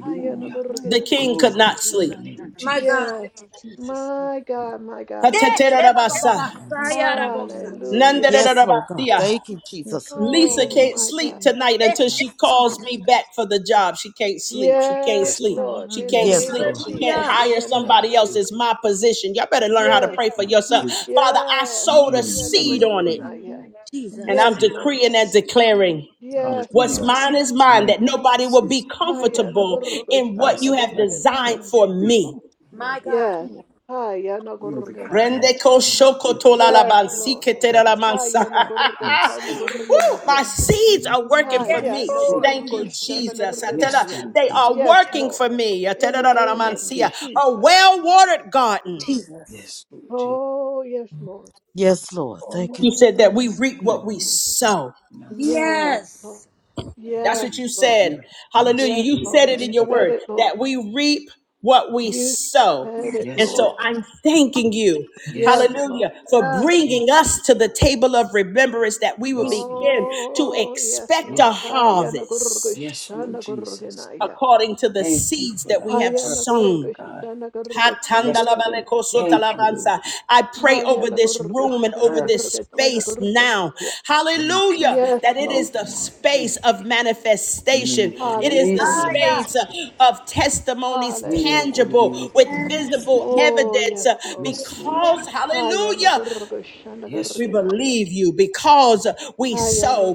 B: Haya
A: the
B: Nagorgenaya.
A: king could
E: Glory
A: not
E: to your
A: sleep.
E: name,
F: Hallelujah.
D: My
E: Jesus.
D: God.
B: Yes,
F: Jesus' name.
B: my
E: Lord.
B: God, my God, my God.
D: Yes. eh, ba, ba, ba,
A: Hateterabasa,
D: ba.
E: Mm, That's
D: Saya, Rabosa.
B: Hallelujah.
F: Nikiriranamasi.
G: Yes, Lord God.
A: nandererabatia.
G: Thank you, Jesus.
E: the
A: Lisa
B: Oh,
E: King.
A: can't
B: my
A: sleep
B: God.
F: Nikiriranamasi.
A: tonight
D: Yes.
A: until
E: That's-
A: she
D: Mama.
A: calls me back for the job. She can't sleep. She can't
B: Yes,
E: Yes.
A: sleep.
B: Lord,
A: She
B: in the
A: can't
G: Yes,
F: Hallelujah,
B: name
A: sleep.
B: of
G: Lord.
A: She can't
B: Jesus,
D: Hallelujah.
B: she
F: Jesus.
A: hire
B: cannot
E: Mm,
A: somebody else.
B: sleep.
E: mm,
A: It's my position. Y'all better learn how to
B: Yes.
E: mm.
A: pray for
E: Not
A: yourself.
E: sleep.
A: Father, I
B: Yes.
A: sowed a
E: Eugene
A: seed
F: Ooh,
E: Suing
A: on it
E: cannot
B: Hayanagorganaya.
F: God, I
A: and
D: Jesus.
A: I'm
B: Yes,
F: promise you
E: sleep.
F: will
B: Lord.
A: decreeing and
F: see no
A: declaring
F: one.
B: Yes,
F: like
A: what's
D: Jesus.
E: Hallelujah.
B: Lord.
A: mine
F: you.
A: is mine,
E: Ryan,
A: that nobody will
E: sleep.
A: be
F: Oh,
A: comfortable
F: God.
A: in what you
E: Dyson,
A: have
E: back and
B: Hayanagorgoshanagorganaya.
A: designed
F: Oh, yeah.
A: for
E: sleep.
A: me.
F: Oh,
D: My
F: Lord.
D: God.
B: Yes.
F: Oh,
E: You're
F: I do
B: Hayanagorganaya.
E: becoming
F: not
A: Rendeko
E: him.
F: desire to
E: Sleep.
F: live
A: shokotola la
F: out
B: Yes,
F: in the
A: bansi
B: Lord.
F: name of
A: ketera
E: Brad,
A: la mansa.
F: Jesus.
E: yes, sleep.
F: Glory,
A: Woo, my
B: Hayanagorgatanagorganaya.
F: glory,
A: seeds are working
F: glory.
A: for
E: can
F: My
D: Yes,
A: me.
E: sleep.
D: Lord.
A: Thank
F: seed
A: you,
F: is working for
A: Jesus. I
F: me
A: tell
F: in
A: her
E: Yes,
B: Hayanagorgoshanagorganaya.
E: Lord
A: they
F: Jesus'
E: Jesus.
A: are
F: name.
B: Yes,
A: working
B: Lord.
A: for me. I tell
B: In
A: her,
B: the
A: la, la, la,
B: name of
F: Yes,
A: mansia.
E: Sleep.
A: A
B: Jesus.
A: well watered garden.
D: Jesus.
E: Yes, Lord Jesus.
B: Oh, yes, Lord.
G: Yes, Lord. Thank you,
A: You said that we
F: yes,
A: reap
F: God,
A: what
E: King,
A: we
F: yes, God.
A: sow.
E: Not sleep.
B: Yes, Lord.
D: Yes.
E: Yes,
A: That's
B: Yes,
A: what you
E: we
B: Lord.
A: said.
E: do. Yes,
A: Hallelujah.
B: Yes,
A: You
E: we do. And
A: said
B: Lord.
E: you
A: it in
B: You
A: your
E: said
B: said
E: that.
A: word
B: it, Lord.
A: that we reap what we
B: You
A: sow.
B: said it,
A: And
E: Yes,
B: Lord.
E: Lord.
A: so I'm thanking you,
E: Yes,
B: Yes,
E: Lord.
A: hallelujah,
B: Lord.
A: for
D: Yeah.
E: Yes,
A: bringing us
E: Lord.
A: to the table of remembrance that we will
E: Yes,
A: begin
E: Lord.
A: to
B: Oh, yes,
A: expect
E: Yes,
A: a
B: Lord. Hayana
A: harvest
E: yes, Lord
B: Gurgushana
E: Jesus.
B: Gurganaya.
A: according to the
E: Thank you
A: seeds
E: for
A: that
E: the
A: we have
E: harvest,
B: Hayana
A: sown.
E: God.
B: Gurgushana Gurgatana
E: Yes, Lord.
B: Gurganaya.
E: Thank you, Lord,
A: Hatandalabalekosotalabansa.
E: for
A: I pray over
B: Hayana
A: this
E: the
A: room and over
B: Gurgushana
E: harvest,
A: this
E: oh
B: Gurgatana
E: God.
A: space now.
B: Gurganaya.
E: Thank you,
A: Hallelujah.
E: Jesus.
B: Yes,
A: That it is
B: Lord.
E: Into
A: the
E: my feet.
A: space of
E: Nino no
A: manifestation. It is the
E: cordes
B: Hallelujah.
E: in my
D: Aya,
A: space uh,
E: seat.
A: of testimonies
E: Nino no
B: Hallelujah.
E: cordes in
A: tangible with
E: my seat.
A: visible
B: Oh,
A: evidence
B: yes,
A: uh,
B: Lord.
E: Yes, Lord
A: because,
E: Jesus.
B: Hayana
A: hallelujah,
B: Gurgushana
E: Yes,
A: we
E: Lord.
B: Gurganaya.
A: believe you,
E: Yes,
A: because we
E: Lord.
B: Hayana
A: sow,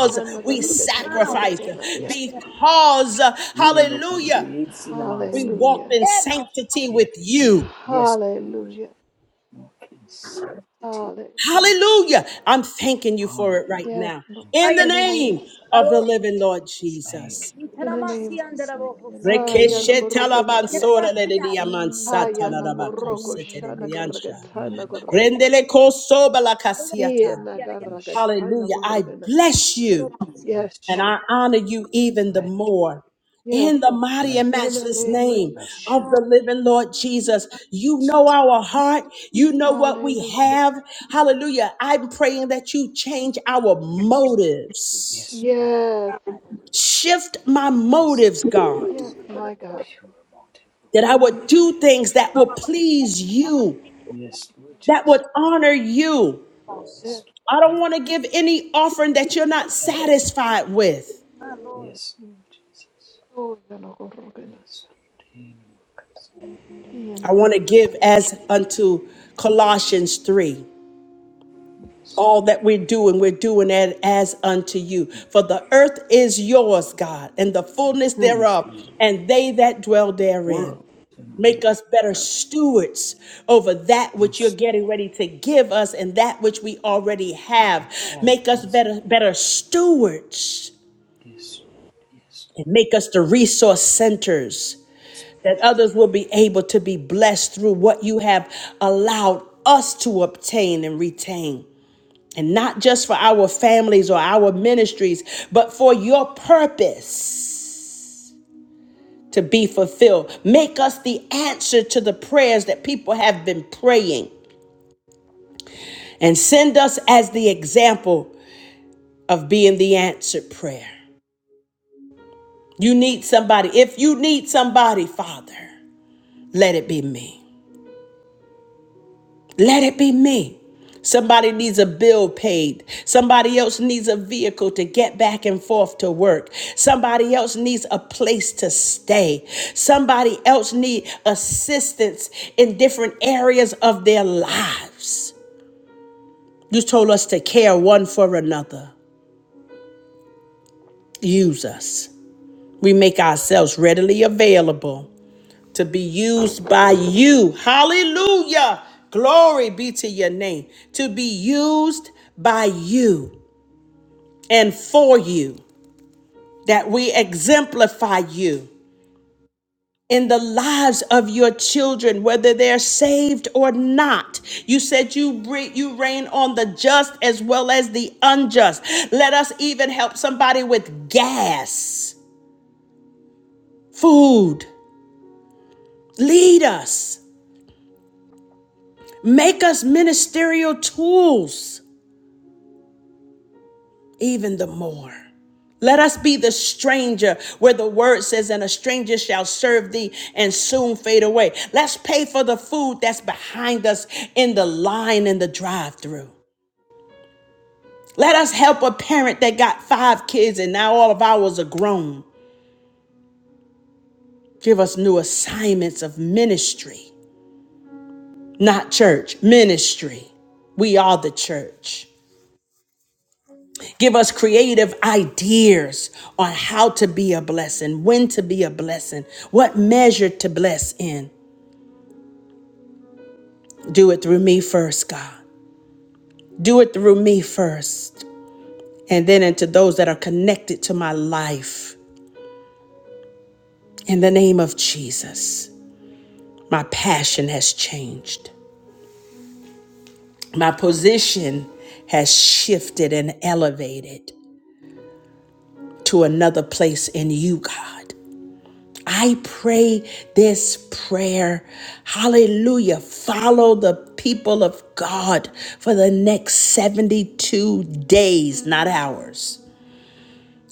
E: Yes,
A: we
B: Gurgatana
D: ah,
A: sacrifice,
E: yes,
B: Gurganaya.
E: Lord.
A: because, uh,
E: Nino no
A: hallelujah,
E: cordes in my
A: we
E: seat.
A: walked
B: Hallelujah.
A: in
D: ema,
A: sanctity
E: Yes,
A: with you.
E: Lord. Yes, Lord.
B: Hallelujah.
E: Walk in sanctity.
B: Hallelujah.
A: Hallelujah. I'm thanking you
E: Hallelujah.
A: for it right
B: Yes,
A: now.
B: Lord.
E: Thank
A: In
E: you.
A: the
D: aya,
B: In the
A: name
B: name,
A: of
F: In the
A: the
D: bravo.
F: name of
A: living Lord
F: Jesus,
E: Thank
A: Jesus.
E: you, oh
B: in
F: hallelujah,
E: God.
B: the name.
D: Intanamasi
F: Jesus.
D: andera
F: I can, la,
D: bohosa.
F: la,
B: Ah,
F: la,
B: ya
E: Thank
F: la,
B: no
F: la, see
B: corrogena,
F: ya.
B: ya.
D: Intanamasi andera
B: Ah,
F: Glory,
B: ya no
F: glory,
B: corroco,
F: glory,
B: shana
F: hallelujah, God.
E: you.
B: carragatana
E: Miracle.
B: corrogena. Ia na
E: Bless you.
B: carragatana
A: Hallelujah. I
B: corrogena, ya.
A: bless you.
D: bohosa.
B: Yes,
E: Bless
A: And
E: you.
B: Lord.
A: I honor you even the
E: Bless
A: more.
B: Yes,
A: In the
B: Lord.
E: you.
A: mighty
E: Bless
A: and
B: In the
A: matchless
E: you, God.
B: name of
A: name
B: Jesus.
E: Bless you.
A: of
D: Ah,
A: the living Lord Jesus, you
E: Yes,
A: know our heart. You know what we
E: Lord.
B: Hallelujah.
A: have. Hallelujah. I'm praying that you change our
E: Yes, Lord.
A: motives.
E: Yes, Lord.
B: Yes, Lord.
A: Shift my
E: Yes,
A: motives, God,
B: Yes, my God.
E: pure motive,
A: that
B: In
A: I
B: the
E: Lord.
A: would
B: name.
A: do things that will please you,
E: Yes, Lord
A: that
E: Jesus.
A: would honor you.
D: bossa.
B: Yes.
E: Yes,
A: I
E: Lord.
A: don't want to give any offering that you're not
E: Everyone do.
A: satisfied with.
D: Ah, Lord.
E: Yes, Lord Jesus.
B: Oh, ya no corrogena.
E: Yes, Lord. In among us.
B: Ia
A: I
B: na
A: want to
B: carra-
A: give as unto Colossians 3.
E: Yes,
A: all that we're doing, we're doing it as unto you.
E: Lord.
A: For the earth is yours, God, and the
E: The
A: fullness
E: fullness
A: thereof,
E: thereof.
A: and they that dwell therein.
E: World. And
A: Make us better
E: they.
A: stewards over that which you're
E: Yes,
A: getting ready to give us and that which we already
E: we
A: have.
E: have.
A: Make us
E: Yes,
A: better, better stewards
E: yes, yes.
A: and make us the resource centers that
E: yes.
A: others will be able to be blessed through what you have allowed us to obtain and retain and not just for our families or our ministries, but for your purpose to be fulfilled. Make us the answer to the prayers that people have been praying and send us as the example of being the answered prayer. You need somebody. If you need somebody, Father, let it be me. Let it be me. Somebody needs a bill paid. Somebody else needs a vehicle to get back and forth to work. Somebody else needs a place to stay. Somebody else needs assistance in different areas of their lives. You told us to care one for another. Use us. We make ourselves readily available to be used by you. Hallelujah. Glory be to your name. To be used by you and for you, that we exemplify you in the lives of your children, whether they're saved or not. You said you re- you reign on the just as well as the unjust. Let us even help somebody with gas, food. Lead us. Make us ministerial tools even the more. Let us be the stranger where the word says, and a stranger shall serve thee and soon fade away. Let's pay for the food that's behind us in the line in the drive through. Let us help a parent that got five kids and now all of ours are grown. Give us new assignments of ministry, not church, ministry. We are the church. Give us creative ideas on how to be a blessing, when to be a blessing, what measure to bless in. Do it through me first, God. Do it through me first, and then into those that are connected to my life. In the name of Jesus, my passion has changed. My position has shifted and elevated to another place in you, God. I pray this prayer. Hallelujah. Follow the people of God for the next 72 days, not hours.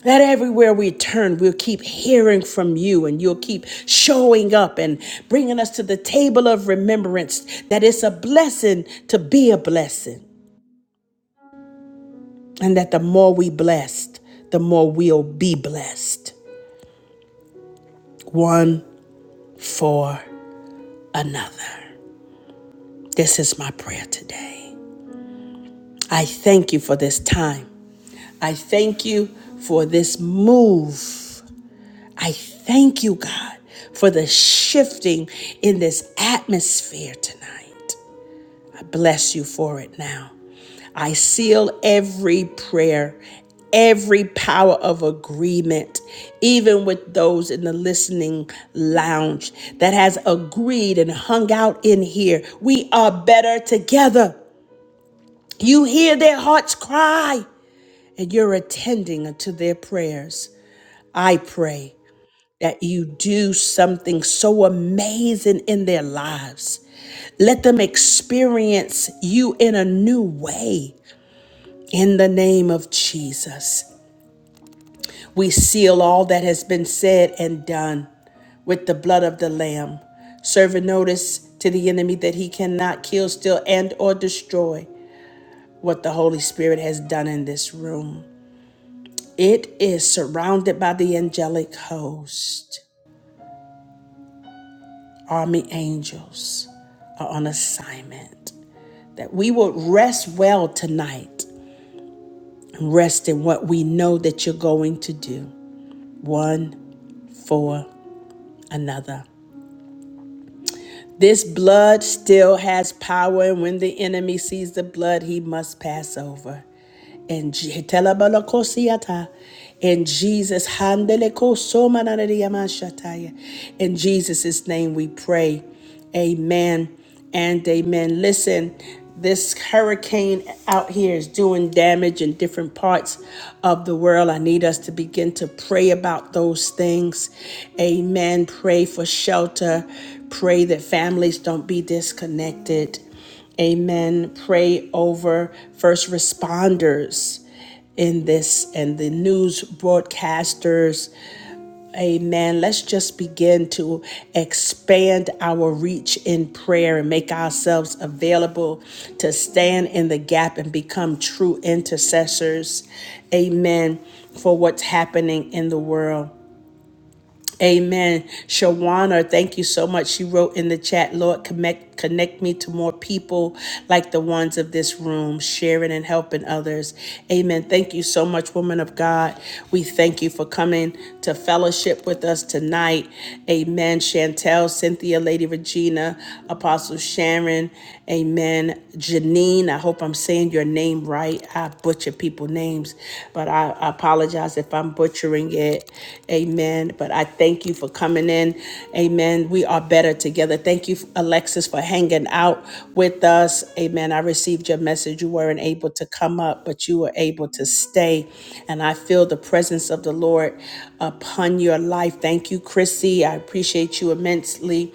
A: That everywhere we turn, we'll keep hearing from you and you'll keep showing up and bringing us to the table of remembrance that it's a blessing to be a blessing and that the more we blessed, the more we'll be blessed one for another. This is my prayer today. I thank you for this time. I thank you for this move. I thank you, God, for the shifting in this atmosphere tonight. I bless you for it now. I seal every prayer, every power of agreement, even with those in the listening lounge that has agreed and hung out in here. We are better together. You hear their hearts cry. and you're attending to their prayers. I pray that you do something so amazing in their lives. Let them experience you in a new way. In the name of Jesus, we seal all that has been said and done with the blood of the Lamb, serving notice to the enemy that he cannot kill, steal, and or destroy what the Holy Spirit has done in this room. It is surrounded by the angelic host. army angels are on assignment. That we would rest well tonight and rest in what we know that you're going to do one for another. This blood still has power, and when the enemy sees the blood, he must pass over. And Je- Telabalakosiata. in Jesus, in Jesus' name we pray. Amen and amen. Listen, this hurricane out here is doing damage in different parts of the world. I need us to begin to pray about those things. Amen. Pray for shelter. Pray that families don't be disconnected. Amen. Pray over first responders in this and the news broadcasters Amen. Let's just begin to expand our reach in prayer and make ourselves available to stand in the gap and become true intercessors. Amen. For what's happening in the world. Amen. Shawana, thank you so much. She wrote in the chat, Lord, connect, connect me to more people like the ones of this room, sharing and helping others. Amen. Thank you so much, woman of God. We thank you for coming to fellowship with us tonight. Amen. Chantel, Cynthia, Lady Regina, Apostle Sharon. Amen. Janine, I hope I'm saying your name right. I butcher people's names, but but I, I apologize if I'm butchering it. Amen. But I thank you for coming in. Amen. We are better together. Thank you, Alexis, for hanging out with us. Amen. I received your message. You weren't able to come up, but you were able to stay. And I feel the presence of the Lord upon your life. Thank you, Chrissy. I appreciate you immensely.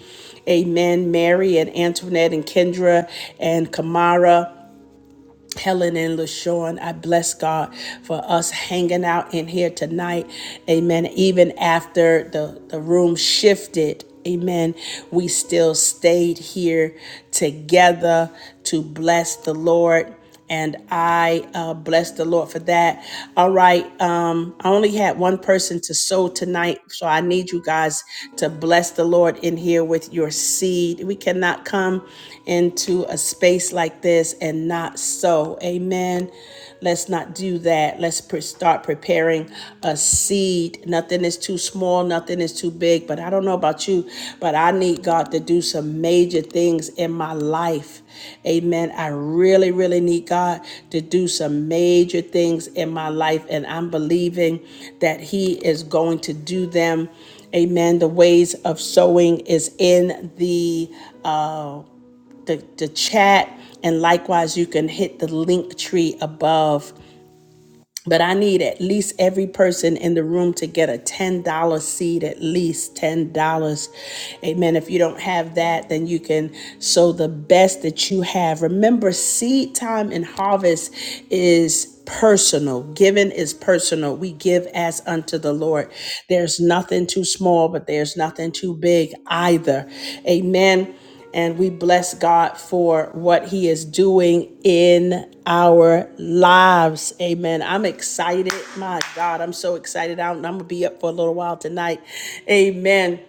A: Amen. Mary and Antoinette and Kendra and Kamara. Helen and LaShawn, I bless God for us hanging out in here tonight. Amen. Even after the, the room shifted, amen, we still stayed here together to bless the Lord. And I uh, bless the Lord for that. All right. Um, I only had one person to sow tonight. So I need you guys to bless the Lord in here with your seed. We cannot come into a space space like this and not sow. Amen. Let's not do that. Let's pre- start preparing a seed. Nothing is too small, nothing is too big. But I don't know about you, but I need God to do some major things in my life. Amen. I really, really need God to do some major things in my life. And I'm believing that He is going to do them. Amen. The ways of sowing is in the uh, the, the chat and likewise you can hit the link tree above but i need at least every person in the room to get a $10 seed at least $10 amen if you don't have that then you can sow the best that you have remember seed time and harvest is personal. Giving is personal. We give as unto the Lord. There's nothing too small, but there's nothing too big either. Amen. And we bless God for what He is doing in our lives. Amen. I'm excited. My God, I'm so excited. I'm, I'm going to be up for a little while tonight. Amen.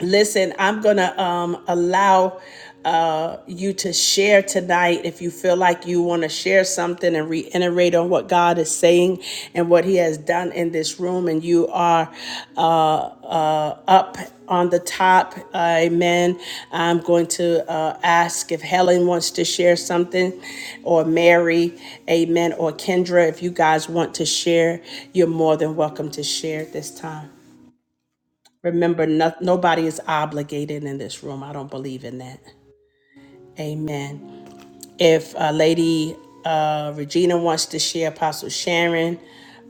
A: Listen, I'm gonna um, allow uh, you to share tonight if you feel like you want to share something and reiterate on what God is saying and what He has done in this room, and you are uh, uh, up on the top. Amen. I'm going to uh, ask if Helen wants to share something, or Mary, Amen, or Kendra. If you guys want to share, you're more than welcome to share at this time. Remember, no, nobody is obligated in this room. I don't believe in that. Amen. If uh, Lady uh, Regina wants to share, Apostle Sharon,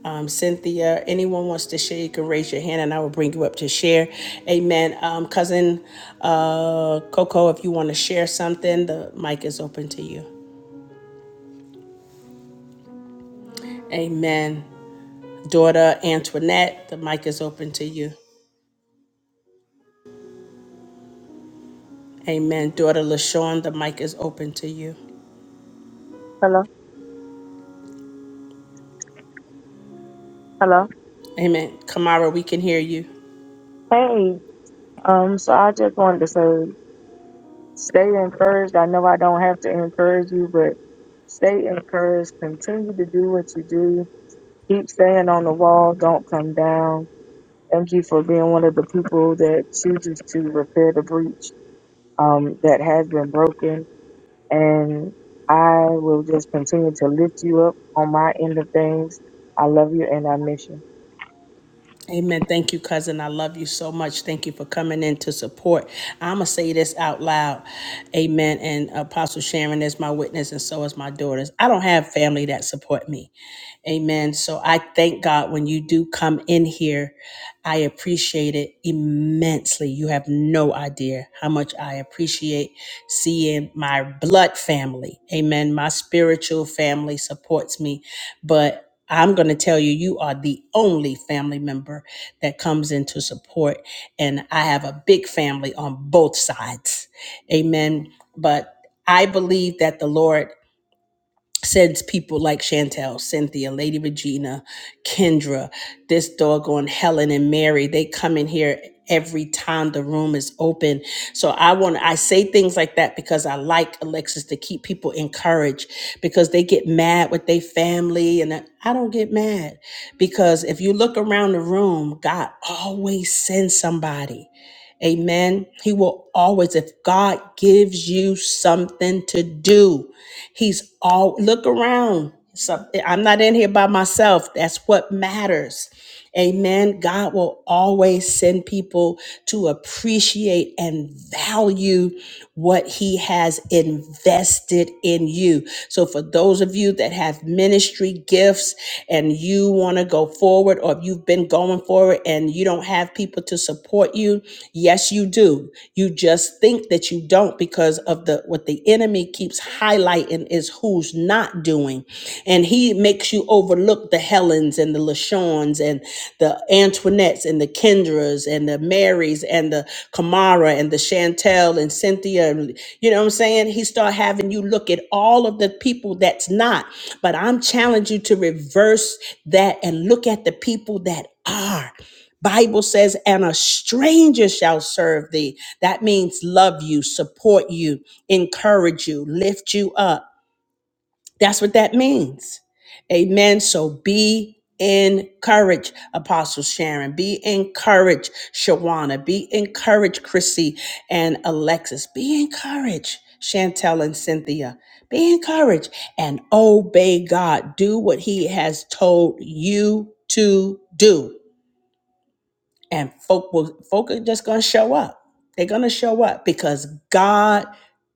A: um, Cynthia, anyone wants to share, you can raise your hand and I will bring you up to share. Amen. Um, cousin uh, Coco, if you want to share something, the mic is open to you. Amen. Daughter Antoinette, the mic is open to you. Amen. Daughter LaShawn, the mic is open to you.
I: Hello, hello.
A: Amen. Kamara, we can hear you.
I: Hey, um, so I just wanted to say, stay encouraged. I know I don't have to encourage you, but stay encouraged. Continue to do what you do. Keep staying on the wall. Don't come down. Thank you for being one of the people that chooses to repair the breach um, that has been broken. And I will just continue to lift you up on my end of things. I love you and I miss you.
A: Amen. Thank you, cousin. I love you so much. Thank you for coming in to support. I'm going to say this out loud. Amen. And Apostle Sharon is my witness, and so is my daughters. I don't have family that support me. Amen. So I thank God when you do come in here. I appreciate it immensely. You have no idea how much I appreciate seeing my blood family. Amen. My spiritual family supports me, but I'm going to tell you, you are the only family member that comes in to support. And I have a big family on both sides. Amen. But I believe that the Lord Sends people like Chantel, Cynthia, Lady Regina, Kendra, this doggone Helen and Mary, they come in here every time the room is open. So I want I say things like that because I like Alexis to keep people encouraged because they get mad with their family and I I don't get mad because if you look around the room, God always sends somebody. Amen. He will always, if God gives you something to do, He's all, look around. Something, I'm not in here by myself. That's what matters. Amen. God will always send people to appreciate and value what He has invested in you. So, for those of of you that have ministry gifts and you want to go forward, or if you've been going forward and you don't have people to support you, yes, you do. You just think that you don't because of the what the enemy keeps highlighting is who's not doing, and he makes you overlook the Helens and the Lashawns and the Antoinettes and the Kendras and the Marys and the Kamara and the Chantel and Cynthia. and- You know what I'm saying? He start having you look at all of the people that's not. But I'm challenging you to reverse that and look at the people that are. Bible says, and a stranger shall serve thee. That means love you, support you, encourage you, lift you up. That's what that means. Amen. So be encouraged, Apostle Sharon. Be encouraged, Shawana. Be encouraged, Chrissy and Alexis. Be encouraged, Chantel and Cynthia. Be encouraged and obey God. Do what He has told you to do and folk will folk are just gonna show up. They're gonna show up because God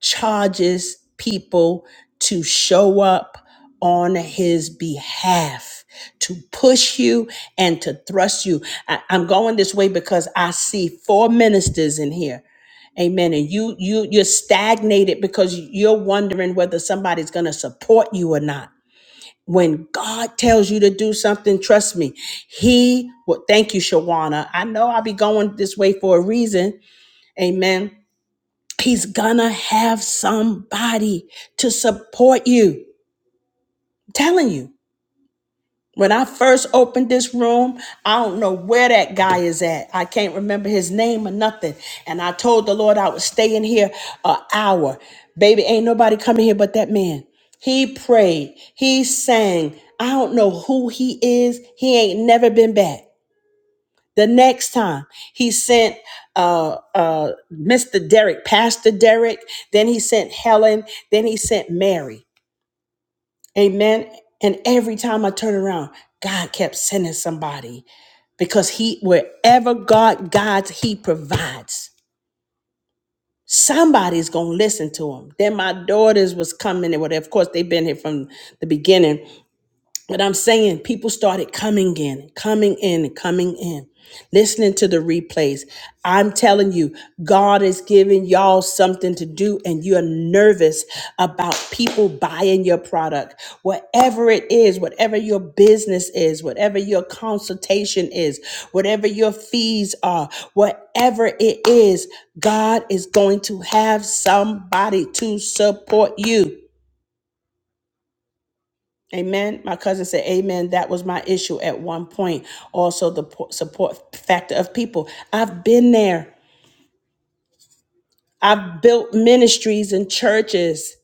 A: charges people to show up on his behalf to push you and to thrust you. I, I'm going this way because I see four ministers in here. Amen. And you you you're stagnated because you're wondering whether somebody's gonna support you or not when God tells you to do something, trust me, He will. Thank you, Shawana. I know I'll be going this way for a reason. Amen. He's gonna have somebody to support you. I'm telling you. When I first opened this room, I don't know where that guy is at. I can't remember his name or nothing. And I told the Lord I would stay in here an hour. Baby, ain't nobody coming here but that man. He prayed, he sang. I don't know who he is. He ain't never been back. The next time he sent uh, uh, Mr. Derek, Pastor Derek, then he sent Helen, then he sent Mary. Amen. And every time I turn around, God kept sending somebody because he wherever God guides, he provides. Somebody's gonna listen to him. Then my daughters was coming and whatever. Of course, they've been here from the beginning, but I'm saying people started coming in, coming in, coming in, listening to the replays. I'm telling you, God is giving y'all something to do, and you're nervous about people buying your product. Whatever it is, whatever your business is, whatever your consultation is, whatever your fees are, whatever it is, God is going to have somebody to support you. Amen. My cousin said, Amen. That was my issue at one point. Also, the po- support factor of people. I've been there. I've built ministries and churches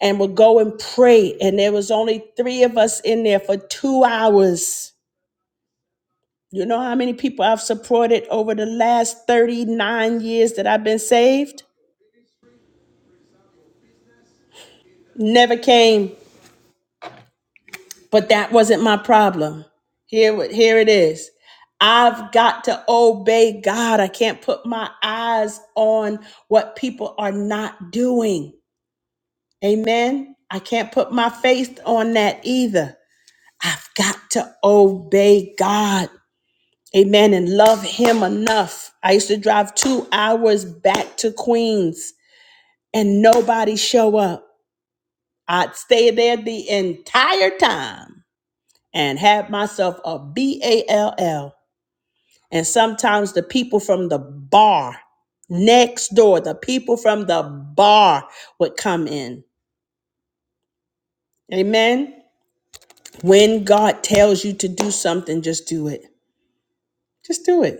A: and would go and pray. And there was only three of us in there for two hours. You know how many people I've supported over the last 39 years that I've been saved? Never came. but that wasn't my problem. Here, what- here it is. I've got to obey God. I can't put my eyes on what people are not doing. Amen. I can't put my faith on that either. I've got to obey God. Amen. And love Him enough. I used to drive two hours back to Queens and nobody show up. I'd stay there the entire time and had myself a ball. And sometimes the people from the bar next door, the people from the bar would come in. Amen. When God tells you to do something, just do it. Just do it.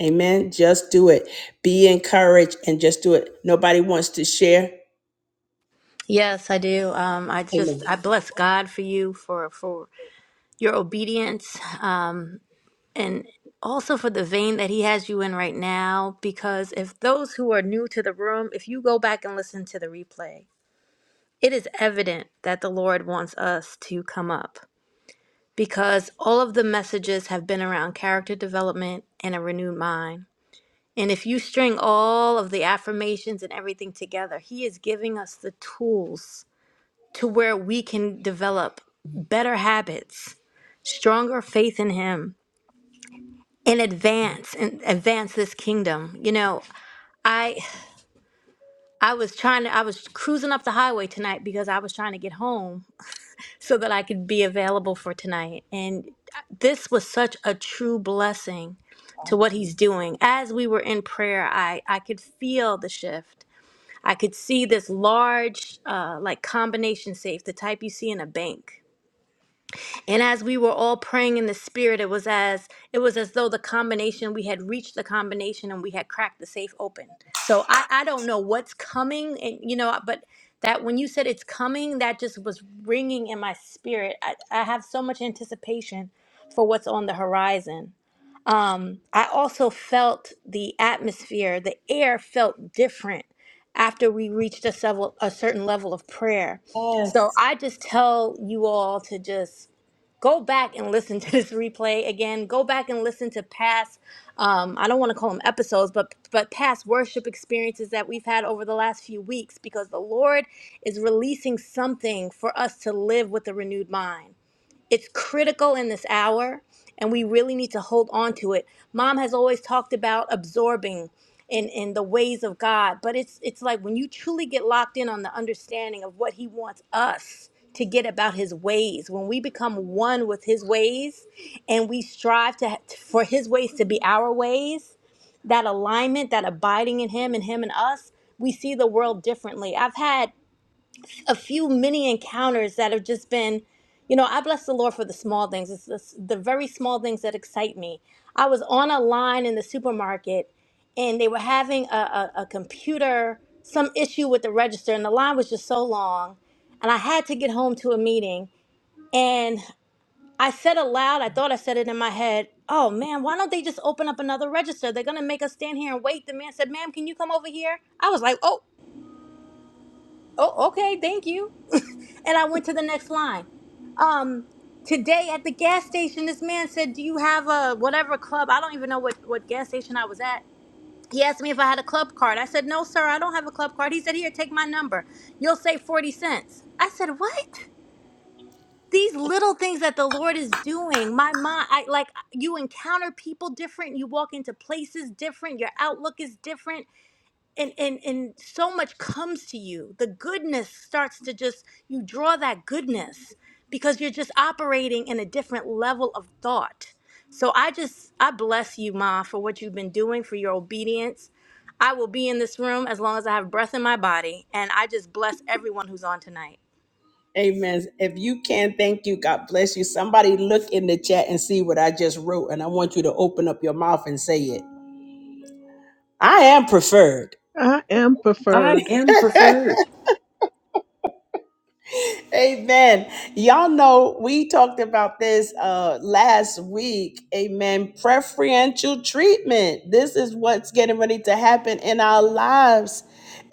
A: Amen. Just do it. Be encouraged and just do it. Nobody wants to share.
D: Yes, I do. Um, I just
A: Amen.
D: I bless God for you for for your obedience uh, and also for the vein that He has you in right now. Because if those who are new to the room, if you go back and listen to the replay, it is evident that the Lord wants us to come up. because all of the messages have been around character development and a renewed mind. And if you string all of the affirmations and everything together, he is giving us the tools to where we can develop better habits, stronger faith in him, and advance and advance this kingdom. You know, I I was trying to I was cruising up the highway tonight because I was trying to get home so that I could be available for tonight. And uh, this was such a true blessing to what he's doing. As we were in prayer, I I could feel the shift. I could see this large uh like combination safe, the type you see in a bank. And as we were all praying in the spirit, it was as it was as though the combination we had reached the combination and we had cracked the safe open. So I I don't know what's coming and you know but that when you said it's coming that just was ringing in my spirit. I, I have so much anticipation for what's on the horizon um, I also felt the atmosphere, the air felt different after we reached a, several, a certain level of prayer. So
A: Yes.
D: I just tell you all to just go back and listen to this replay again. Go back and listen to past, um, I don't want to call them episodes, but but past worship experiences that we've had over the last few weeks, because the Lord is releasing something for us to live with a renewed mind. It's critical in this hour, and we really need to hold on to it. Mom has always talked about absorbing in, in the ways of God, but it's it's like when you truly get locked in on the understanding of what He wants us to get about His ways, when we become one with His ways, and we strive to for His ways to be our ways, that alignment, that abiding in Him and Him and us, we see the world differently. I've had a few mini encounters that have just been, you know, I bless the Lord for the small things. It's the, the very small things that excite me. I was on a line in the supermarket and they were having a, a, a computer, some issue with the register, and the line was just so long. And I had to get home to a meeting. And I said aloud, I thought I said it in my head, oh man, why don't they just open up another register? They're going to make us stand here and wait. The man said, ma'am, can you come over here? I was like, oh, oh, okay, thank you. And I went to the next line. Um, today at the gas station, this man said, Do you have a whatever club? I don't even know what, what gas station I was at. He asked me if I had a club card. I said, No, sir, I don't have a club card. He said, Here, take my number. You'll save 40 cents. I said, What? These little things that the Lord is doing, my mind, I like you encounter people different, you walk into places different, your outlook is different and and and so much comes to you the goodness starts to just you draw that goodness because you're just operating in a different level of thought so i just i bless you ma for what you've been doing for your obedience i will be in this room as long as i have breath in my body and i just bless everyone who's on tonight
A: Amen. If you can, thank you. God bless you. Somebody look in the chat and see what I just wrote. And I want you to open up your mouth and say it. I am preferred.
B: I am
E: I
B: preferred.
E: am preferred.
A: Amen. Y'all know we talked about this uh last week. Amen. Preferential treatment. This is what's getting ready to happen in our lives.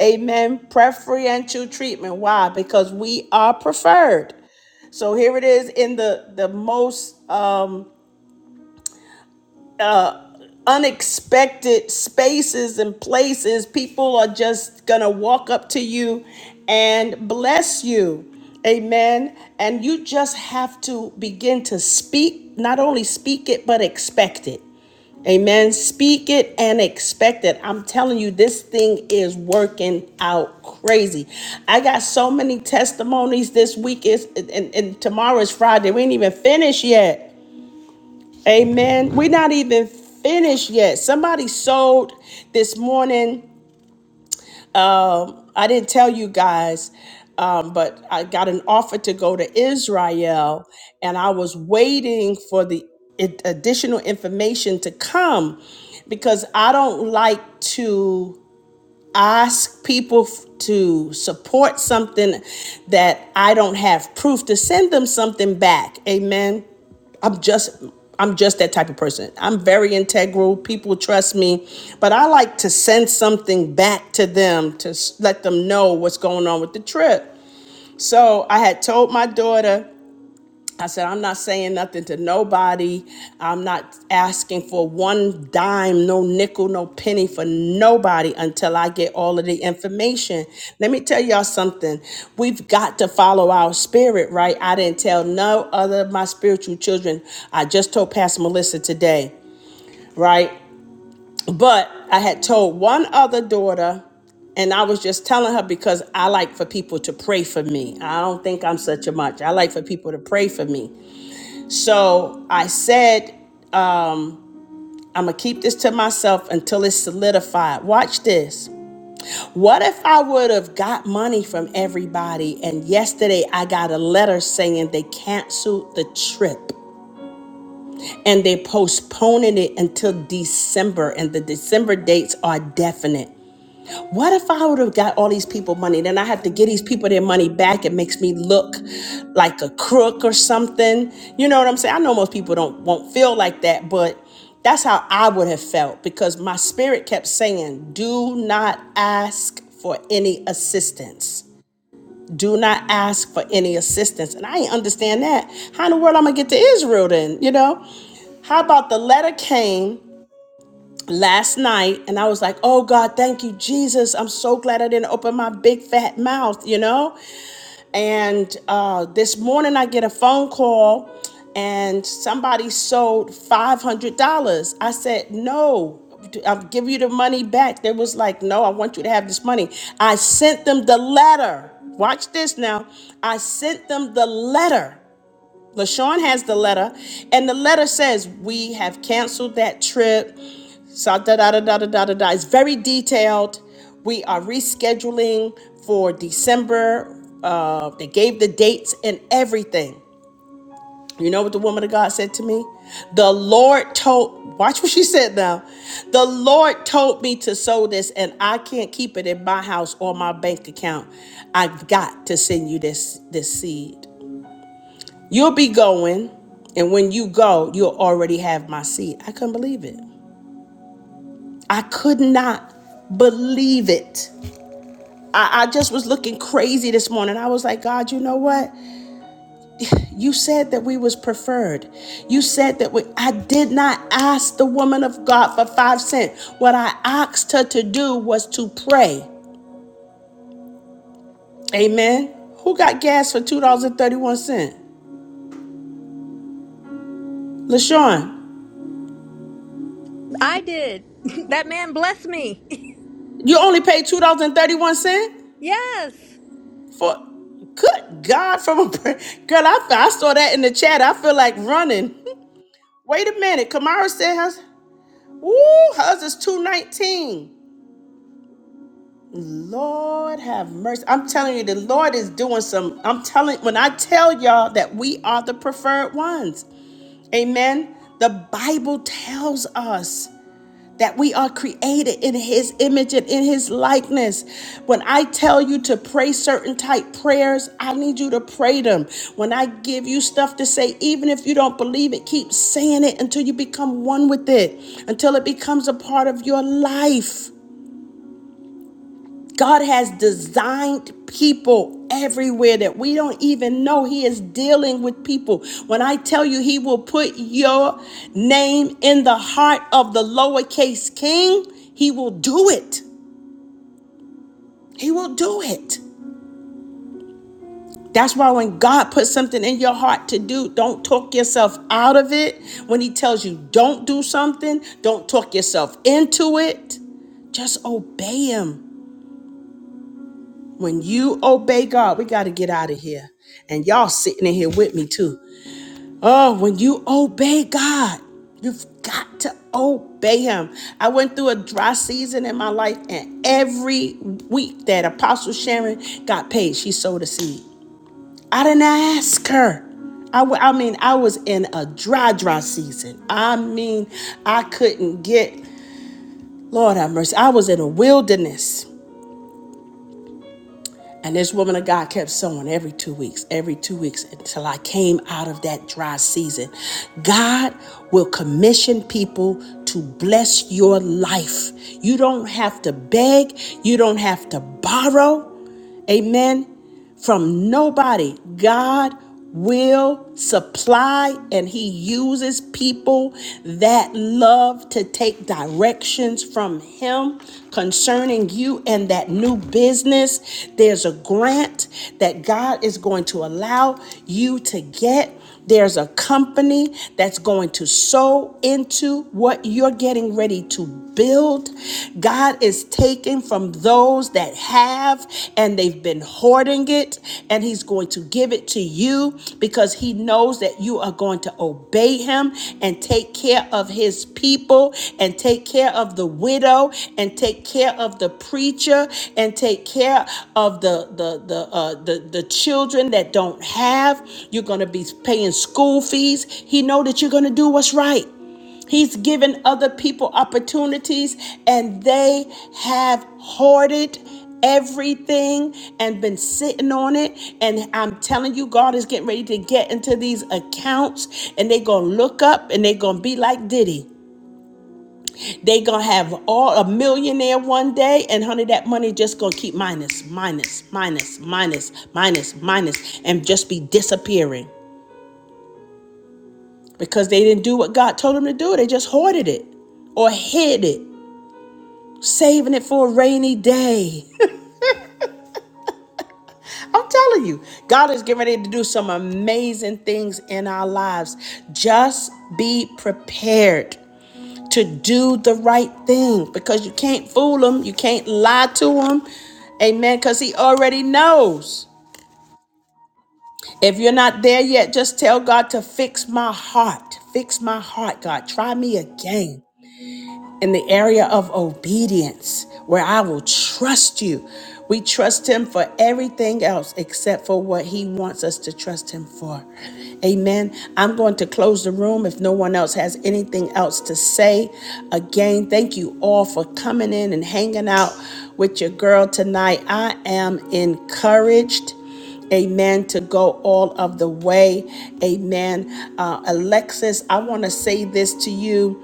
A: Amen. Preferential treatment. Why? Because we are preferred. So here it is in the the most um unexpected spaces and places. People are just going to walk up to you and bless you. Amen. And you just have to begin to speak, not only speak it, but expect it. Amen. Speak it and expect it. I'm telling you, this thing is working out crazy. I got so many testimonies this week is and, and tomorrow is Friday. We ain't even finished yet. Amen. We're not even finished yet. Somebody sold this morning. Um, I didn't tell you guys, um, but I got an offer to go to Israel, and I was waiting for the ad- additional information to come because I don't like to ask people f- to support something that I don't have proof to send them something back. Amen. I'm just I'm just that type of person. I'm very integral. People trust me, but I like to send something back to them to s- let them know what's going on with the trip. So I had told my daughter I said, I'm not saying nothing to nobody. I'm not asking for one dime, no nickel, no penny for nobody until I get all of the information. Let me tell y'all something. We've got to follow our spirit, right? I didn't tell no other of my spiritual children. I just told Pastor Melissa today, right? But I had told one other daughter, and I was just telling her because I like for people to pray for me. I don't think I'm such a much. I like for people to pray for me. So I said, I'm going to keep this to myself until it's solidified. Watch this. What if I would have got money from everybody and yesterday I got a letter saying they canceled the trip? and they postponing it until December, and the December dates are definite. What if I would have got all these people money? Then I have to give these people their money back. It makes me look like a crook or something. You know what I'm saying? I know most people don't won't feel like that, but that's how I would have felt because my spirit kept saying, "Do not ask for any assistance." do not ask for any assistance. And I ain't understand that. How in the world I'm gonna get to Israel then? You know? How about the letter came last night and I was like, oh God, thank you, Jesus. I'm so glad I didn't open my big fat mouth, you know? And uh, this morning I get a phone call and somebody sold $500. I said, no. I'll give you the money back. They was like, No, I want you to have this money. I sent them the letter. Watch this now. I sent them the letter LaShawn has the letter, and the letter says, We have canceled that trip. So da da da da da da da It's very detailed. We are rescheduling for December. Uh, they gave the dates and everything. You know what the woman of God said to me? The Lord told. Watch what she said now. The Lord told me to sow this, and I can't keep it in my house or my bank account. I've got to send you this this seed. You'll be going, and when you go, you'll already have my seed. I couldn't believe it. I could not believe it. I, I just was looking crazy this morning. I was like, God, you know what? You said that we was preferred. You said that we I did not ask the woman of God for five cents. What I asked her to do was to pray. Amen. Who got gas for two dollars and thirty-one cent? LaShawn,
D: i did that man blessed me
A: you only paid two dollars and thirty-one cent
D: yes
A: for good God from a girl. I, I saw that in the chat. I feel like running. Wait a minute. Kamara said, Woo, how's this 219? Lord have mercy. I'm telling you, the Lord is doing some. I'm telling when I tell y'all that we are the preferred ones. Amen. The Bible tells us that we are created in his image and in his likeness. When I tell you to pray certain type prayers, I need you to pray them. When I give you stuff to say, even if you don't believe it, keep saying it until you become one with it, until it becomes a part of your life. God has designed people everywhere that we don't even know. He is dealing with people. When I tell you, He will put your name in the heart of the lowercase king, He will do it. He will do it. That's why when God puts something in your heart to do, don't talk yourself out of it. When He tells you don't do something, don't talk yourself into it. Just obey Him. When you obey God, we got to get out of here. And y'all sitting in here with me too. Oh, when you obey God, you've got to obey Him. I went through a dry season in my life, and every week that Apostle Sharon got paid, she sowed a seed. I didn't ask her. I w- I mean, I was in a dry, dry season. I mean, I couldn't get, Lord have mercy, I was in a wilderness. And this woman of God kept sowing every two weeks, every two weeks until I came out of that dry season. God will commission people to bless your life. You don't have to beg, you don't have to borrow. Amen. From nobody. God will supply and he uses people that love to take directions from him concerning you and that new business. There's a grant that God is going to allow you to get. There's a company that's going to sow into what you're getting ready to build. God is taking from those that have and they've been hoarding it, and He's going to give it to you because He knows that you are going to obey obey him and take care of his people and take care of the widow and take care of the preacher and take care of the the the uh, the, the children that don't have. You're gonna be paying school fees. He know that you're gonna do what's right. He's given other people opportunities and they have hoarded everything and been sitting on it. And I'm telling you, God is getting ready to get into these accounts and they're going to look up and they're going to be like Diddy. They're going to have all a millionaire one day and honey, that money just going to keep minus, minus, minus, minus, minus, minus, and just be disappearing because they didn't do what God told them to do. They just hoarded it or hid it saving it for a rainy day. I'm telling you, God is getting ready to do some amazing things in our lives. Just be prepared to do the right thing because you can't fool him, you can't lie to him. Amen, cuz he already knows. If you're not there yet, just tell God to fix my heart. Fix my heart, God. Try me again. in the area of obedience where I will trust you. We trust him for everything else except for what he wants us to trust him for. Amen. I'm going to close the room if no one else has anything else to say. Again, thank you all for coming in and hanging out with your girl tonight. I am encouraged amen to go all of the way amen uh, alexis i want to say this to you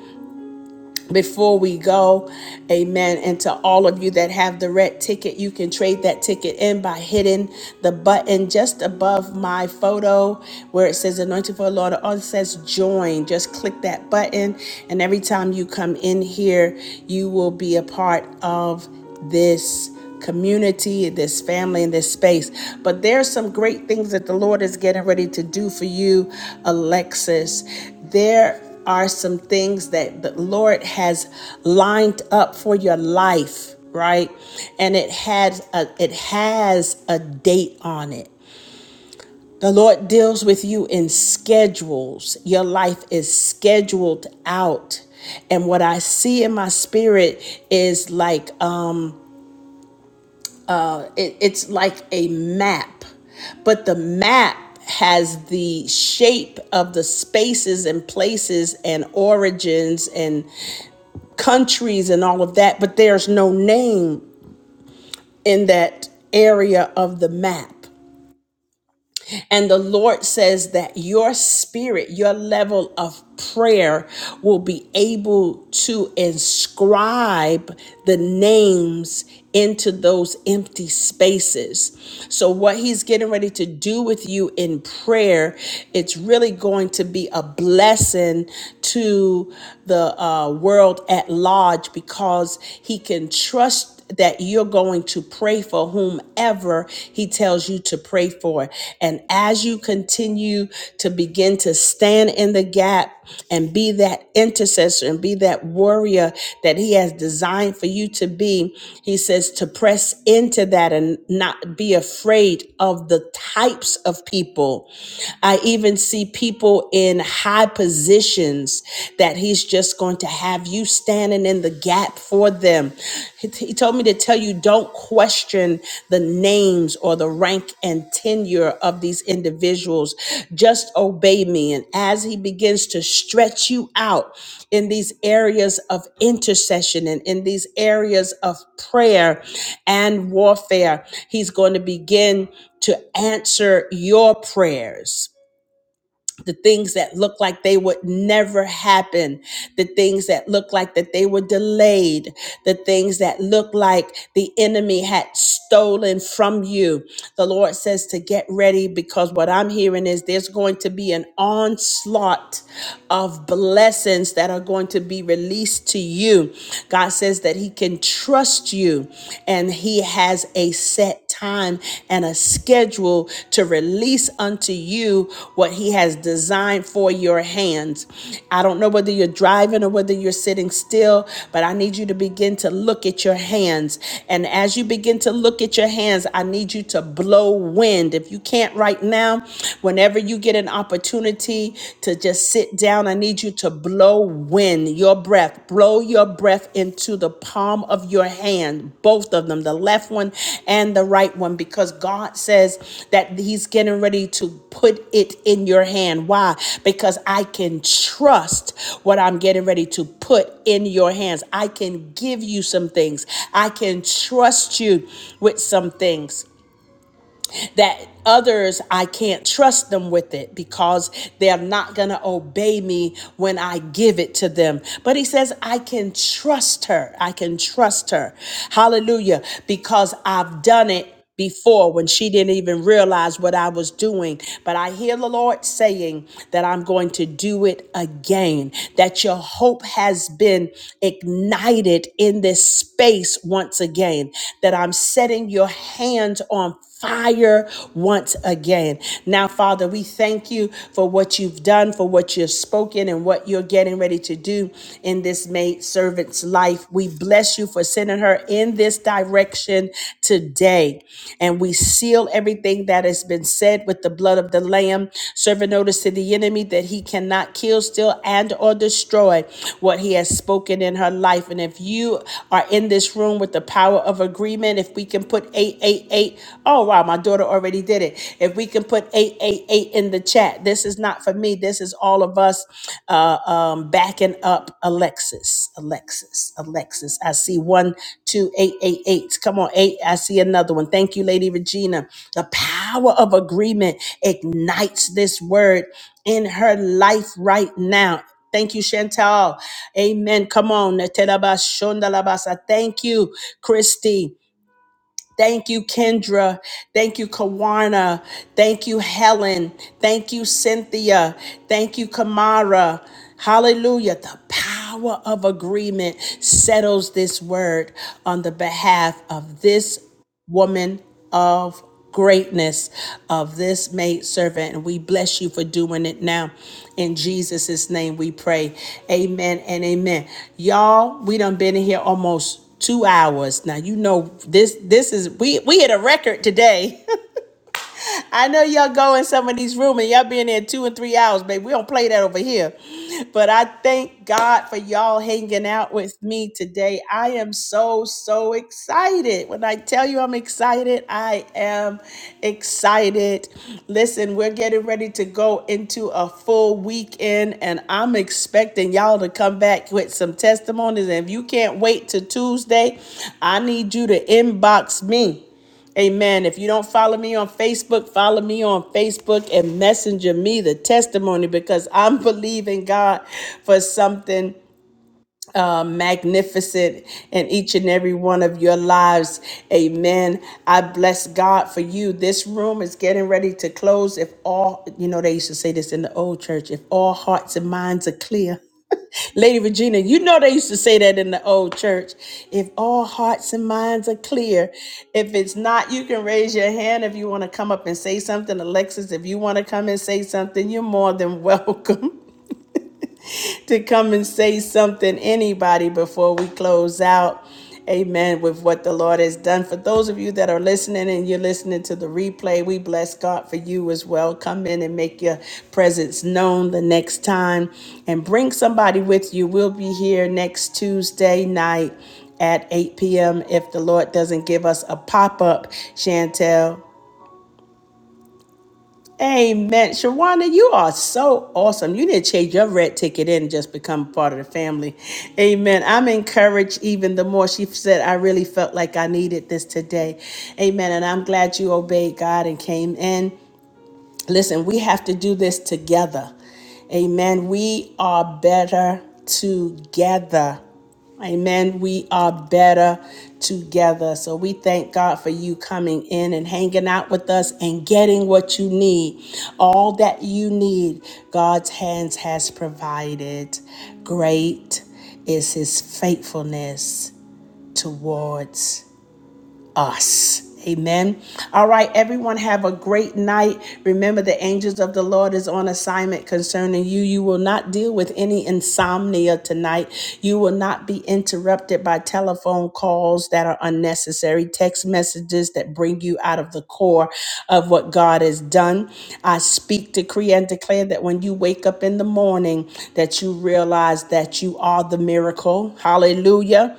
A: before we go. Amen. And to all of you that have the red ticket, you can trade that ticket in by hitting the button just above my photo where it says Anointed for the Lord. Or it says join. Just click that button. And every time you come in here, you will be a part of this community, this family, in this space. But there's some great things that the Lord is getting ready to do for you, Alexis. There are some things that the Lord has lined up for your life, right? And it has a, it has a date on it. The Lord deals with you in schedules. Your life is scheduled out. And what I see in my spirit is like it, it's like a map but the map has the shape of the spaces and places and origins and countries and all of that but there's no name in that area of the map And the Lord says that your spirit, your level of prayer will be able to inscribe the names into those empty spaces. So what he's getting ready to do with you in prayer, it's really going to be a blessing to the uh, world at large because he can trust trust that you're going to pray for whomever he tells you to pray for. And as you continue to begin to stand in the gap and be that intercessor and be that warrior that he has designed for you to be, he says to press into that and not be afraid of the types of people. I even see people in high positions that he's is just going to have you standing in the gap for them. He he told me to tell you don't question the names or the rank and tenure of these individuals. Just obey me. And as he begins to stretch you out in these areas of intercession and in these areas of prayer and warfare, he's going to begin to answer your prayers the things that look like they would never happen, the things that look like that they were delayed, the things that look like the enemy had stolen from you. The Lord says to get ready because what I'm hearing is there's going to be an onslaught of blessings that are going to be released to you. God says that he can trust you and he has a set set time and a schedule to release unto you what He has designed for your hands. I don't know whether you're driving or whether you're sitting still, but I need you to begin to look at your hands. And as you begin to look at your hands, I need you to blow wind. If you can't right now, whenever you get an opportunity to just sit down, I need you to blow blow wind, your breath, blow your breath into the palm of your hand, both of them, the left one and the right one, because God says that He's getting ready to put it in your hand. Why? Because I can trust what I'm getting ready to put in your hands. I can give you some things, I can trust you with some things that others I can't trust them with it because they're not going to obey me when I give it to them. But he says, I can trust her. I can trust her. Hallelujah. Because I've done it before when she didn't even realize what I was doing. But I hear the Lord saying that I'm going to do it again, that your hope has been ignited in this space once again, that I'm setting your hands on fire once again. Now, Father, we thank you for what you've done, for what you've spoken, and what you're getting ready to do in this maid servant's life. We bless you for sending her in this direction today. And we seal everything that has been said with the blood of the Lamb, serving notice to the enemy that he cannot kill, steal, and or destroy what he has spoken in her life. And if you are in this room with the power of agreement, if we can put 888. Oh, wow, my daughter already did it. If we can put 888 in the chat, this is not for me. This is all of us uh, um, backing up Alexis. Alexis, Alexis. I see one, two, eight, eight, eight. Come on, eight. I see another one. Thank you, Lady Regina. The power of agreement ignites this word in her life right now. Thank you, Chantal. Amen. Come on. Netelabashondalabasa. Thank you, Christy. Thank you, Kendra. Thank you, Kawana. Thank you, Helen. Thank you, Cynthia. Thank you, Kamara. Hallelujah. The power of agreement settles this word on the behalf of this woman of greatness of this maid servant and we bless you for doing it now in jesus' name we pray amen and amen y'all we done been in here almost two hours now you know this this is we we hit a record today I know y'all go in some of these rooms and y'all been there two and three hours, baby. We don't play that over here. But I thank God for y'all hanging out with me today. I am so, so excited. When I tell you I'm excited, I am excited. Listen, we're getting ready to go into a full weekend, and I'm expecting y'all to come back with some testimonies. And if you can't wait till Tuesday, I need you to inbox me Amen. If you don't follow me on Facebook, follow me on Facebook and messenger me the testimony because I'm believing God for something um, magnificent in each and every one of your lives. Amen. I bless God for you. This room is getting ready to close. If all, you know, they used to say this in the old church if all hearts and minds are clear. Lady Regina, you know they used to say that in the old church. If all hearts and minds are clear, if it's not, you can raise your hand if you want to come up and say something. Alexis, if you want to come and say something, you're more than welcome. to come and say something, anybody, before we close out. Amen. With what the Lord has done. For those of you that are listening and you're listening to the replay, we bless God for you as well. Come in and make your presence known the next time and bring somebody with you. We'll be here next Tuesday night at 8 p.m. if the Lord doesn't give us a pop up, Chantel. Amen. Shawana, you are so awesome. You didn't change your red ticket in and just become part of the family. Amen. I'm encouraged even the more. She said, I really felt like I needed this today. Amen. And I'm glad you obeyed God and came in. Listen, we have to do this together. Amen. We are better together. Amen. We are better together. So we thank God for you coming in and hanging out with us and getting what you need. All that you need, God's hands has provided. Great is his faithfulness towards us. Amen. All right, everyone, have a great night. Remember, the angels of the Lord is on assignment concerning you. You will not deal with any insomnia tonight. You will not be interrupted by telephone calls that are unnecessary, text messages that bring you out of the core of what God has done. I speak, decree, and declare that when you wake up in the morning, that you realize that you are the miracle. Hallelujah.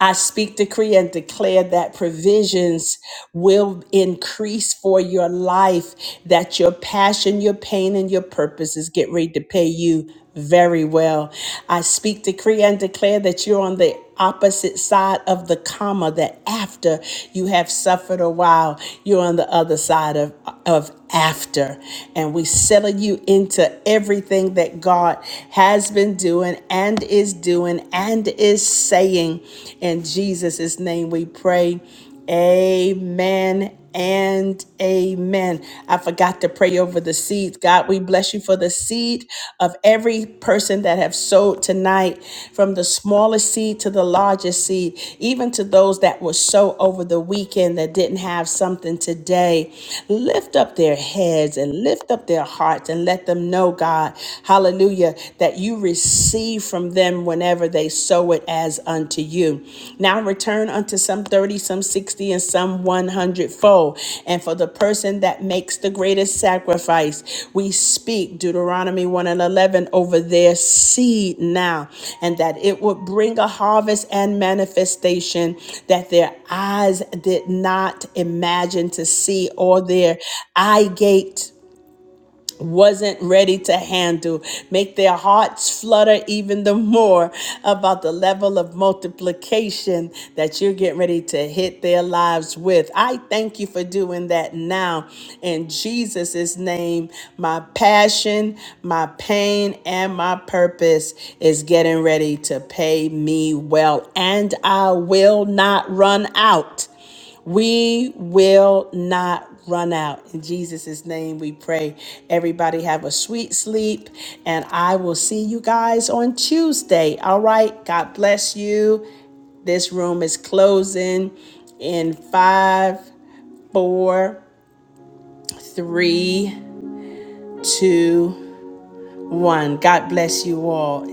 A: I speak, decree, and declare that provisions will increase for your life, that your passion, your pain, and your purposes get ready to pay you very well. I speak, decree, and declare that you're on the opposite side of the comma, that after you have suffered a while, you're on the other side of, of after. And we settle you into everything that God has been doing and is is doing and is saying. In Jesus' name we pray. Amen and amen. I forgot to pray over the seeds. God, we bless you for the seed of every person that have sowed tonight, from the smallest seed to the largest seed, even to those that were sow over the weekend that didn't have something today. Lift up their heads and lift up their hearts and let them know, God, hallelujah, that you receive from them whenever they sow it as unto you. Now return unto some 30, some 60, and some 100 fold. And for the person that makes the greatest sacrifice, we speak Deuteronomy 1 and 11 over their seed now, and that it would bring a harvest and manifestation that their eyes did not imagine to see or their eye gate wasn't ready to handle. Make their hearts flutter even the more about the level of multiplication that you're getting ready to hit their lives with. I thank you for doing that now. In Jesus' name, my passion, my pain, and my purpose is getting ready to pay me well, and I will not run out we will not run out. In Jesus' name we pray. Everybody have a sweet sleep, and I will see you guys on Tuesday. All right. God bless you. This room is closing in five, four, three, two, one. God bless you all.